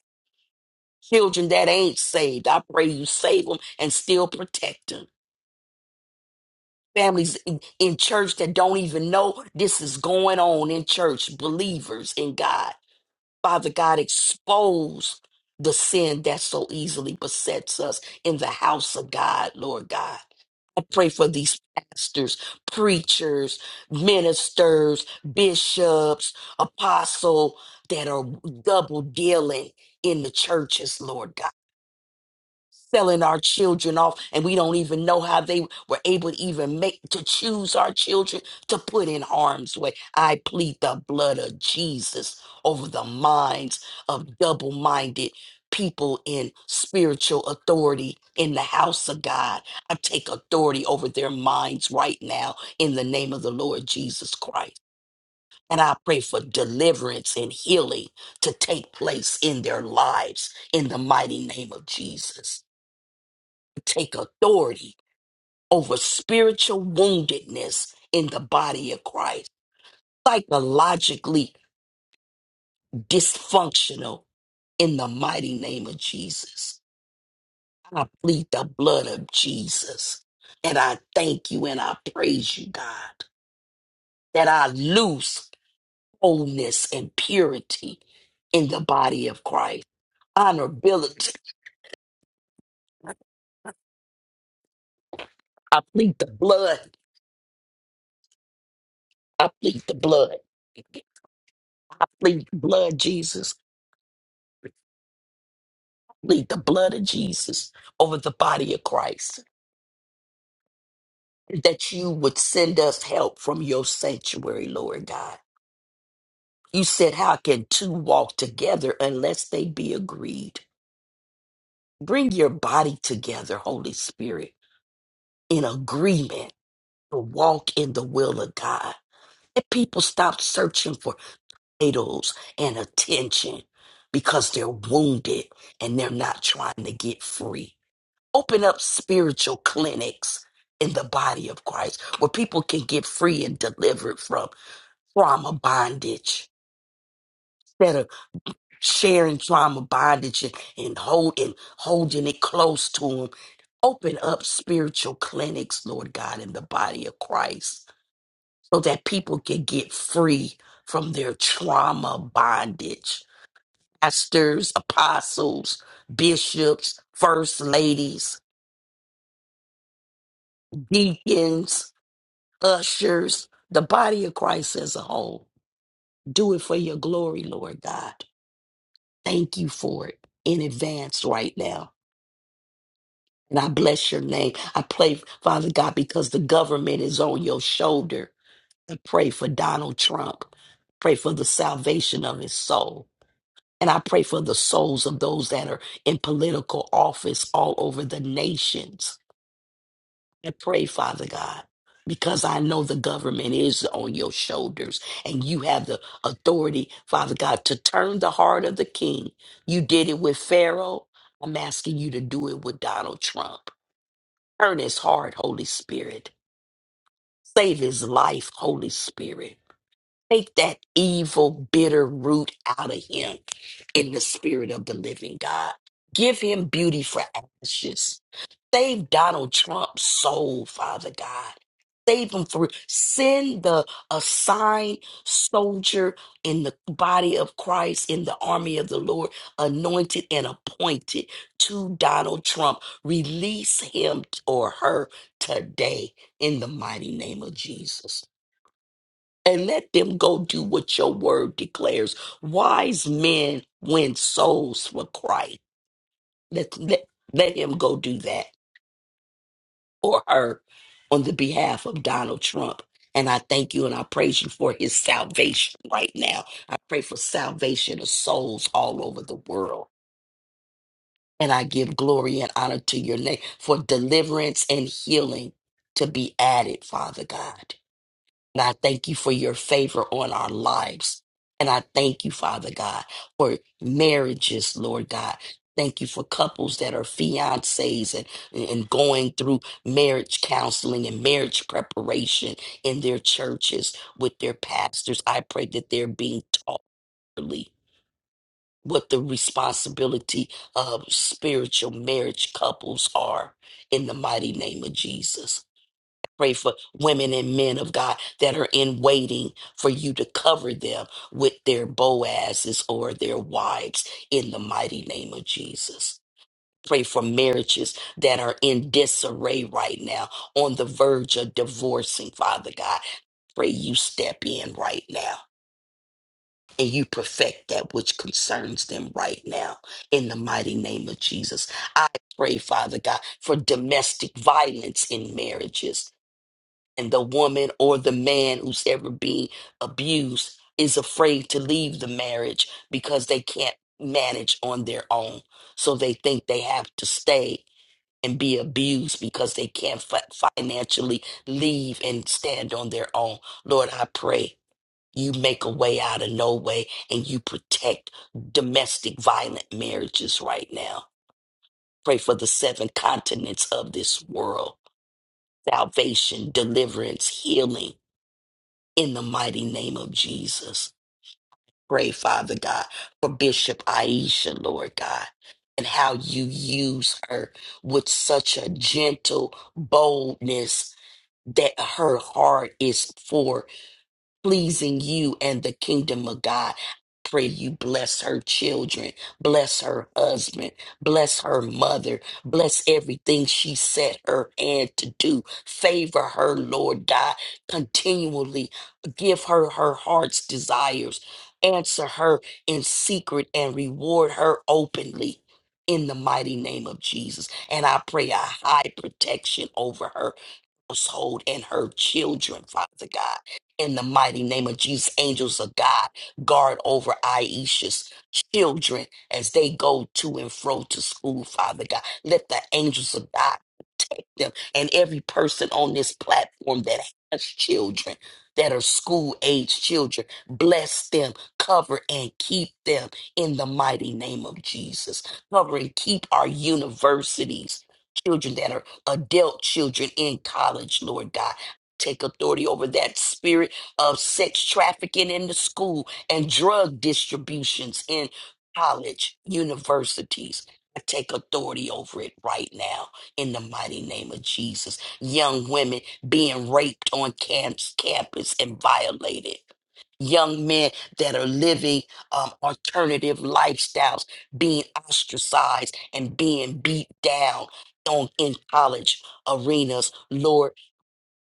[SPEAKER 4] Children that ain't saved, I pray you save them and still protect them. Families in, in church that don't even know this is going on in church, believers in God. Father God, expose the sin that so easily besets us in the house of God, Lord God. I pray for these pastors, preachers, ministers, bishops, apostle that are double dealing in the churches, Lord God selling our children off and we don't even know how they were able to even make to choose our children to put in harm's way i plead the blood of jesus over the minds of double-minded people in spiritual authority in the house of god i take authority over their minds right now in the name of the lord jesus christ and I pray for deliverance and healing to take place in their lives in the mighty name of Jesus take authority over spiritual woundedness in the body of Christ, psychologically dysfunctional in the mighty name of Jesus. I plead the blood of Jesus. And I thank you and I praise you, God, that I lose wholeness and purity in the body of Christ. Honorability. I plead the blood. I plead the blood. I plead the blood, Jesus. plead the blood of Jesus over the body of Christ, that you would send us help from your sanctuary, Lord God. You said, How can two walk together unless they be agreed? Bring your body together, Holy Spirit, in agreement to walk in the will of God. And people stop searching for titles and attention because they're wounded and they're not trying to get free. open up spiritual clinics in the body of Christ where people can get free and delivered from trauma bondage instead of sharing trauma bondage and, and hold and holding it close to them. Open up spiritual clinics, Lord God, in the body of Christ so that people can get free from their trauma bondage. Pastors, apostles, bishops, first ladies, deacons, ushers, the body of Christ as a whole. Do it for your glory, Lord God. Thank you for it in advance right now. And I bless your name. I pray, Father God, because the government is on your shoulder. I pray for Donald Trump. Pray for the salvation of his soul. And I pray for the souls of those that are in political office all over the nations. I pray, Father God, because I know the government is on your shoulders and you have the authority, Father God, to turn the heart of the king. You did it with Pharaoh. I'm asking you to do it with Donald Trump. Turn his heart, Holy Spirit. Save his life, Holy Spirit. Take that evil, bitter root out of him in the spirit of the living God. Give him beauty for ashes Save Donald Trump's soul, Father God. Save him through. Send the assigned soldier in the body of Christ, in the army of the Lord, anointed and appointed to Donald Trump. Release him or her today in the mighty name of Jesus. And let them go do what your word declares. Wise men win souls for Christ. Let, let, let him go do that or her on the behalf of Donald Trump. And I thank you and I praise you for his salvation right now. I pray for salvation of souls all over the world. And I give glory and honor to your name for deliverance and healing to be added, Father God. And I thank you for your favor on our lives. And I thank you, Father God, for marriages, Lord God. Thank you for couples that are fiancés and, and going through marriage counseling and marriage preparation in their churches with their pastors. I pray that they're being taught really what the responsibility of spiritual marriage couples are in the mighty name of Jesus. Pray for women and men of God that are in waiting for you to cover them with their Boazes or their wives in the mighty name of Jesus. Pray for marriages that are in disarray right now, on the verge of divorcing, Father God. Pray you step in right now and you perfect that which concerns them right now in the mighty name of Jesus. I pray, Father God, for domestic violence in marriages and the woman or the man who's ever being abused is afraid to leave the marriage because they can't manage on their own. So they think they have to stay and be abused because they can't fi- financially leave and stand on their own. Lord, I pray you make a way out of no way and you protect domestic violent marriages right now. Pray for the seven continents of this world salvation, deliverance, healing in the mighty name of Jesus. Pray, Father God, for Bishop Aisha, Lord God, and how you use her with such a gentle boldness that her heart is for pleasing you and the kingdom of God. Pray you bless her children, bless her husband, bless her mother, bless everything she set her hand to do. Favor her, Lord God, continually. Give her her heart's desires. Answer her in secret and reward her openly in the mighty name of Jesus. And I pray a high protection over her household and her children, Father God. In the mighty name of Jesus, angels of God, guard over Aisha's children as they go to and fro to school, Father God. Let the angels of God them and every person on this platform that has children that are school age children. Bless them, cover and keep them in the mighty name of Jesus. Cover and keep our universities, children that are adult children in college, Lord God. Take authority over that spirit of sex trafficking in the school and drug distributions in college, universities. I take authority over it right now in the mighty name of Jesus. Young women being raped on camps, campus and violated. Young men that are living um, alternative lifestyles, being ostracized and being beat down on in college arenas. Lord,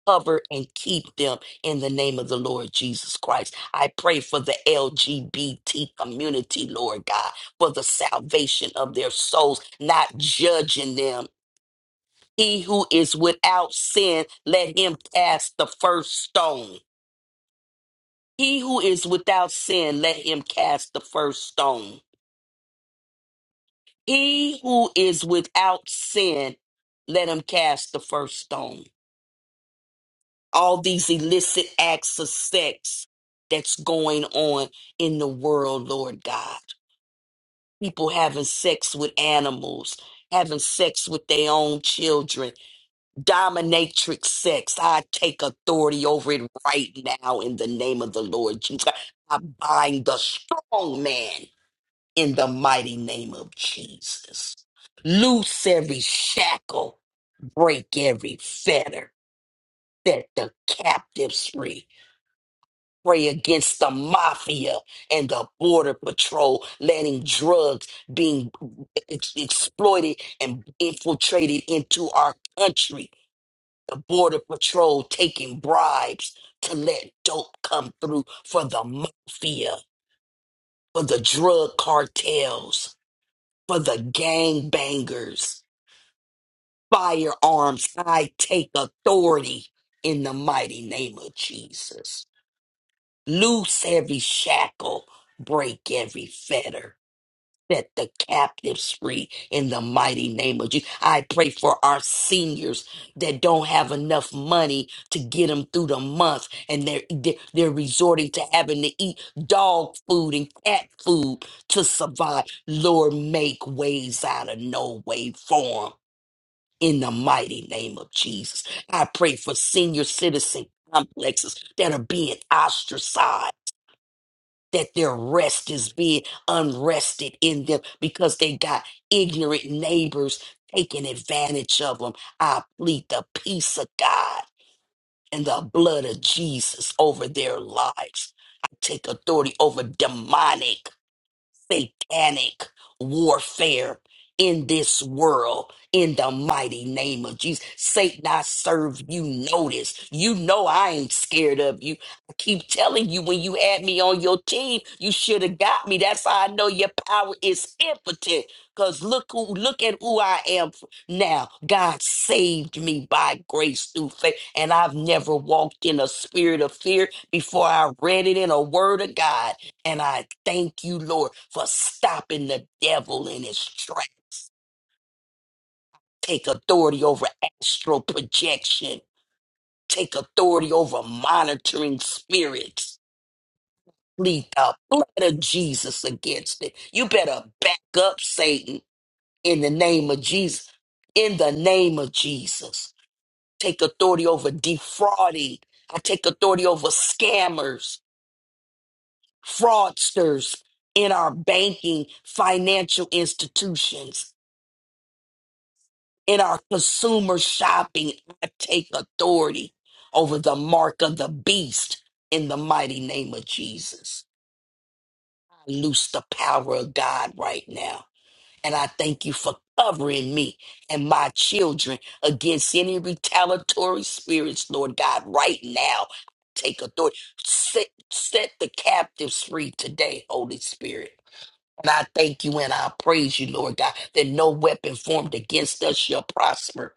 [SPEAKER 4] cover and keep them in the name of the Lord Jesus Christ. I pray for the LGBT community, Lord God, for the salvation of their souls, not judging them he who is without sin, let him cast the first stone. He who is without sin, let him cast the first stone. He who is without sin, let him cast the first stone. All these illicit acts of sex that's going on in the world, Lord God. People having sex with animals, having sex with their own children, Dominatrix sex, I take authority over it right now in the name of the Lord Jesus. I bind the strong man in the mighty name of Jesus. Loose every shackle, break every fetter, set the captives free. Pray against the mafia and the border patrol, letting drugs being ex- exploited and infiltrated into our country Border Patrol taking bribes to let dope come through for the mafia, for the drug cartels, for the gangbangers, firearms. I take authority in the mighty name of Jesus. Loose every shackle, break every fetter. set the captives free in the mighty name of Jesus. I pray for our seniors that don't have enough money to get them through the month and they're, they're they're resorting to having to eat dog food and cat food to survive. Lord, make ways out of no way for them. In the mighty name of Jesus, I pray for senior citizen complexes that are being ostracized that their rest is being unrested in them because they got ignorant neighbors taking advantage of them. I plead the peace of God and the blood of Jesus over their lives. I take authority over demonic satanic warfare in this world in the mighty name of Jesus. Satan, I serve you notice. You know I ain't scared of you. I keep telling you when you had me on your team, you should have got me. That's how I know your power is impotent. Cause look who look at who I am now. God saved me by grace through faith. And I've never walked in a spirit of fear before I read it in a word of God. And I thank you, Lord, for stopping the devil in his tracks. Take authority over astral projection. Take authority over monitoring spirits. Plead the blood of Jesus against it. You better back up, Satan, in the name of Jesus. In the name of Jesus. Take authority over defrauding. I take authority over scammers, fraudsters in our banking, financial institutions. in our consumer shopping, I take authority over the mark of the beast in the mighty name of Jesus. I loose the power of God right now. And I thank you for covering me and my children against any retaliatory spirits, Lord God, right now. Take authority. Set, set the captives free today, Holy Spirit. And I thank you and I praise you, Lord God, that no weapon formed against us shall prosper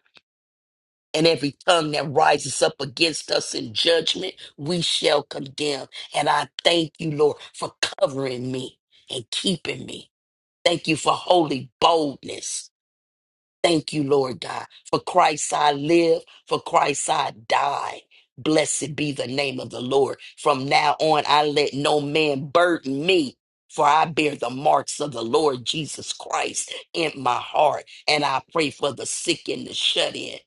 [SPEAKER 4] and every tongue that rises up against us in judgment, we shall condemn. And I thank you, Lord, for covering me and keeping me. Thank you for holy boldness. Thank you, Lord God. For Christ I live, for Christ I die. Blessed be the name of the Lord. From now on, I let no man burden me. For I bear the marks of the Lord Jesus Christ in my heart. And I pray for the sick and the shut in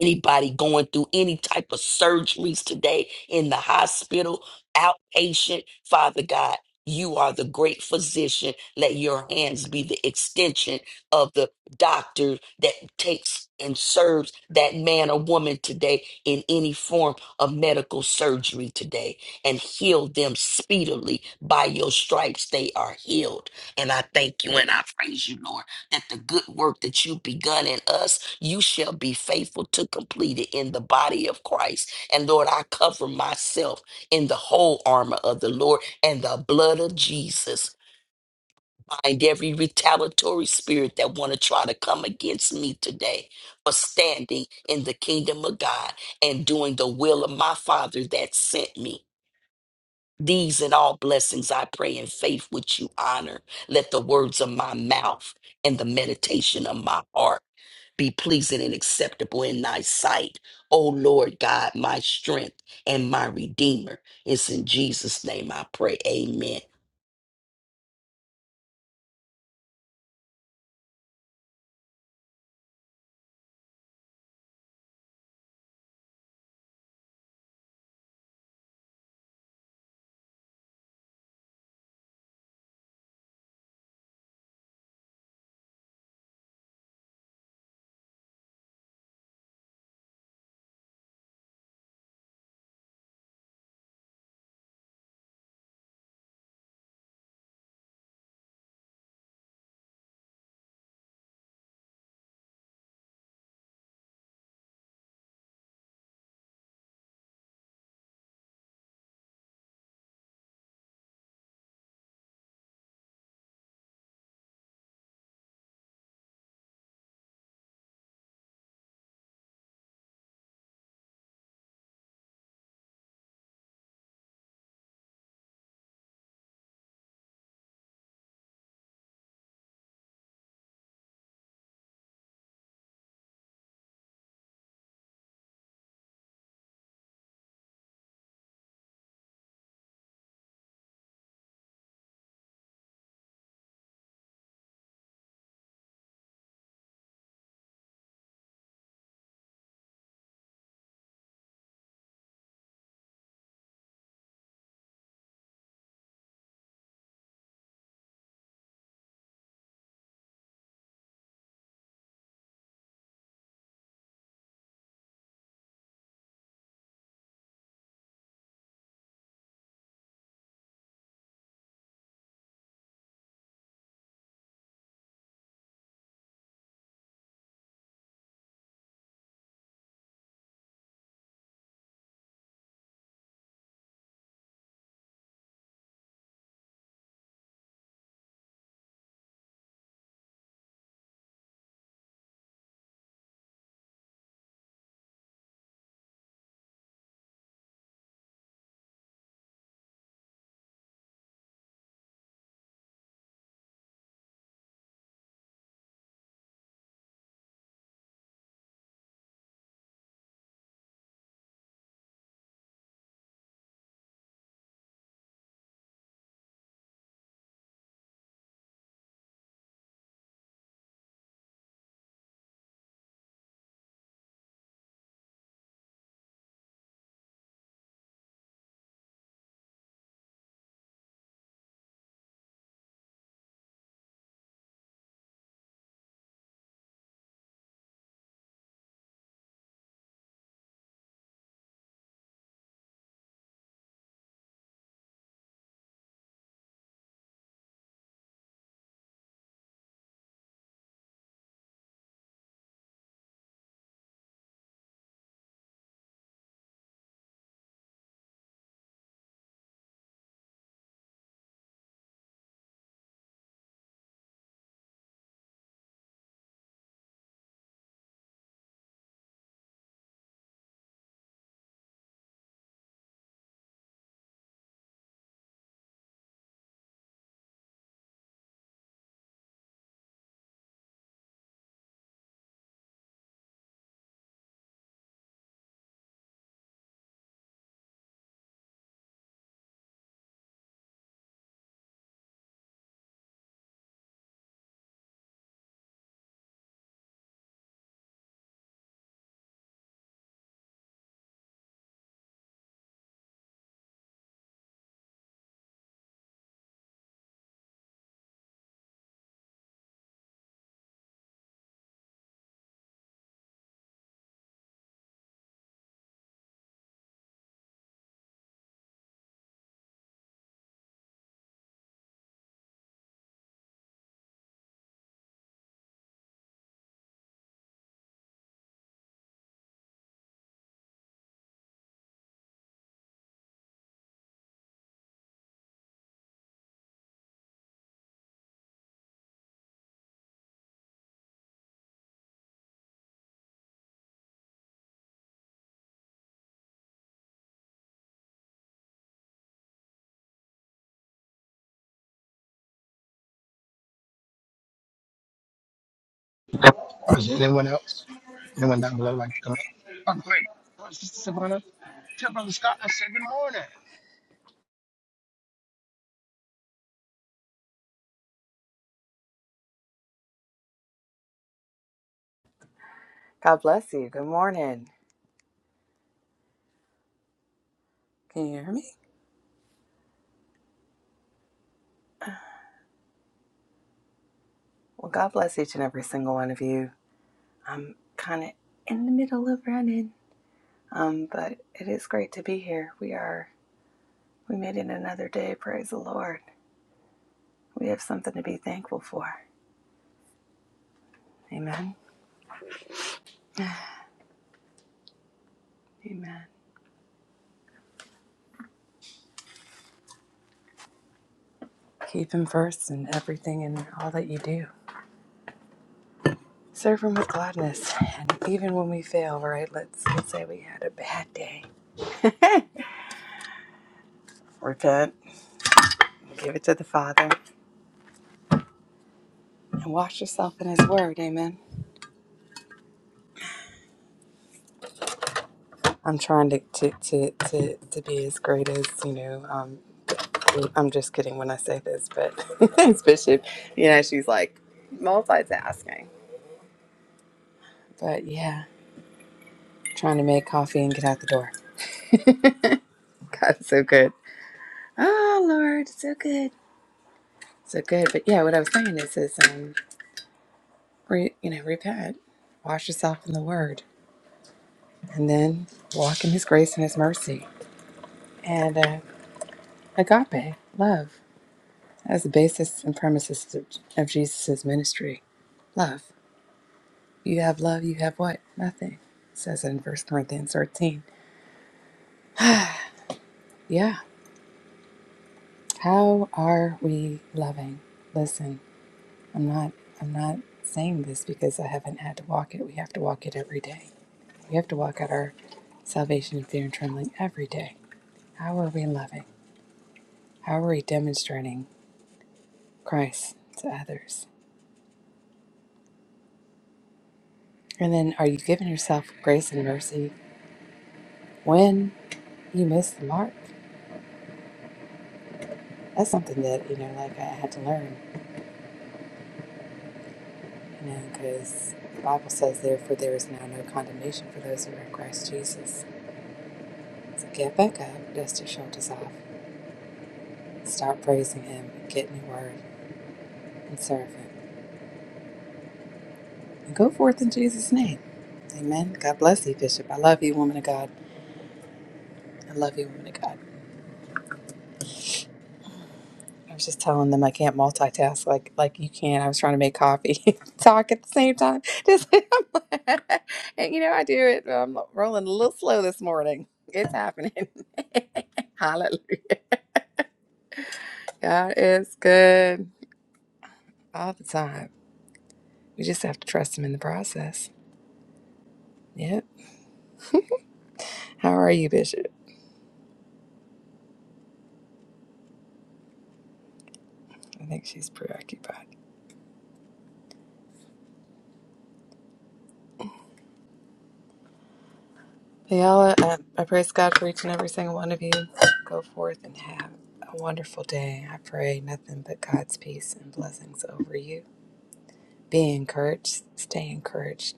[SPEAKER 4] anybody going through any type of surgeries today in the hospital, outpatient, Father God, you are the great physician. Let your hands be the extension of the doctor that takes and serves that man or woman today in any form of medical surgery today and heal them speedily by your stripes. They are healed. And I thank you and I praise you, Lord that the good work that you've begun in us, you shall be faithful to complete it in the body of Christ. And Lord, I cover myself in the whole armor of the Lord and the blood of Jesus. Find every retaliatory spirit that want to try to come against me today for standing in the kingdom of God and doing the will of my Father that sent me. These and all blessings I pray in faith which you honor. Let the words of my mouth and the meditation of my heart be pleasing and acceptable in thy sight. O Lord God, my strength and my redeemer. It's in Jesus' name I pray. Amen.
[SPEAKER 5] Or is there anyone else? Anyone down below like to come up? Oh, great. Oh, Sister Savannah, tell Brother Scott I said good morning.
[SPEAKER 6] God bless you. Good morning. Can you hear me? Well, God bless each and every single one of you. Kind of in the middle of running, um, but it is great to be here. We are. We made it another day. Praise the Lord. We have something to be thankful for. Amen. Amen. Keep Him first in everything and all that you do. Serve Him with gladness, and even when we fail, right? Let's let's say we had a bad day. Repent. Give it to the Father and wash yourself in His Word. Amen. I'm trying to to to to, to be as great as you know. Um, I'm just kidding when I say this, but it's Bishop. You know, she's like multitasking. But yeah, trying to make coffee and get out the door. God, it's so good. Oh Lord, it's so good, so good. But yeah, what I was saying is, is um, re, you know, repent, wash yourself in the Word, and then walk in His grace and His mercy and uh, agape love. As the basis and premises of, of Jesus' ministry. Love. You have love, you have what? Nothing. It says in First Corinthians 13. Yeah. How are we loving? Listen, I'm not I'm not saying this because I haven't had to walk it. We have to walk it every day. We have to walk out our salvation in fear and trembling every day. How are we loving? How are we demonstrating Christ to others? And then are you giving yourself grace and mercy when you miss the mark? That's something that, you know, like I had to learn, you know, because the Bible says, therefore, there is now no condemnation for those who are in Christ Jesus. So get back up, dust your shoulders off, start praising Him, get in the Word, and serve Him. And go forth in Jesus' name. Amen. God bless you, Bishop. I love you, woman of God. I love you, woman of God. I was just telling them I can't multitask like like you can. I was trying to make coffee, and talk at the same time. Just I'm like- and you know I do it. I'm rolling a little slow this morning. It's happening. Hallelujah! God is good all the time. We just have to trust Him in the process. Yep. How are you, Bishop? I think she's preoccupied. Y'all, uh, I praise God for each and every single one of you. Go forth and have a wonderful day. I pray nothing but God's peace and blessings over you Be encouraged. Stay encouraged.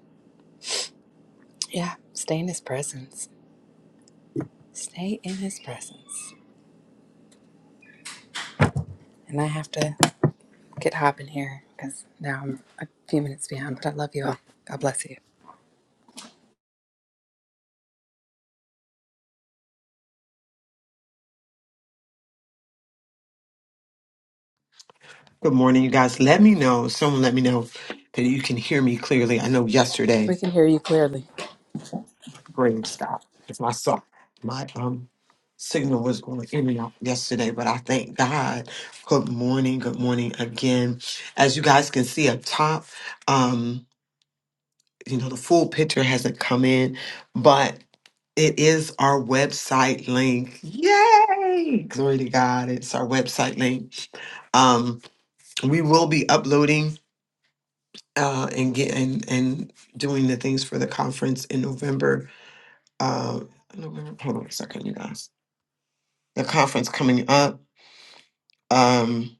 [SPEAKER 6] Yeah, stay in his presence. Stay in his presence. And I have to get hopping here because now I'm a few minutes behind, but I love you all. God bless you.
[SPEAKER 2] Good morning, you guys. Let me know. Someone let me know that you can hear me clearly. I know yesterday,
[SPEAKER 6] We can hear you clearly.
[SPEAKER 2] praise God, because my son, my um signal was going in and out yesterday, but I thank God. Good morning, good morning again. As you guys can see up top, um, you know, the full picture hasn't come in, but it is our website link. Yay! Glory to God. It's our website link. Um, we will be uploading. uh, and get and, and doing the things for the conference in November. Uh, November. Hold on a second, you guys. The conference coming up. Um,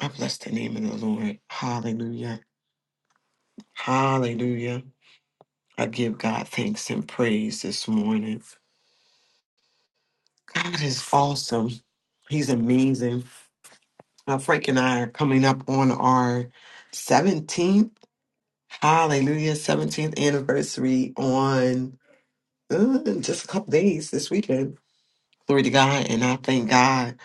[SPEAKER 2] I bless the name of the Lord. Hallelujah. Hallelujah. I give God thanks and praise this morning. God is awesome. He's amazing. Uh, Frank and I are coming up on our 17th, hallelujah, 17th anniversary on uh, just a couple days this weekend Glory to God. And I thank God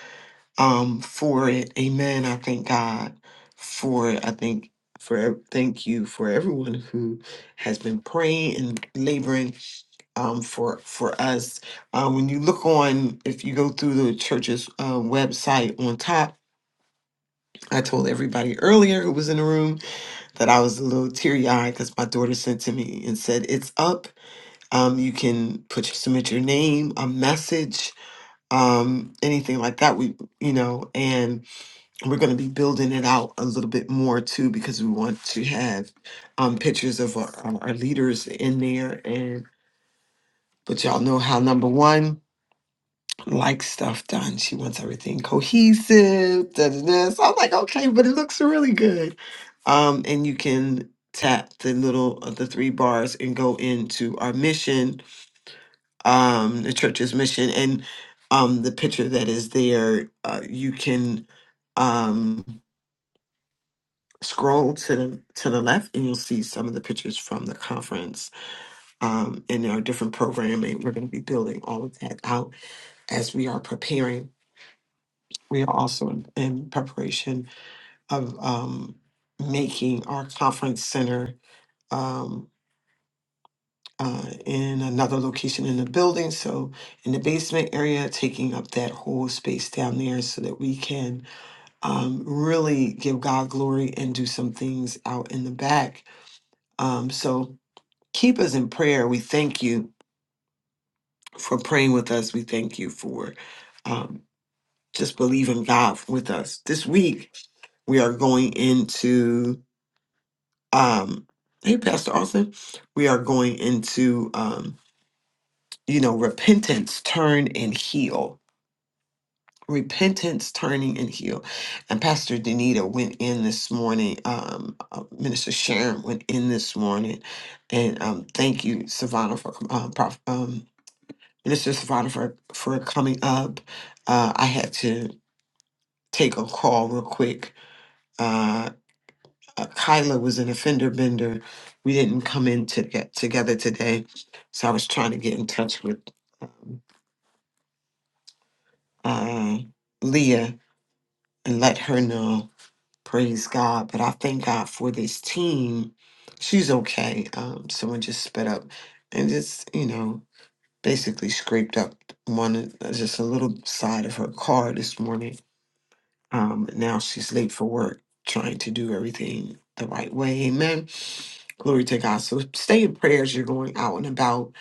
[SPEAKER 2] um, for it. Amen. I thank God for it. I think for ev- thank you for everyone who has been praying and laboring um, for for us. Uh, when you look on, if you go through the church's uh, website on top, I told everybody earlier who was in the room that I was a little teary eyed because my daughter sent to me and said it's up. Um, you can put submit your name, a message, um, anything like that. We, you know, and we're going to be building it out a little bit more too because we want to have um, pictures of our, um, our leaders in there. And but y'all know how number one likes stuff done. She wants everything cohesive. Da, da, da. So I'm like, okay, but it looks really good. Um, and you can tap the little uh, the three bars and go into our mission um, the church's mission, and um, the picture that is there. Uh, you can um, scroll to the to the left, and you'll see some of the pictures from the conference um, and our different programming. We're going to be building all of that out as we are preparing. We are also in, in preparation of um, making our conference center. Um, uh, in another location in the building. So in the basement area, taking up that whole space down there so that we can um, really give God glory and do some things out in the back. Um, so keep us in prayer. We thank you for praying with us. We thank you for um, just believing God with us. This week, we are going into. Um, Hey, Pastor Austin, we are going into, um, you know, repentance, turn and heal repentance, turning, and heal. And Pastor Danita went in this morning. Um, uh, Minister Sharon went in this morning, and um, thank you, Savannah, for um, Prof, um, Minister Savannah for for coming up. Uh, I had to take a call real quick. Uh, uh, Kyla was in a fender bender. We didn't come in to get together today, so I was trying to get in touch with um, uh, Leah and let her know. Praise God. But I thank God for this team. She's okay. Um, someone just sped up and just, you know, basically scraped up one, of- just a little side of her car this morning. Um, now she's late for work, trying to do everything the right way. Amen. Glory to God. So stay in prayers. You're going out and about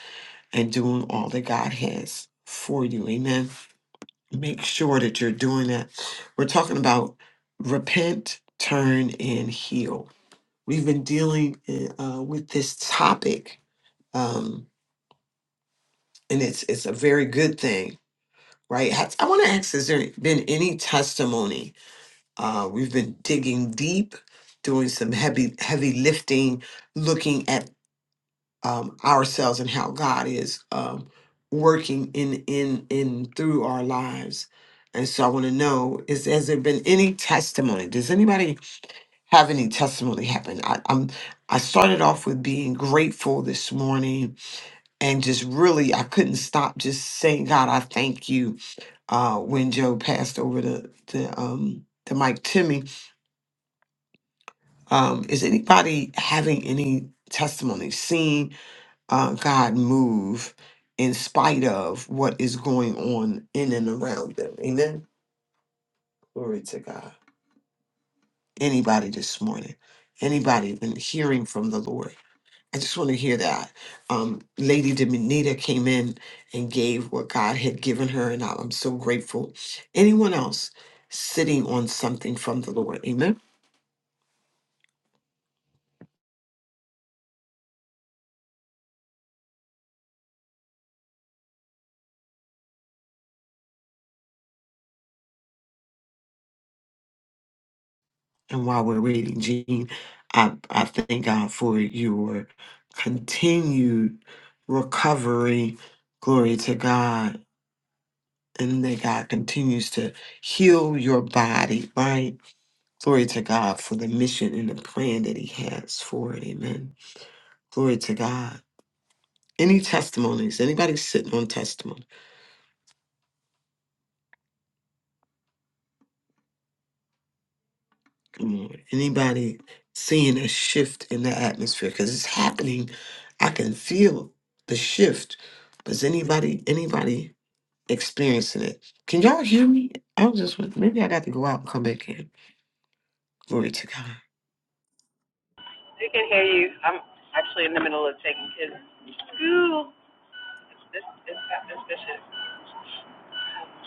[SPEAKER 2] and doing all that God has for you. Amen make sure that you're doing that. We're talking about repent, turn, and heal. We've been dealing uh, with this topic, um, and it's it's a very good thing, right? Has- I want to ask: Has there been any testimony? Uh, we've been digging deep, doing some heavy heavy lifting, looking at um, ourselves and how God is um, working in in in through our lives. And so I want to know is has there been any testimony? Does anybody have any testimony happen? I, I'm I started off with being grateful this morning and just really I couldn't stop just saying God I thank you uh, when Joe passed over to to um, to Mike Timmy. Um, is anybody having any testimony seen? uh, God move in spite of what is going on in and around them. Amen. Glory to God. Anybody this morning, anybody been hearing from the Lord? I just want to hear that. Um, Lady Dominita came in and gave what God had given her, and I- I'm so grateful. Anyone else sitting on something from the Lord? Amen. And while we're waiting, Jean, I, I thank God for your continued recovery. Glory to God. And that God continues to heal your body, right? Glory to God for the mission and the plan that He has for it. Amen. Glory to God. Any testimonies? Anybody sitting on testimony? Come on. Anybody seeing a shift in the atmosphere? Because it's happening. I can feel the shift. But is anybody anybody experiencing it? Can y'all hear me? I was just maybe I got to go out and come back in. Glory to God.
[SPEAKER 6] We can hear you. I'm actually in the middle of taking kids to school. This, this, it's that, this, this is,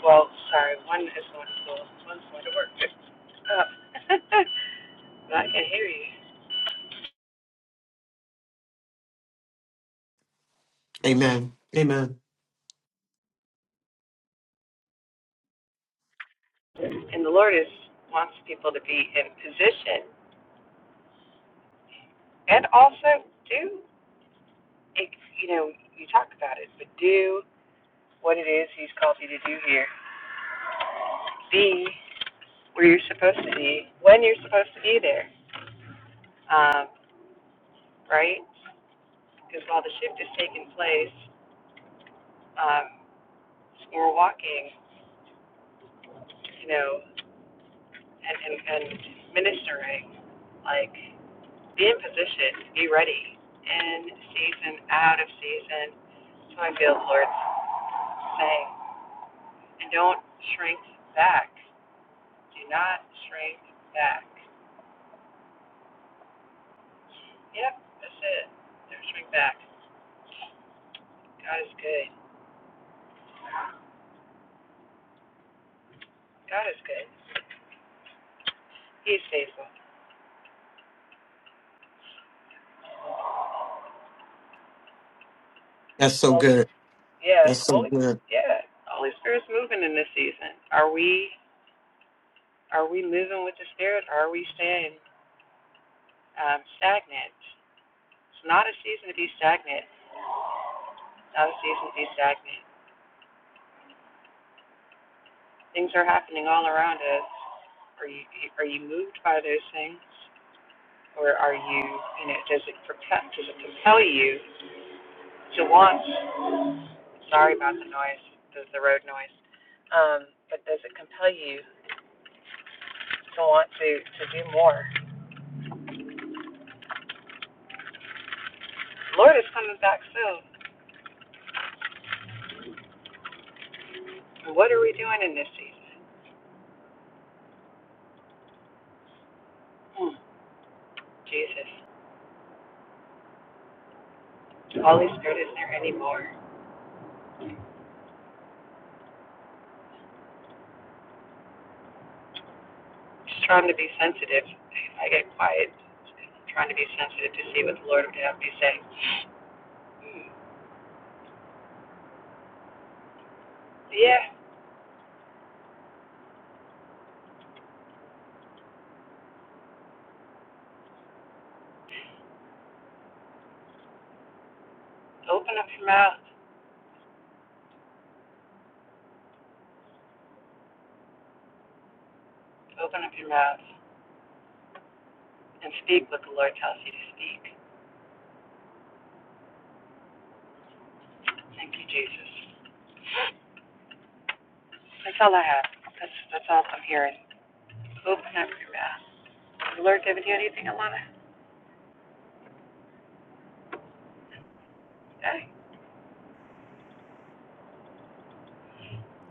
[SPEAKER 6] well, sorry, one is going to school, one's going to work. Uh, but I can hear you.
[SPEAKER 2] Amen. Amen.
[SPEAKER 6] And the Lord is wants people to be in position. And also do, you know, you talk about it, but do what it is he's called you to do here. Be where you're supposed to be when you're supposed to be there, um, right? Because while the shift is taking place, um, we're walking, you know, and, and, and ministering, like be in position, be ready, in season, out of season. So I feel the Lord's saying, and don't shrink back Do not shrink back. Yep, that's it. Never shrink back. God is good. God is good. He's faithful.
[SPEAKER 2] That's so
[SPEAKER 6] Holy,
[SPEAKER 2] good.
[SPEAKER 6] yeah,
[SPEAKER 2] That's so
[SPEAKER 6] holy,
[SPEAKER 2] good.
[SPEAKER 6] yeah. Holy Spirit's moving in this season. Are we are we moving with the Spirit? Or are we staying um, stagnant? It's not a season to be stagnant. It's not a season to be stagnant. Things are happening all around us. Are you are you moved by those things, or are you you know does it propel does it compel you to want? Sorry about the noise, the, the road noise. Um, but does it compel you to want to, to do more? Lord is coming back soon. What are we doing in this season? Hmm, Jesus. Holy Spirit isn't there anymore. Just trying to be sensitive. If I get quiet, I'm trying to be sensitive to see what the Lord would have me say. Hmm, Yeah, open up your mouth. Open up your mouth and speak what the Lord tells you to speak. Thank you, Jesus. That's all I have. That's, that's all I'm hearing. Open up your mouth. Lord, haven't you anything I want to say?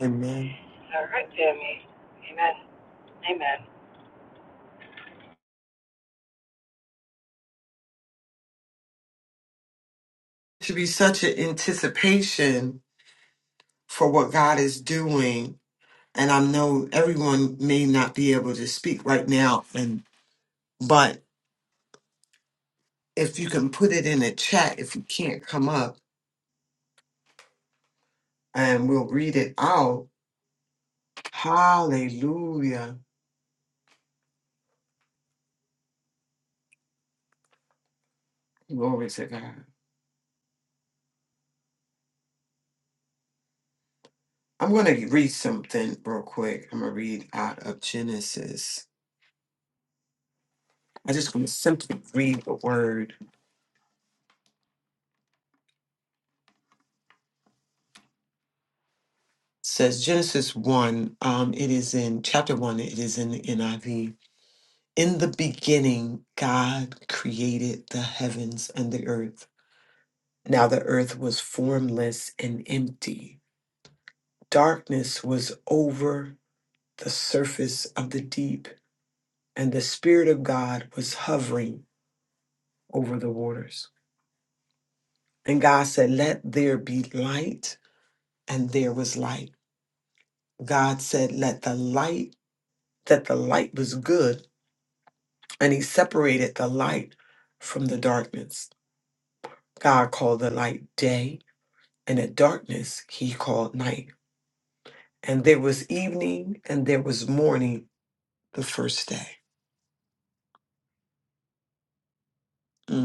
[SPEAKER 2] Amen.
[SPEAKER 6] All right, Tammy. Amen. Amen.
[SPEAKER 2] Should be such an anticipation for what God is doing. And I know everyone may not be able to speak right now and but if you can put it in the chat if you can't come up and we'll read it out. Hallelujah. Glory to God. I'm going to read something real quick. I'm going to read out of Genesis. I just going to simply read the word. It says Genesis 1, um, it is in chapter 1, it is in the NIV. In the beginning, God created the heavens and the earth. Now the earth was formless and empty. Darkness was over the surface of the deep, and the Spirit of God was hovering over the waters. And God said, Let there be light, and there was light. God said, Let the light, that the light was good, and He separated the light from the darkness. God called the light day, and the darkness He called night. And there was evening, and there was morning the first day. Mm.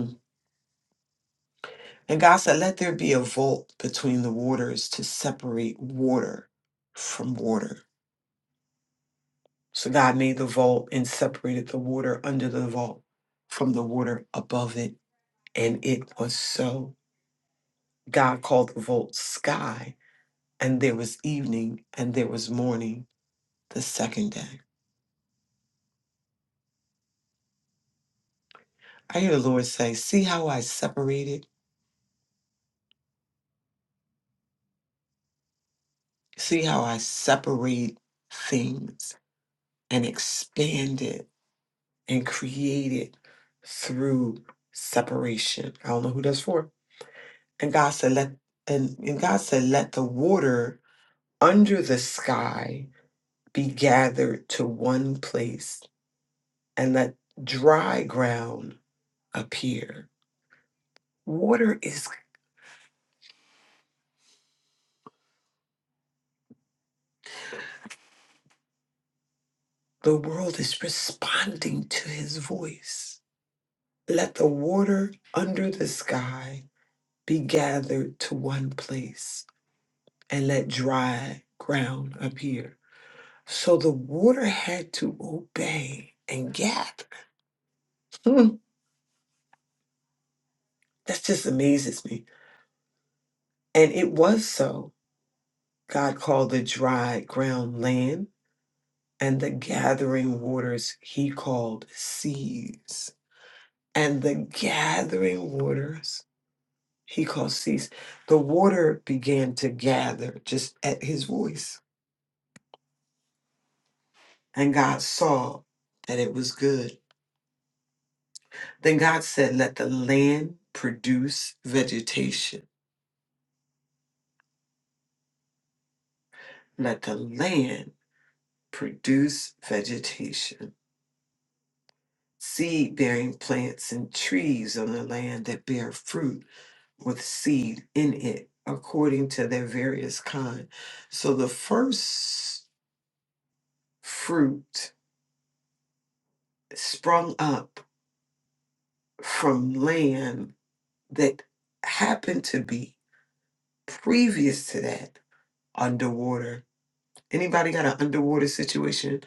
[SPEAKER 2] And God said, Let there be a vault between the waters to separate water from water. So God made the vault and separated the water under the vault from the water above it. And it was so. God called the vault sky, and there was evening and there was morning the second day. I hear the Lord say, See how I separated? See how I separate things and expand it and created through separation. I don't know who that's for. And God said, let and, and God said, let the water under the sky be gathered to one place and let dry ground appear. Water is the world is responding to his voice. Let the water under the sky be gathered to one place and let dry ground appear So the water had to obey and gap. Hmm, that just amazes me. And it was so. God called the dry ground land, and the gathering waters he called seas. And the gathering waters he called seas. The water began to gather just at his voice. And God saw that it was good. Then God said, Let the land produce vegetation. Let the land produce vegetation, seed bearing plants and trees on the land that bear fruit with seed in it according to their various kind. So the first fruit sprung up from land that happened to be previous to that underwater Anybody got an underwater situation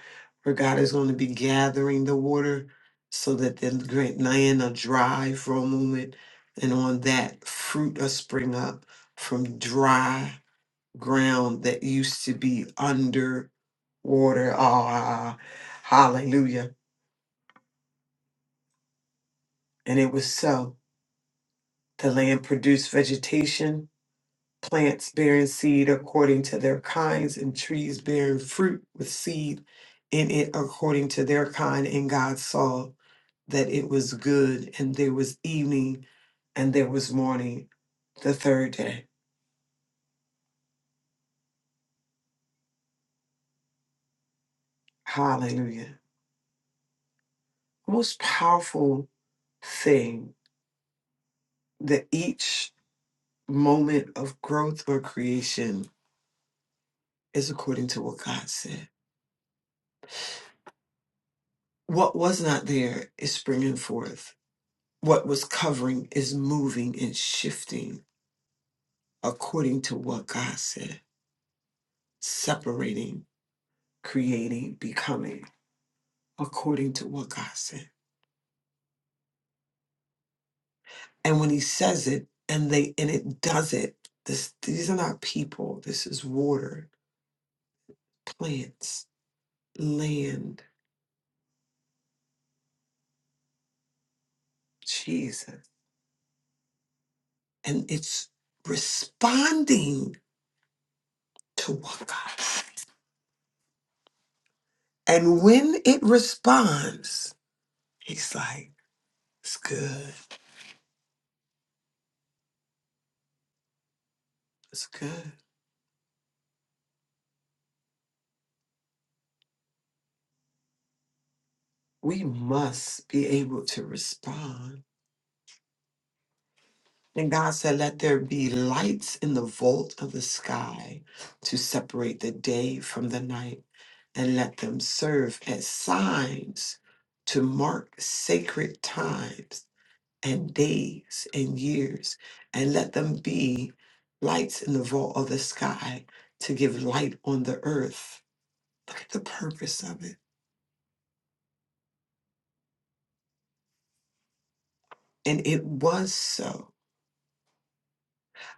[SPEAKER 2] where God is going to be gathering the water so that the great land are dry for a moment and on that fruit will spring up from dry ground that used to be under water. Ah, hallelujah. And it was so. The land produced vegetation plants bearing seed according to their kinds, and trees bearing fruit with seed in it according to their kind. And God saw that it was good, and there was evening, and there was morning the third day. Hallelujah. Most powerful thing that each moment of growth or creation is according to what God said. What was not there is springing forth. What was covering is moving and shifting according to what God said, separating, creating, becoming according to what God said. And when he says it and they and it does it, this these are not people. This is water, plants, land, Jesus. And it's responding to what God said. And when it responds, he's like, it's good. It's good. We must be able to respond And God said, Let there be lights in the vault of the sky to separate the day from the night, and let them serve as signs to mark sacred times and days and years, and let them be lights in the vault of the sky to give light on the earth. Look at the purpose of it. And it was so.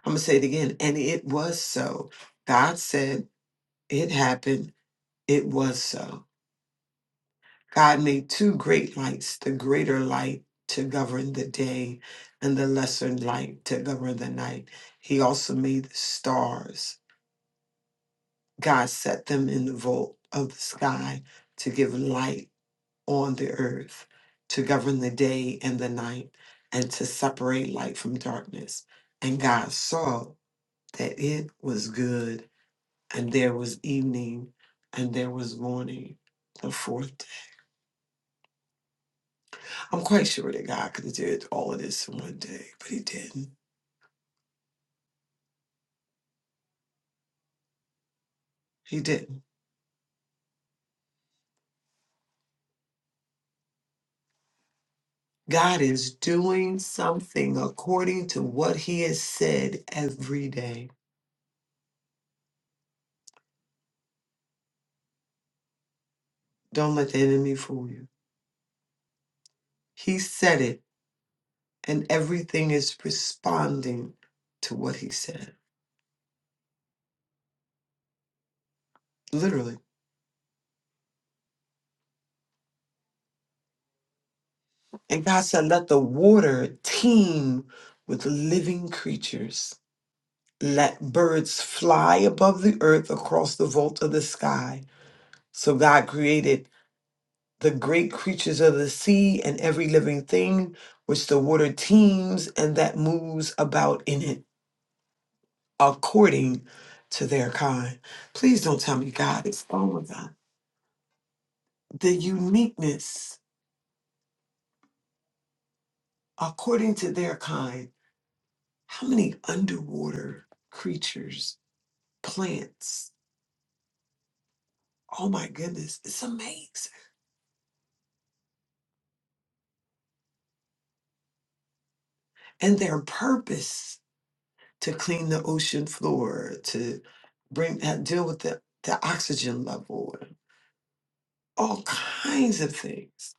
[SPEAKER 2] I'm going to say it again. And it was so. God said, It happened. It was so. God made two great lights, the greater light to govern the day and the lesser light to govern the night. He also made the stars. God set them in the vault of the sky to give light on the earth, to govern the day and the night, and to separate light from darkness. And God saw that it was good, and there was evening, and there was morning, the fourth I'm quite sure that God could have did all of this in one day, but he didn't. He didn't. God is doing something according to what he has said every day. Don't let the enemy fool you. He said it, and everything is responding to what he said. Literally. And God said, let the water teem with living creatures. Let birds fly above the earth across the vault of the sky. So God created the great creatures of the sea and every living thing which the water teems and that moves about in it according to their kind. Please don't tell me God is oh my God. The uniqueness according to their kind. How many underwater creatures, plants? Oh my goodness, it's amazing. And their purpose to clean the ocean floor, to bring deal with the, the oxygen level all kinds of things.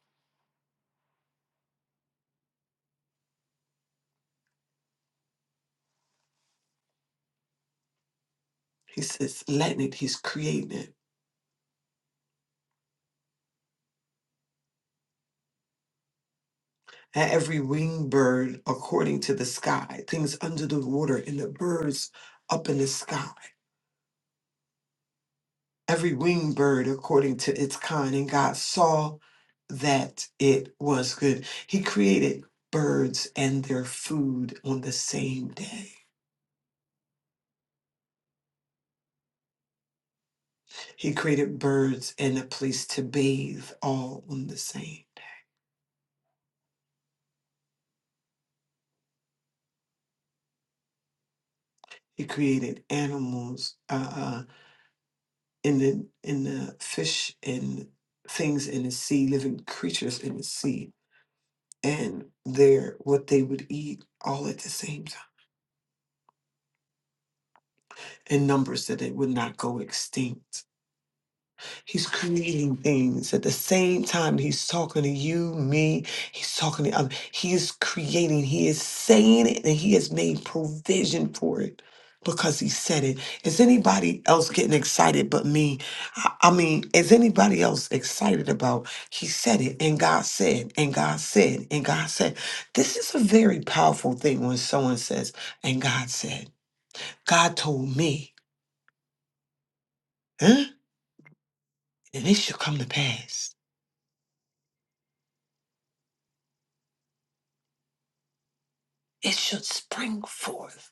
[SPEAKER 2] He says, letting it, he's creating it. And every winged bird according to the sky, things under the water and the birds up in the sky. Every winged bird according to its kind. And God saw that it was good. He created birds and their food on the same day. He created birds and a place to bathe all on the same. He created animals. Uh, uh, in the in the fish and things in the sea, living creatures in the sea, and their what they would eat all at the same time in numbers that they would not go extinct. He's creating things at the same time that he's talking to you, me. He's talking to um, he is creating, he is saying it, and he has made provision for it because he said it. Is anybody else getting excited but me? I, I mean, is anybody else excited about he said it and God said and God said and God said? This is a very powerful thing when someone says, and God said, God told me, huh? And it should come to pass. it should spring forth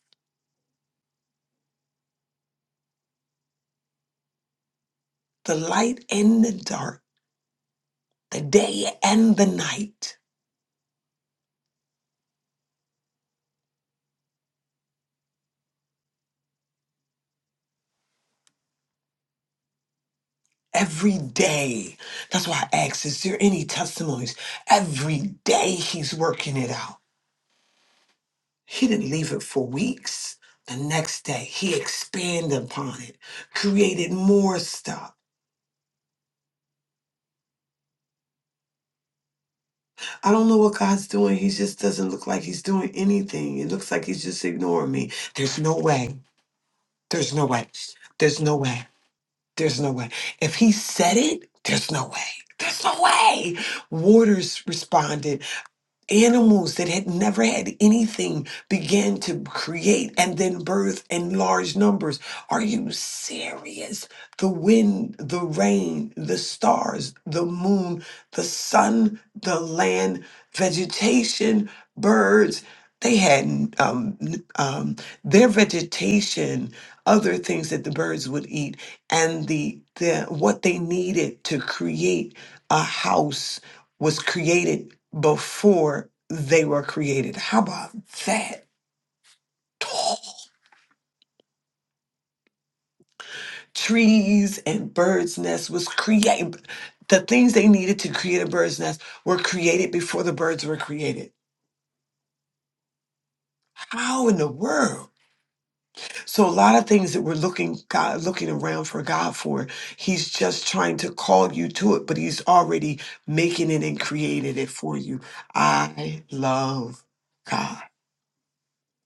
[SPEAKER 2] the light and the dark, the day and the night, every day. That's why I asked, is there any testimonies? Every day he's working it out. He didn't leave it for weeks. The next day, he expanded upon it, created more stuff. I don't know what God's doing. He just doesn't look like he's doing anything. It looks like he's just ignoring me. There's no way. There's no way. There's no way. There's no way. If he said it, there's no way. There's no way. Waters responded animals that had never had anything began to create and then birth in large numbers. Are you serious? The wind, the rain, the stars, the moon, the sun, the land, vegetation, birds. They had um, um, their vegetation, other things that the birds would eat, and the, the what they needed to create a house was created before they were created. How about that? Tall Trees and birds' nests was created. The things they needed to create a bird's nest were created before the birds were created. How in the world? So a lot of things that we're looking God looking around for God for, He's just trying to call you to it, but He's already making it and created it for you. I love God.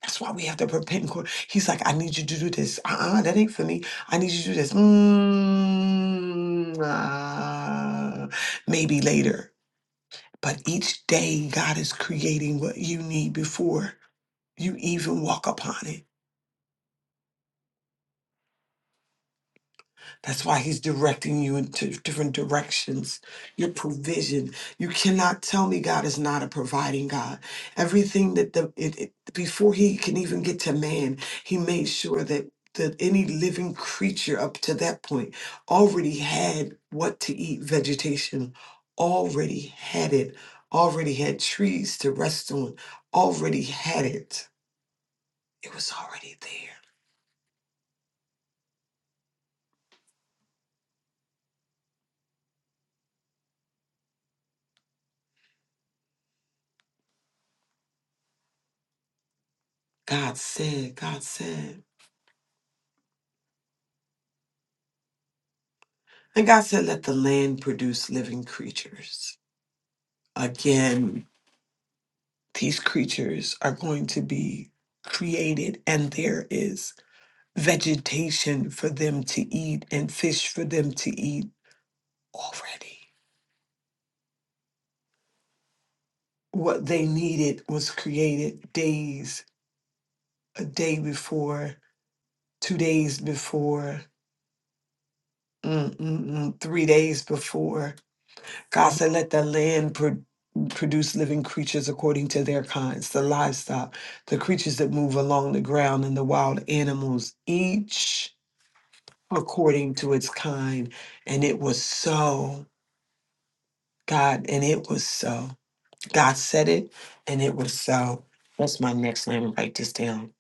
[SPEAKER 2] That's why we have to repent. and call. He's like, I need you to do this. Uh-uh, that ain't for me. I need you to do this. Mm, ah, maybe later. But each day, God is creating what you need before you even walk upon it. That's why he's directing you in two different directions. Your provision. You cannot tell me God is not a providing God. Everything that the it, it- before he can even get to man, he made sure that that any living creature up to that point already had what to eat, vegetation, already had it, already had trees to rest on, already had it. It was already there. God said, God said. And God said, Let the land produce living creatures. Again, these creatures are going to be created, and there is vegetation for them to eat and fish for them to eat already. What they needed was created days, a day before, two days before, mm, mm, mm, three days before. God said, let the land pro- produce living creatures according to their kinds, the livestock, the creatures that move along the ground, and the wild animals, each according to its kind. And it was so, God, and it was so. God said it, and it was so. That's my next name. Write this down.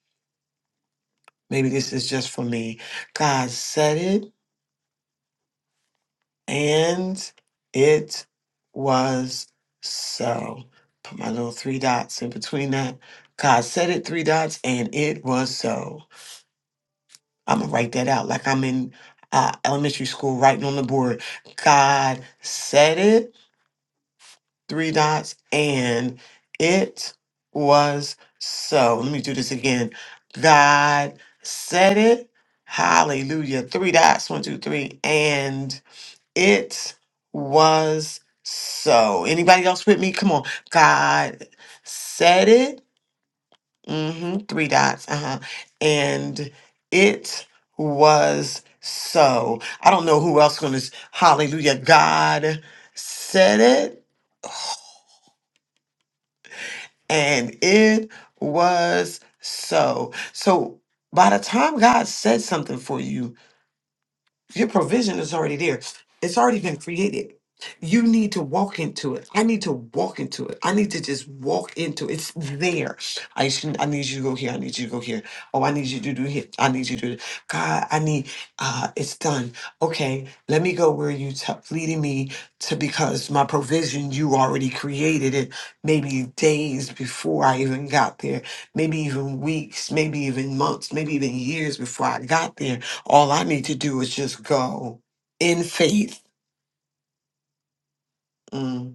[SPEAKER 2] Maybe this is just for me. God said it, And it was so. Put my little three dots in between that. God said it, three dots, and it was so. I'm going to write that out like I'm in uh, elementary school writing on the board. God said it, three dots, and it was so. Let me do this again. God said it. Hallelujah. Three dots, one, two, three, and. It was so. Anybody else with me? Come on. God said it. hmm Three dots. Uh-huh. And it was so. I don't know who else gonna s- hallelujah. God said it and it was so. So by the time God said something for you, Your provision is already there. It's already been created. You need to walk into it. I need to walk into it. I need to just walk into it. It's there. I should, I need you to go here. I need you to go here. Oh, I need you to do here. I need you to do th- God, I need uh it's done. Okay, let me go where you t- leading me to because my provision you already created it maybe days before I even got there, maybe even weeks, maybe even months, maybe even years before I got there all I need to do is just go in faith. Mm.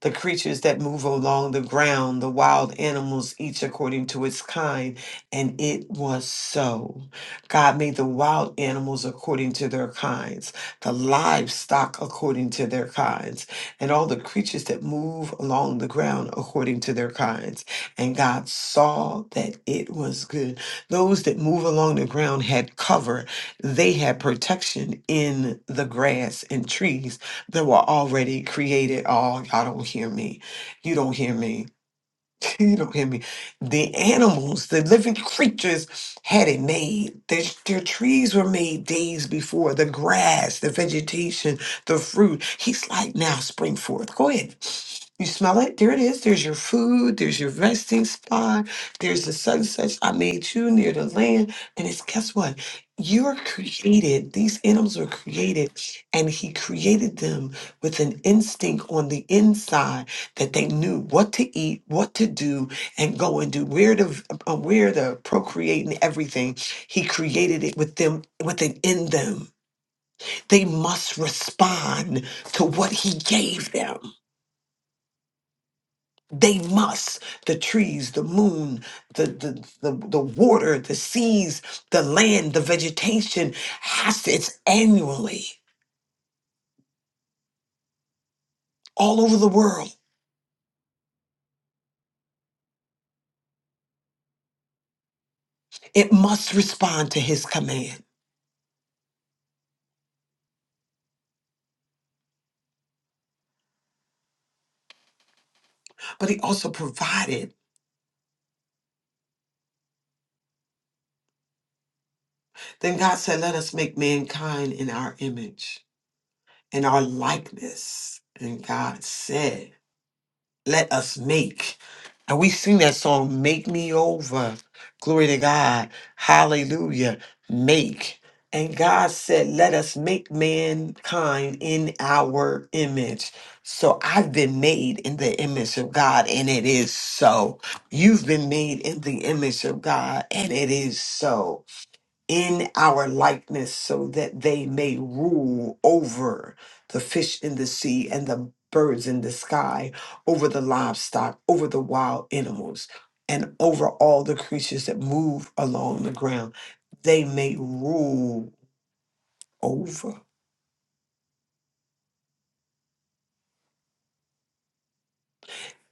[SPEAKER 2] the creatures that move along the ground, the wild animals, each according to its kind. And it was so. God made the wild animals according to their kinds, the livestock according to their kinds, and all the creatures that move along the ground according to their kinds. And God saw that it was good. Those that move along the ground had cover, they had protection in the grass and trees that were already created. Oh, y'all don't hear me. You don't hear me. You don't hear me. The animals, the living creatures had it made. Their, their trees were made days before. The grass, the vegetation, the fruit. He's like, now spring forth. Go ahead. You smell it? There it is. There's your food. There's your resting spot. There's the sunsets I made you near the land. And it's guess what? You're created. These animals were created, and he created them with an instinct on the inside that they knew what to eat, what to do, and go and do where to uh, where to procreate and everything. He created it with them within in them. They must respond to what he gave them. They must. The trees, the moon, the the the, the water, the seas, the land, the vegetation has to, it's annually all over the world. It must respond to his command. But he also provided Then God said, Let us make mankind in our image, in our likeness. And God said, Let us make. And we sing that song, Make Me Over. Glory to God. Hallelujah. Make. And God said, Let us make mankind in our image. So I've been made in the image of God, and it is so. You've been made in the image of God, and it is so in our likeness so that they may rule over the fish in the sea and the birds in the sky, over the livestock, over the wild animals, and over all the creatures that move along the ground. They may rule over.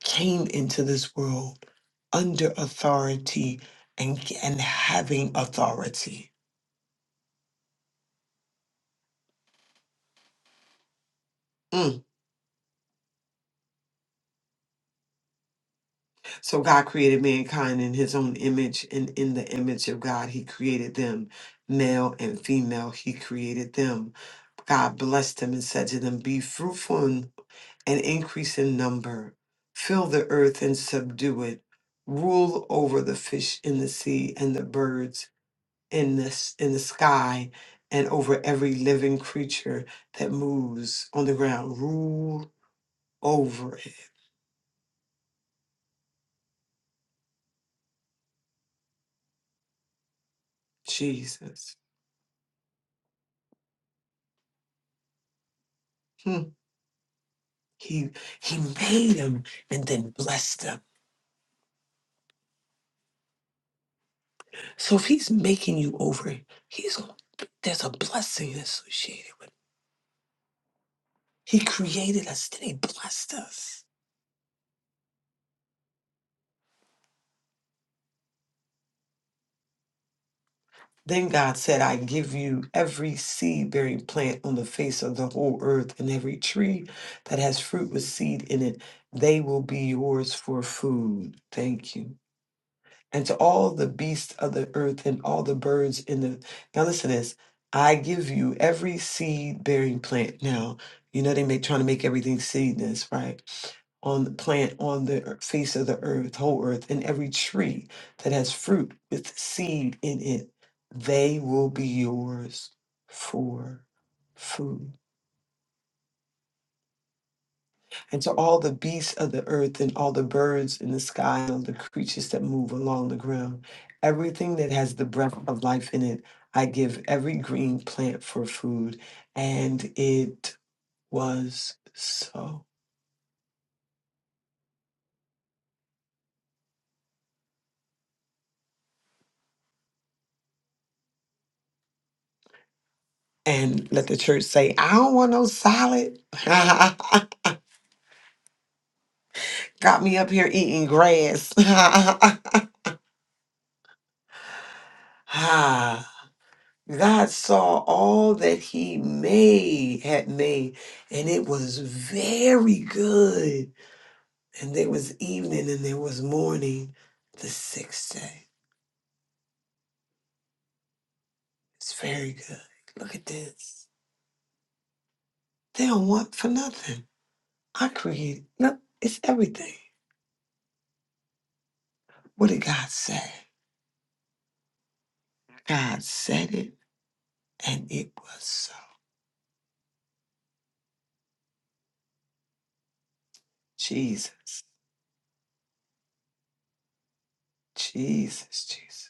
[SPEAKER 2] Came into this world under authority and, and having authority. Mm. So God created mankind in his own image, and in the image of God, he created them. Male and female, he created them. God blessed them and said to them, Be fruitful and, and increase in number, fill the earth and subdue it, rule over the fish in the sea and the birds in the, s- in the sky, and over every living creature that moves on the ground. Rule over it. Jesus. Hmm. He he made them and then blessed them. So if he's making you over, he's gonna- there's a blessing associated with it. He created us, then he blessed us. Then God said, I give you every seed bearing plant on the face of the whole earth, and every tree that has fruit with seed in it, they will be yours for food. Thank you. and to all the beasts of the earth and all the birds in the. Now listen to this. I give you every seed bearing plant. Now, you know they make trying to make everything seedless, right? On the plant on the ear- face of the earth, whole earth, and every tree that has fruit with seed in it, they will be yours for food. and to all the beasts of the earth and all the birds in the sky and all the creatures that move along the ground. Everything that has the breath of life in it, I give every green plant for food. And it was so. And let the church say, I don't want no salad. Got me up here eating grass. Ah, God saw all that he made had made, and it was very good And there was evening and there was morning the sixth day. It's very good. Look at this. They don't want for nothing. I created, no, it's everything. What did God say? God said it and it was so. Jesus, Jesus, Jesus,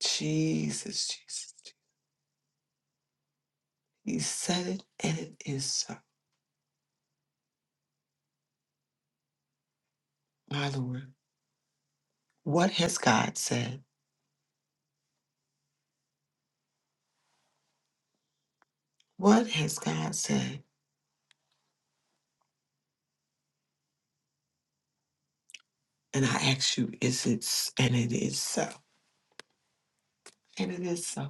[SPEAKER 2] Jesus, Jesus. He said it and it is so. My Lord, what has God said? What has God said? And I ask you, is it, s- and it is so. And it is so.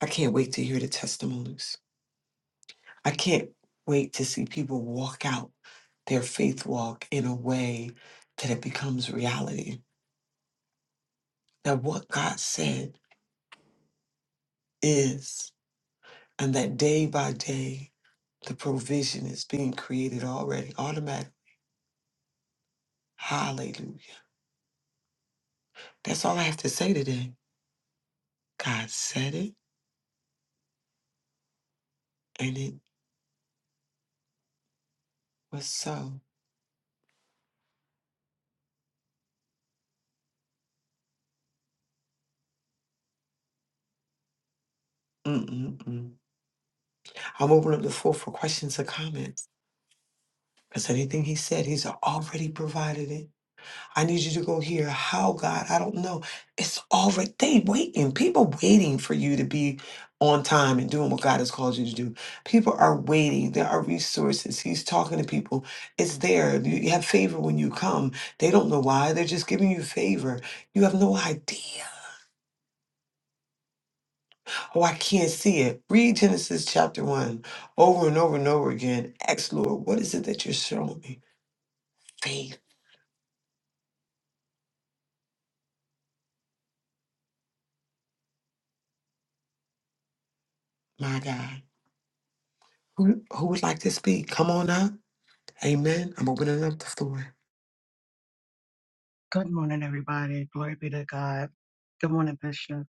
[SPEAKER 2] I can't wait to hear the testimonies. I can't wait to see people walk out their faith walk in a way that it becomes reality. That what God said is, and that day by day, the provision is being created already, automatic. Hallelujah. That's all I have to say today. God said it, and it was so. Mm-mm-mm. I'm opening up the floor for questions or comments. Because anything he said, he's already provided it. I need you to go here. How, God? I don't know. It's already they waiting. People waiting for you to be on time and doing what God has called you to do. People are waiting. There are resources. He's talking to people. It's there. You you have favor when you come. They don't know why. They're just giving you favor. You have no idea. Oh, I can't see it. Read Genesis chapter one over and over and over again. Ask Lord, what is it that you're showing me? Faith, my God. Who, who would like to speak? Come on up. Amen.
[SPEAKER 7] Good morning, everybody. Glory be to God. Good morning, Bishop.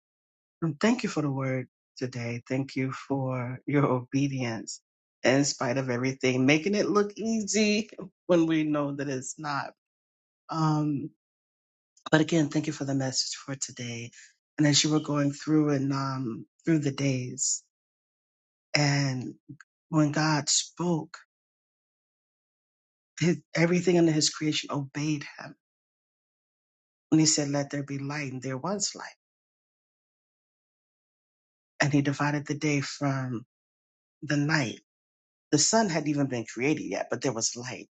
[SPEAKER 7] And thank you for the word today. Thank you for your obedience in spite of everything, making it look easy when we know that it's not. Um, but again, thank you for the message for today. And as you were going through and um, through the days, and when God spoke, his, everything under His creation obeyed Him. When He said, "Let there be light," and there was light, and He divided the day from the night. The sun hadn't even been created yet, but there was light.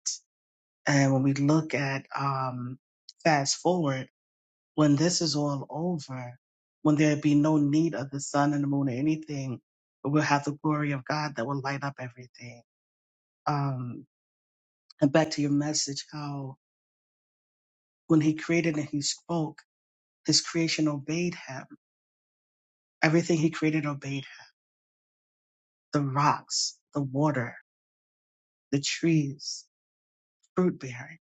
[SPEAKER 7] And when we look at um, fast forward, when this is all over, when there be no need of the sun and the moon or anything, but we'll have the glory of God that will light up everything. Um, and back to your message, how when He created and He spoke, His creation obeyed Him. Everything He created obeyed Him. The rocks, the water, the trees, fruit bearing,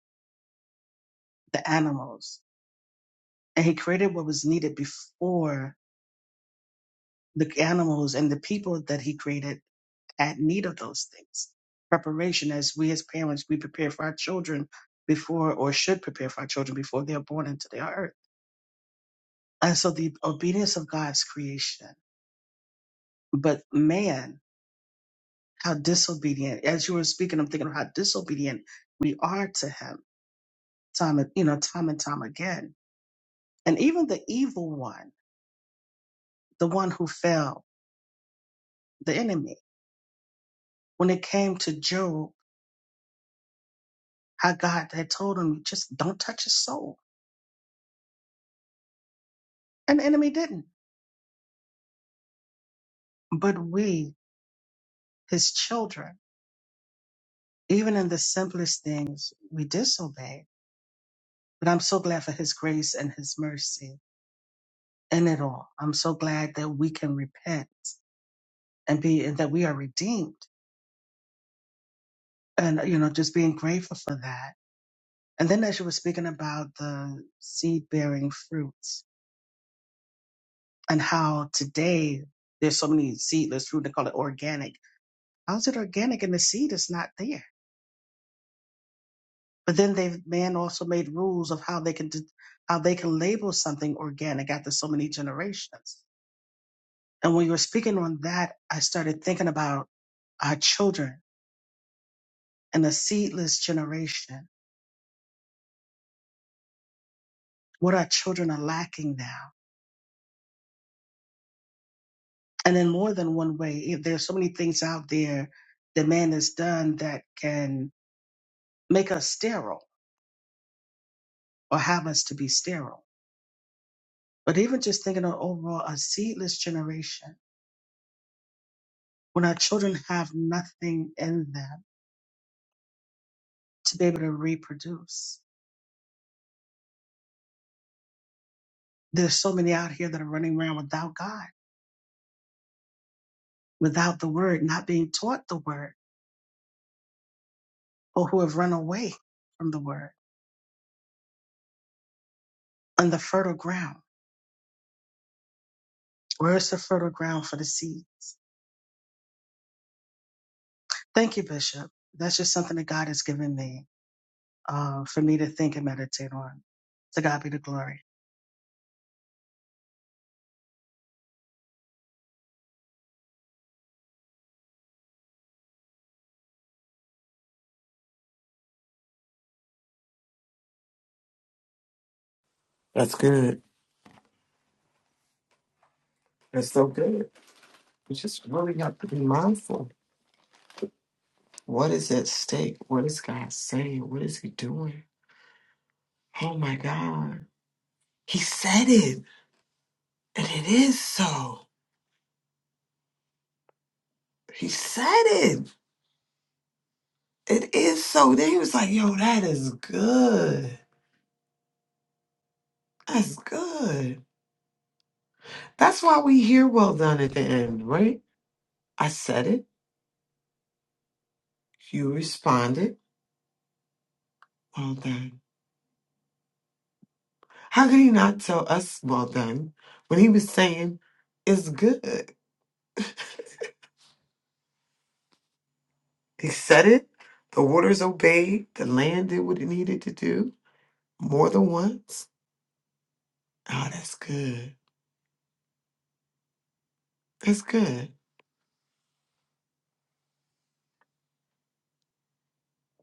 [SPEAKER 7] the animals, and he created what was needed before the animals and the people that he created had need of those things preparation as we as parents we prepare for our children before or should prepare for our children before they are born into the earth and so the obedience of god's creation but man how disobedient as you were speaking i'm thinking of how disobedient we are to him time and you know time and time again and even the evil one the one who fell the enemy when it came to job how God had told him, just don't touch his soul. And the enemy didn't. But we, his children, even in the simplest things, we disobey. But I'm so glad for his grace and his mercy in it all. I'm so glad that we can repent and be, and that we are redeemed. And, you know, just being grateful for that. And then as you were speaking about the seed bearing fruits and how today there's so many seedless fruit, they call it organic. How's it organic and the seed is not there? But then they man also made rules of how they can de- how they can label something organic after so many generations. And when you were speaking on that, I started thinking about our children and the seedless generation. What our children are lacking now, and in more than one way, if there's so many things out there that man has done that can make us sterile or have us to be sterile. But even just thinking of overall a seedless generation, when our children have nothing in them to be able to reproduce. There's so many out here that are running around without God, without the word, not being taught the word, or who have run away from the word on the fertile ground. Where is the fertile ground for the seeds? Thank you, Bishop. That's just something that God has given me uh, for me to think and meditate on. To God be the glory.
[SPEAKER 2] That's good. That's so good. We just really have to be mindful. What is at stake? What is God saying? What is He doing? Oh my God. He said it. And it is so. He said it. It is so. Then he was like, yo, that is good. That's good. That's why we hear well done at the end, right? I said it. You responded. Well done. How could he not tell us well done when he was saying it's good? He said it. The waters obeyed. The land did what it needed to do more than once. Oh, that's good. That's good.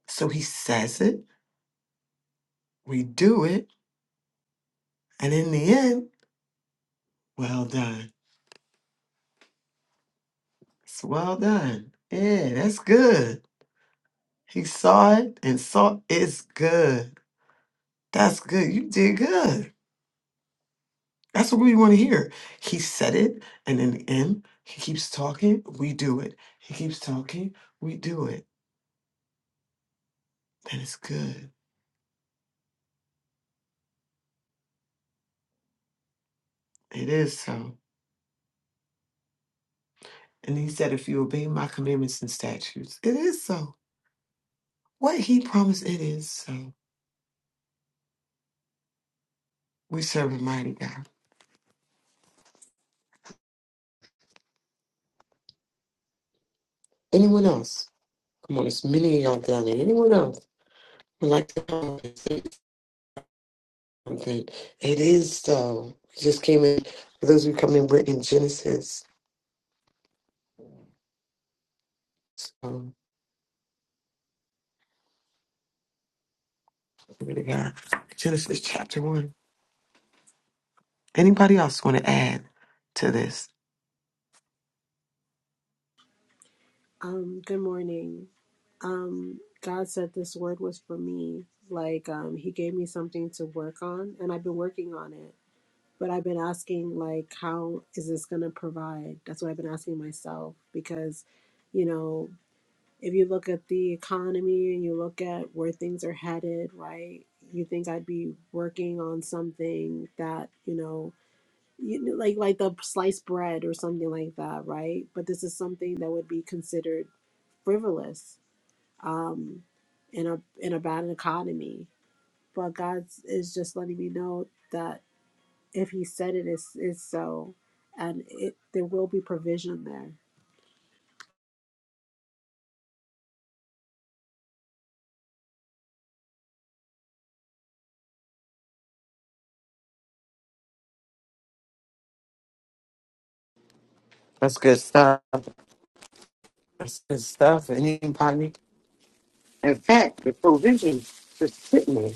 [SPEAKER 2] So he says it. We do it. And in the end, well done. It's well done. Yeah, that's good. He saw it and saw it's good. That's good. You did good. That's what we want to hear. He said it. And in the end, he keeps talking. We do it. He keeps talking. We do it. And it's good. It is so. And he said, If you obey my commandments and statutes, it is so. What he promised, it is so. We serve a mighty God. Anyone else? Come on, there's many of y'all down there. Anyone else would like to come up and say something? It is so. We just came in. For those who come in, we're in Genesis. Um, glory to God. Genesis chapter 1. Anybody else want to add to this?
[SPEAKER 8] Um, good morning. Um, God said this word was for me. Like, um, He gave me something to work on, and I've been working on it. But I've been asking, like, how is this going to provide? That's what I've been asking myself because, you know, if you look at the economy and you look at where things are headed, right? You think I'd be working on something that, you know, you, like like the sliced bread or something like that, right? But this is something that would be considered frivolous um, in a in a bad economy. But God is just letting me know that if He said it is is so, and it there will be provision there.
[SPEAKER 2] That's good stuff. That's good stuff. And Anybody? In fact, the provision is sitting there.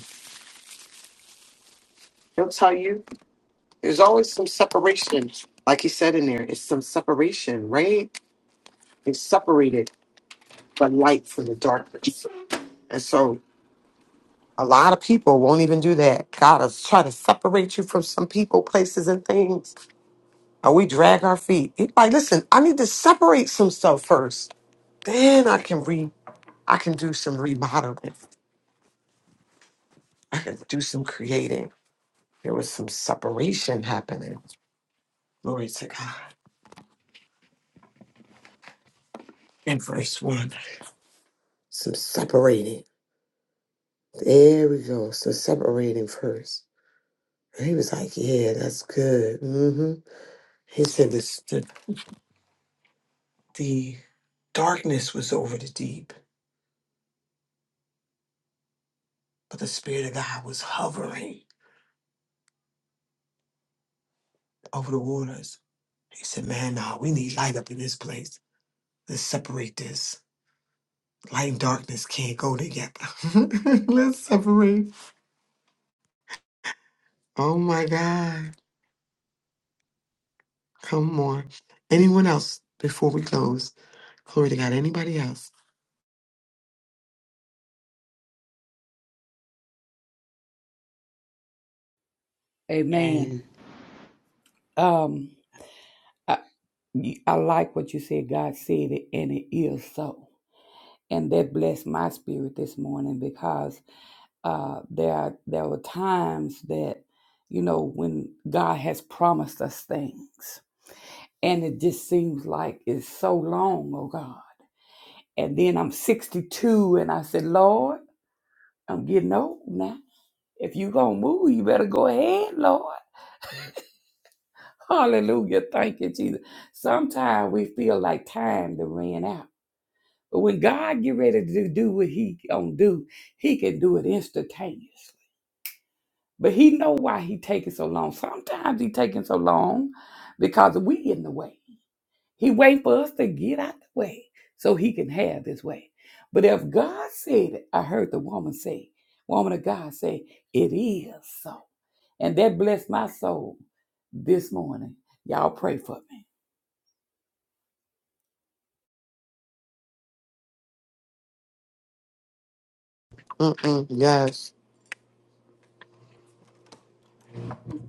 [SPEAKER 2] They'll tell you. There's always some separation. Like he said in there, it's some separation, right? It's separated the light from the darkness. And so a lot of people won't even do that. God is trying to separate you from some people, places, and things. And we drag our feet. It's Like, listen, I need to separate some stuff first. Then I can re I can do some remodeling. I can do some creating. There was some separation happening. Glory to God. In verse one. Some separating. There we go. So separating first. And he was like, Yeah, that's good. hmm He said this, the, the darkness was over the deep, but the Spirit of God was hovering over the waters. He said, Man, nah, we need light up in this place. Let's separate this. Light and darkness can't go together. Let's separate. Oh my God. Come on. Anyone else before we close? Glory to God. Anybody else?
[SPEAKER 9] Amen. Um, I, I like what you said. God said it, and it is so. And that blessed my spirit this morning because uh, there are, there were times that you know when God has promised us things, and it just seems like it's so long, oh God. And then I'm 62, and I said, Lord, I'm getting old now. If you gonna move, you better go ahead, Lord. Hallelujah. Thank you, Jesus. Sometimes we feel like time to ran out. But when God get ready to do what he gonna do, he can do it instantaneously. But he know why he taking so long. Sometimes he taking so long because we in the way. He wait for us to get out the way so he can have his way. But if God said it, I heard the woman say, woman of God say, it is so. And that blessed my soul this morning. Y'all pray for me.
[SPEAKER 2] Mm-mm. Yes.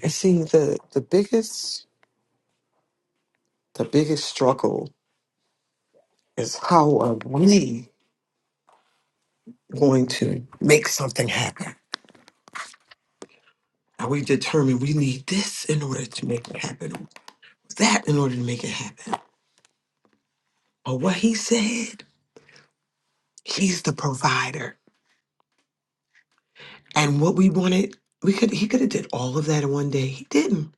[SPEAKER 2] And see, the, the biggest the biggest struggle is how are we going to make something happen? Are we determined we need this in order to make it happen, or that in order to make it happen? But what he said, he's the provider. And what we wanted, we could he could have did all of that in one day. He didn't.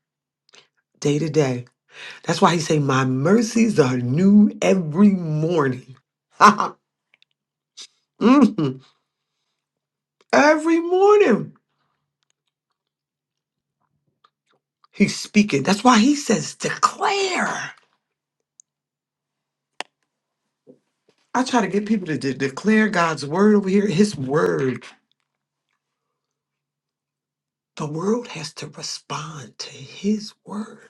[SPEAKER 2] Day to day. That's why he say, My mercies are new every morning. Mhm. Every morning. He's speaking. That's why he says declare. I try to get people to de- declare God's word over here. His word. The world has to respond to His word.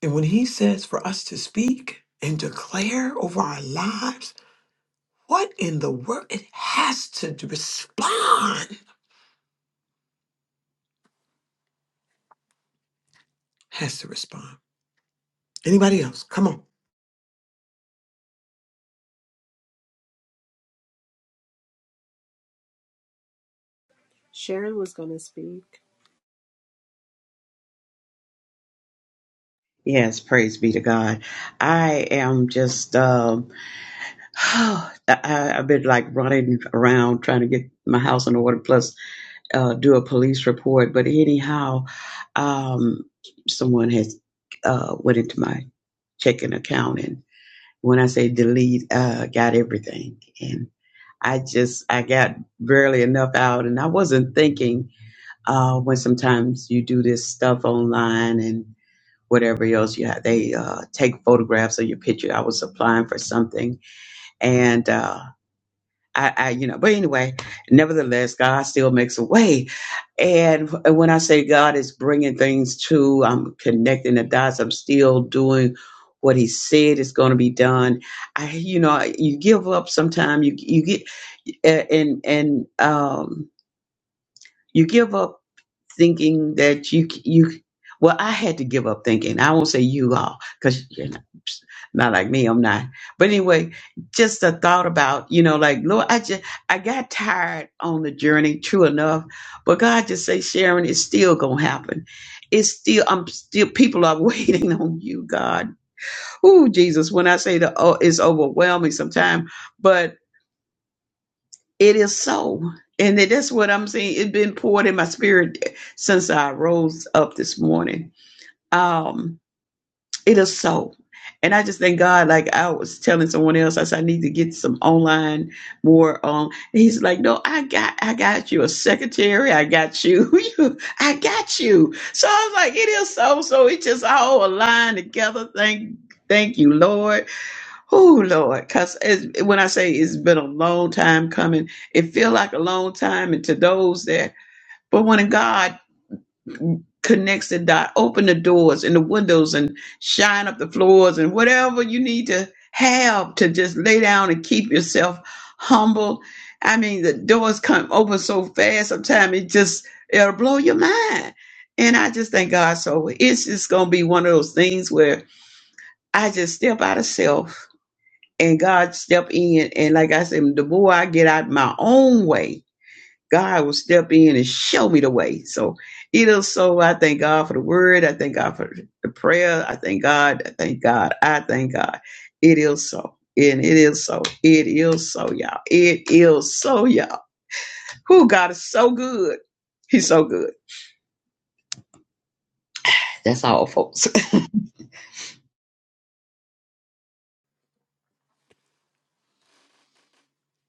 [SPEAKER 2] And when He says for us to speak and declare over our lives, what in the world? It has to d- respond. Has to respond. Anybody else? Come on.
[SPEAKER 8] Sharon was going to speak.
[SPEAKER 3] Yes, praise be to God. I am just, um, I, I've been like running around trying to get my house in order, plus uh, do a police report. But anyhow, um, someone has uh, went into my checking account, and when I say delete, uh, got everything. And I just, I got barely enough out, and I wasn't thinking uh, when sometimes you do this stuff online and whatever else you have. They uh, take photographs of your picture. I was applying for something, and uh, I, I, you know, but anyway, nevertheless, God still makes a way. And when I say God is bringing things to, I'm connecting the dots. I'm still doing what He said is going to be done. I, you know, you give up. Sometimes you you get and and um, you give up thinking that you you well i had to give up thinking i won't say you all because you're not, not like me i'm not but anyway just a thought about you know like lord i just i got tired on the journey true enough but god just say sharon it's still gonna happen it's still i'm still people are waiting on you god oh jesus when i say the oh it's overwhelming sometimes But. It is so. And that's what I'm saying. It's been poured in my spirit since I rose up this morning. Um, it is so. And I just thank God, like I was telling someone else, I said, I need to get some online more. Um, and he's like, no, I got, I got you a secretary. I got you. You- I got you. So I was like, it is so. So it just all aligned together. Thank, thank you, Lord. Oh Lord, cause when I say it's been a long time coming, it feel like a long time, and to those that, but when God connects the dot, open the doors and the windows, and shine up the floors, and whatever you need to have to just lay down and keep yourself humble. I mean, the doors come open so fast. Sometimes it just it'll blow your mind, and I just thank God. So it's just gonna be one of those things where I just step out of self and God step in. And like I said, the more I get out my own way, God will step in and show me the way. So it is so I thank God for the word. I thank God for the prayer. I thank God. I thank God. I thank God. It is so. And it is so. It is so, y'all. It is so, y'all. Who God is so good. He's so good. That's all, folks.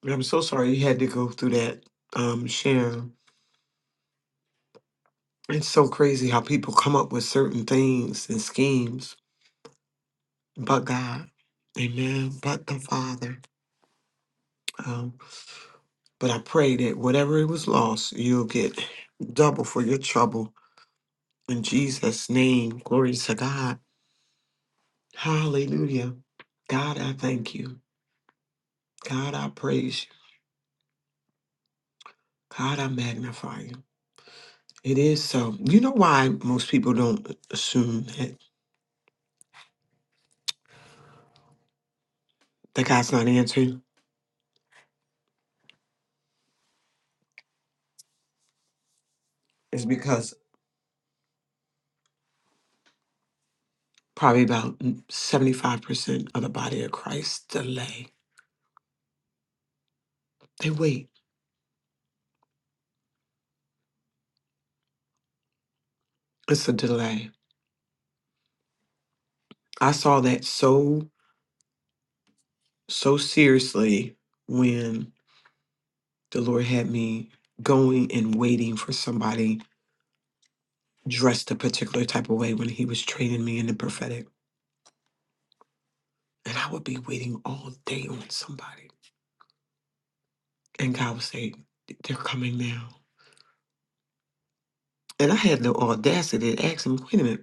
[SPEAKER 2] I'm so sorry you had to go through that, um, Sharon. It's so crazy how people come up with certain things and schemes, but God. Amen. But the Father. But I pray that whatever it was lost, you'll get double for your trouble. In Jesus' name, glory to God. Hallelujah. God, I thank you. God, I praise you. God, I magnify you. It is so. You know why most people don't assume that, that God's not answering? It's because probably about 75% of the body of Christ delay. They wait. It's a delay. I saw that so, so seriously when the Lord had me going and waiting for somebody dressed a particular type of way when He was training me in the prophetic. And I would be waiting all day on somebody. And God would say, They're coming now. And I had the audacity to ask Him, Wait a minute.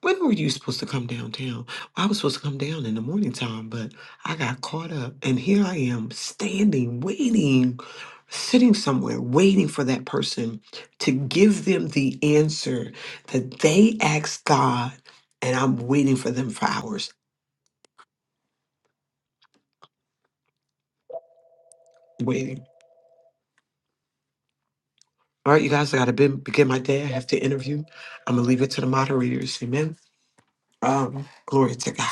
[SPEAKER 2] When were you supposed to come downtown? I was supposed to come down in the morning time, but I got caught up. And here I am standing, waiting, sitting somewhere, waiting for that person to give them the answer that they asked God. And I'm waiting for them for hours, waiting. All right, you guys, I got to begin my day. I have to interview. I'm going to leave it to the moderators. Amen. Um, glory to God.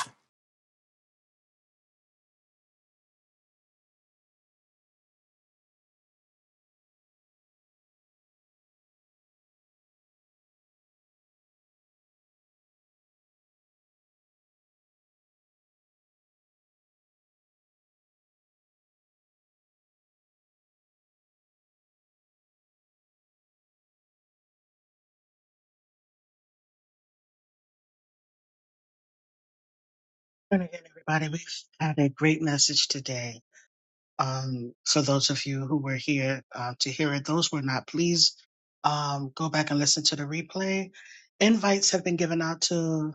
[SPEAKER 7] And again, everybody, we've had a great message today. um, for those of you who were here uh, to hear it. Those were not. Please um, go back and listen to the replay. Invites have been given out to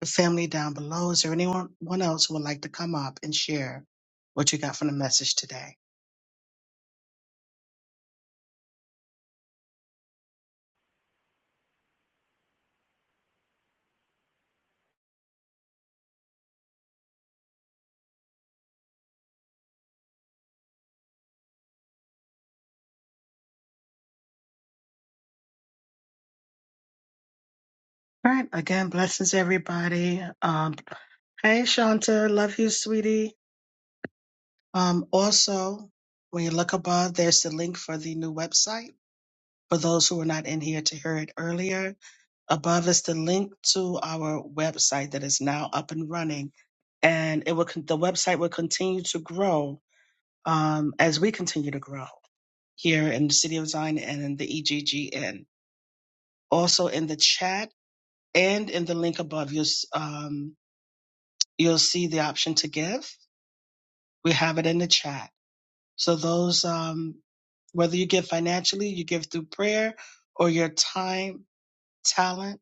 [SPEAKER 7] the family down below. Is there anyone one else who would like to come up and share what you got from the message today? All right. Again, blessings, everybody. Um, hey, Shanta, love you, sweetie. Um, also, when you look above, there's the link for the new website for those who were not in here to hear it earlier Above is the link to our website that is now up and running, and it will con- the website will continue to grow um, as we continue to grow here in the City of Zion and in the EGGN. Also in the chat and in the link above, you'll s- um, you'll see the option to give. We have it in the chat. So those um, whether you give financially, you give through prayer, or your time, talent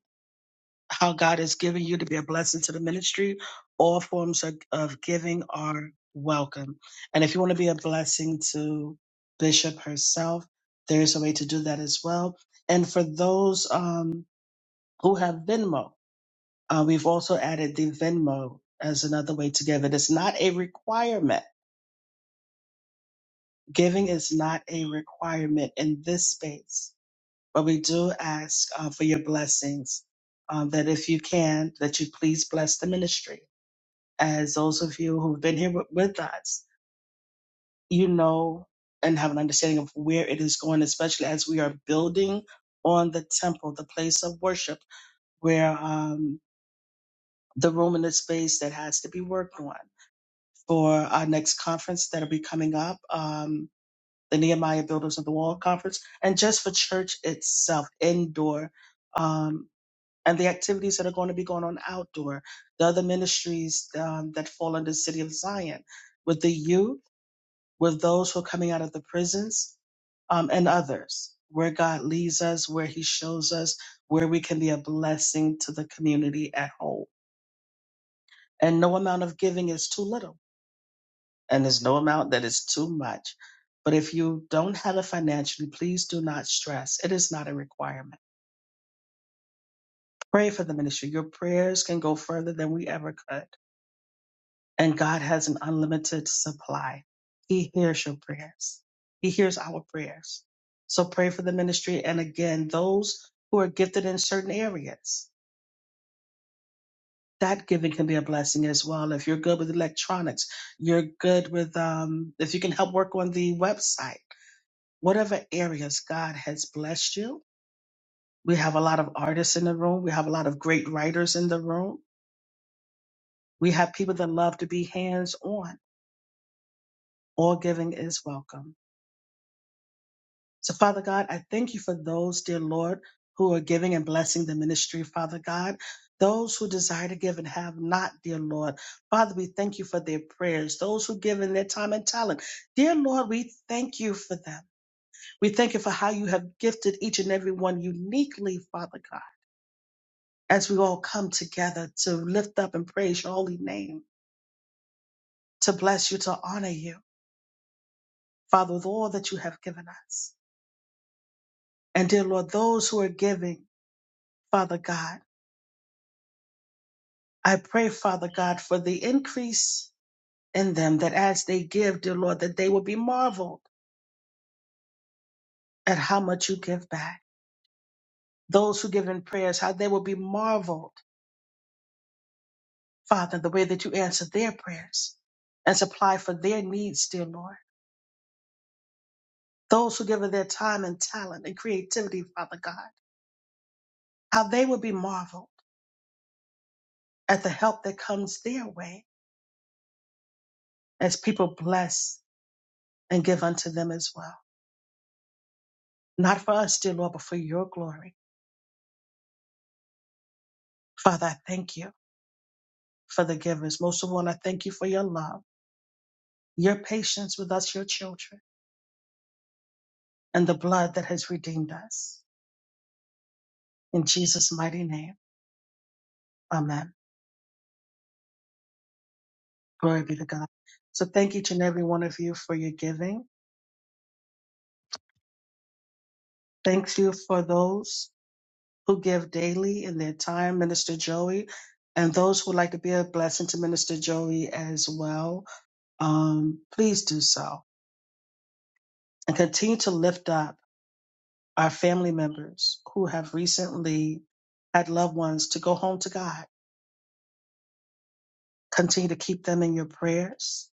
[SPEAKER 7] how God has given you to be a blessing to the ministry. All forms of, of giving are welcome. And if you want to be a blessing to Bishop herself, there is a way to do that as well. And for those um, who have Venmo, uh, we've also added the Venmo as another way to give. It is not a requirement. Giving is not a requirement in this space, but we do ask uh, for your blessings. uh, that if you can, that you please bless the ministry as those of you who've been here with, with us, you know and have an understanding of where it is going, especially as we are building on the temple, the place of worship, where um, the room and the space that has to be worked on for our next conference that'll be coming up, um, the Nehemiah Builders of the Wall conference, and just for church itself, indoor, um, and the activities that are going to be going on outdoor, the other ministries um, that fall under City of Zion with the youth with those who are coming out of the prisons um, and others, where God leads us, where He shows us, where we can be a blessing to the community at home. And no amount of giving is too little, and there's no amount that is too much. But if you don't have it financially, please do not stress. It is not a requirement. Pray for the ministry. Your prayers can go further than we ever could. and God has an unlimited supply. He hears your prayers. He hears our prayers. So pray for the ministry. And again, those who are gifted in certain areas, that giving can be a blessing as well. If you're good with electronics, you're good with, um, if you can help work on the website, whatever areas God has blessed you. We have a lot of artists in the room. We have a lot of great writers in the room. We have people that love to be hands on. All giving is welcome. So, Father God, I thank you for those, dear Lord, who are giving and blessing the ministry, Father God. Those who desire to give and have not, dear Lord. Father, we thank you for their prayers. Those who give in their time and talent. Dear Lord, we thank you for them. We thank you for how you have gifted each and every one uniquely, Father God, as we all come together to lift up and praise your holy name, to bless you, to honor you, Father, with all that you have given us. And dear Lord, those who are giving, Father God. I pray, Father God, for the increase in them that as they give, dear Lord, that they will be marveled at how much you give back. Those who give in prayers, how they will be marveled, Father, the way that you answer their prayers and supply for their needs, dear Lord. Those who give of their time and talent and creativity, Father God, how they will be marveled at the help that comes their way as people bless and give unto them as well. Not for us, dear Lord, but for your glory. Father, I thank you. for the givers. Most of all, I thank you for your love, your patience with us, your children, and the blood that has redeemed us. In Jesus' mighty name, amen. Glory be to God. So thank each and every one of you for your giving. Thank you for those who give daily in their time, Minister Joey, and those who would like to be a blessing to Minister Joey as well. Um, please do so and continue to lift up our family members who have recently had loved ones to go home to God Continue to keep them in your prayers.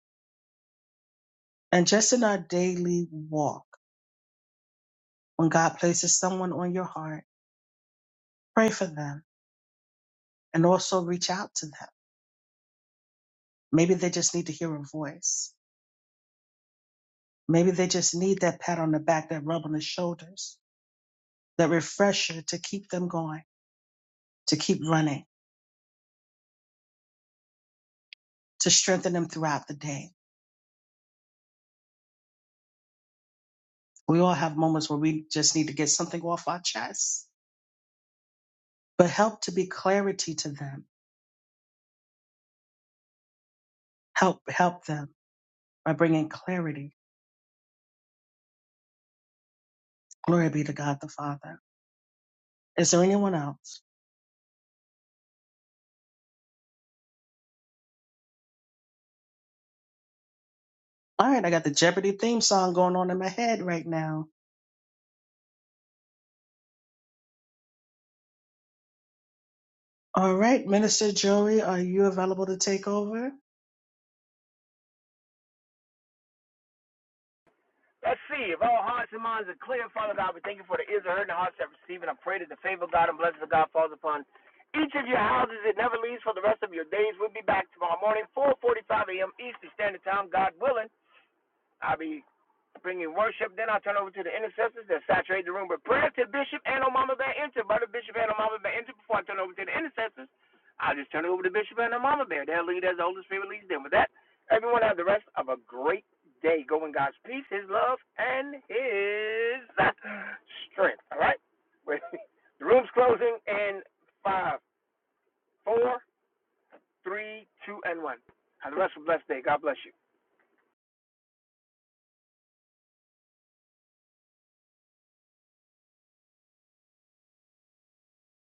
[SPEAKER 7] And just in our daily walk, when God places someone on your heart, pray for them and also reach out to them. Maybe they just need to hear a voice. Maybe they just need that pat on the back, that rub on the shoulders, that refresher to keep them going, to keep running, to strengthen them throughout the day. We all have moments where we just need to get something off our chest, but help to be clarity to them. Help, help them by bringing clarity. Glory be to God the Father. Is there anyone else? All right, I got the Jeopardy theme song going on in my head right now. All right, Minister Joey, are you available to take over?
[SPEAKER 5] Let's see. If all hearts and minds are clear, Father God, we thank you for the ears are heard and the hearts that receive. And I pray that the favor of God and blessings of God falls upon each of your houses. It never leaves for the rest of your days. We'll be back tomorrow morning, 4.45 a.m. Eastern Standard Time, God willing. I'll be bringing worship. Then I'll turn over to the intercessors that saturate the room with prayer to Bishop and Omama Bear Enter. Brother Bishop and Omama Bear Enter. Before I turn over to the intercessors, I'll just turn it over to Bishop and Omama Bear. They'll lead as the Holy Spirit leads them. With that, everyone have the rest of a great day. Go in God's peace, His love, and His strength. All right? the room's closing in five, four, three, two, and one. Have the rest of a blessed day. God bless you.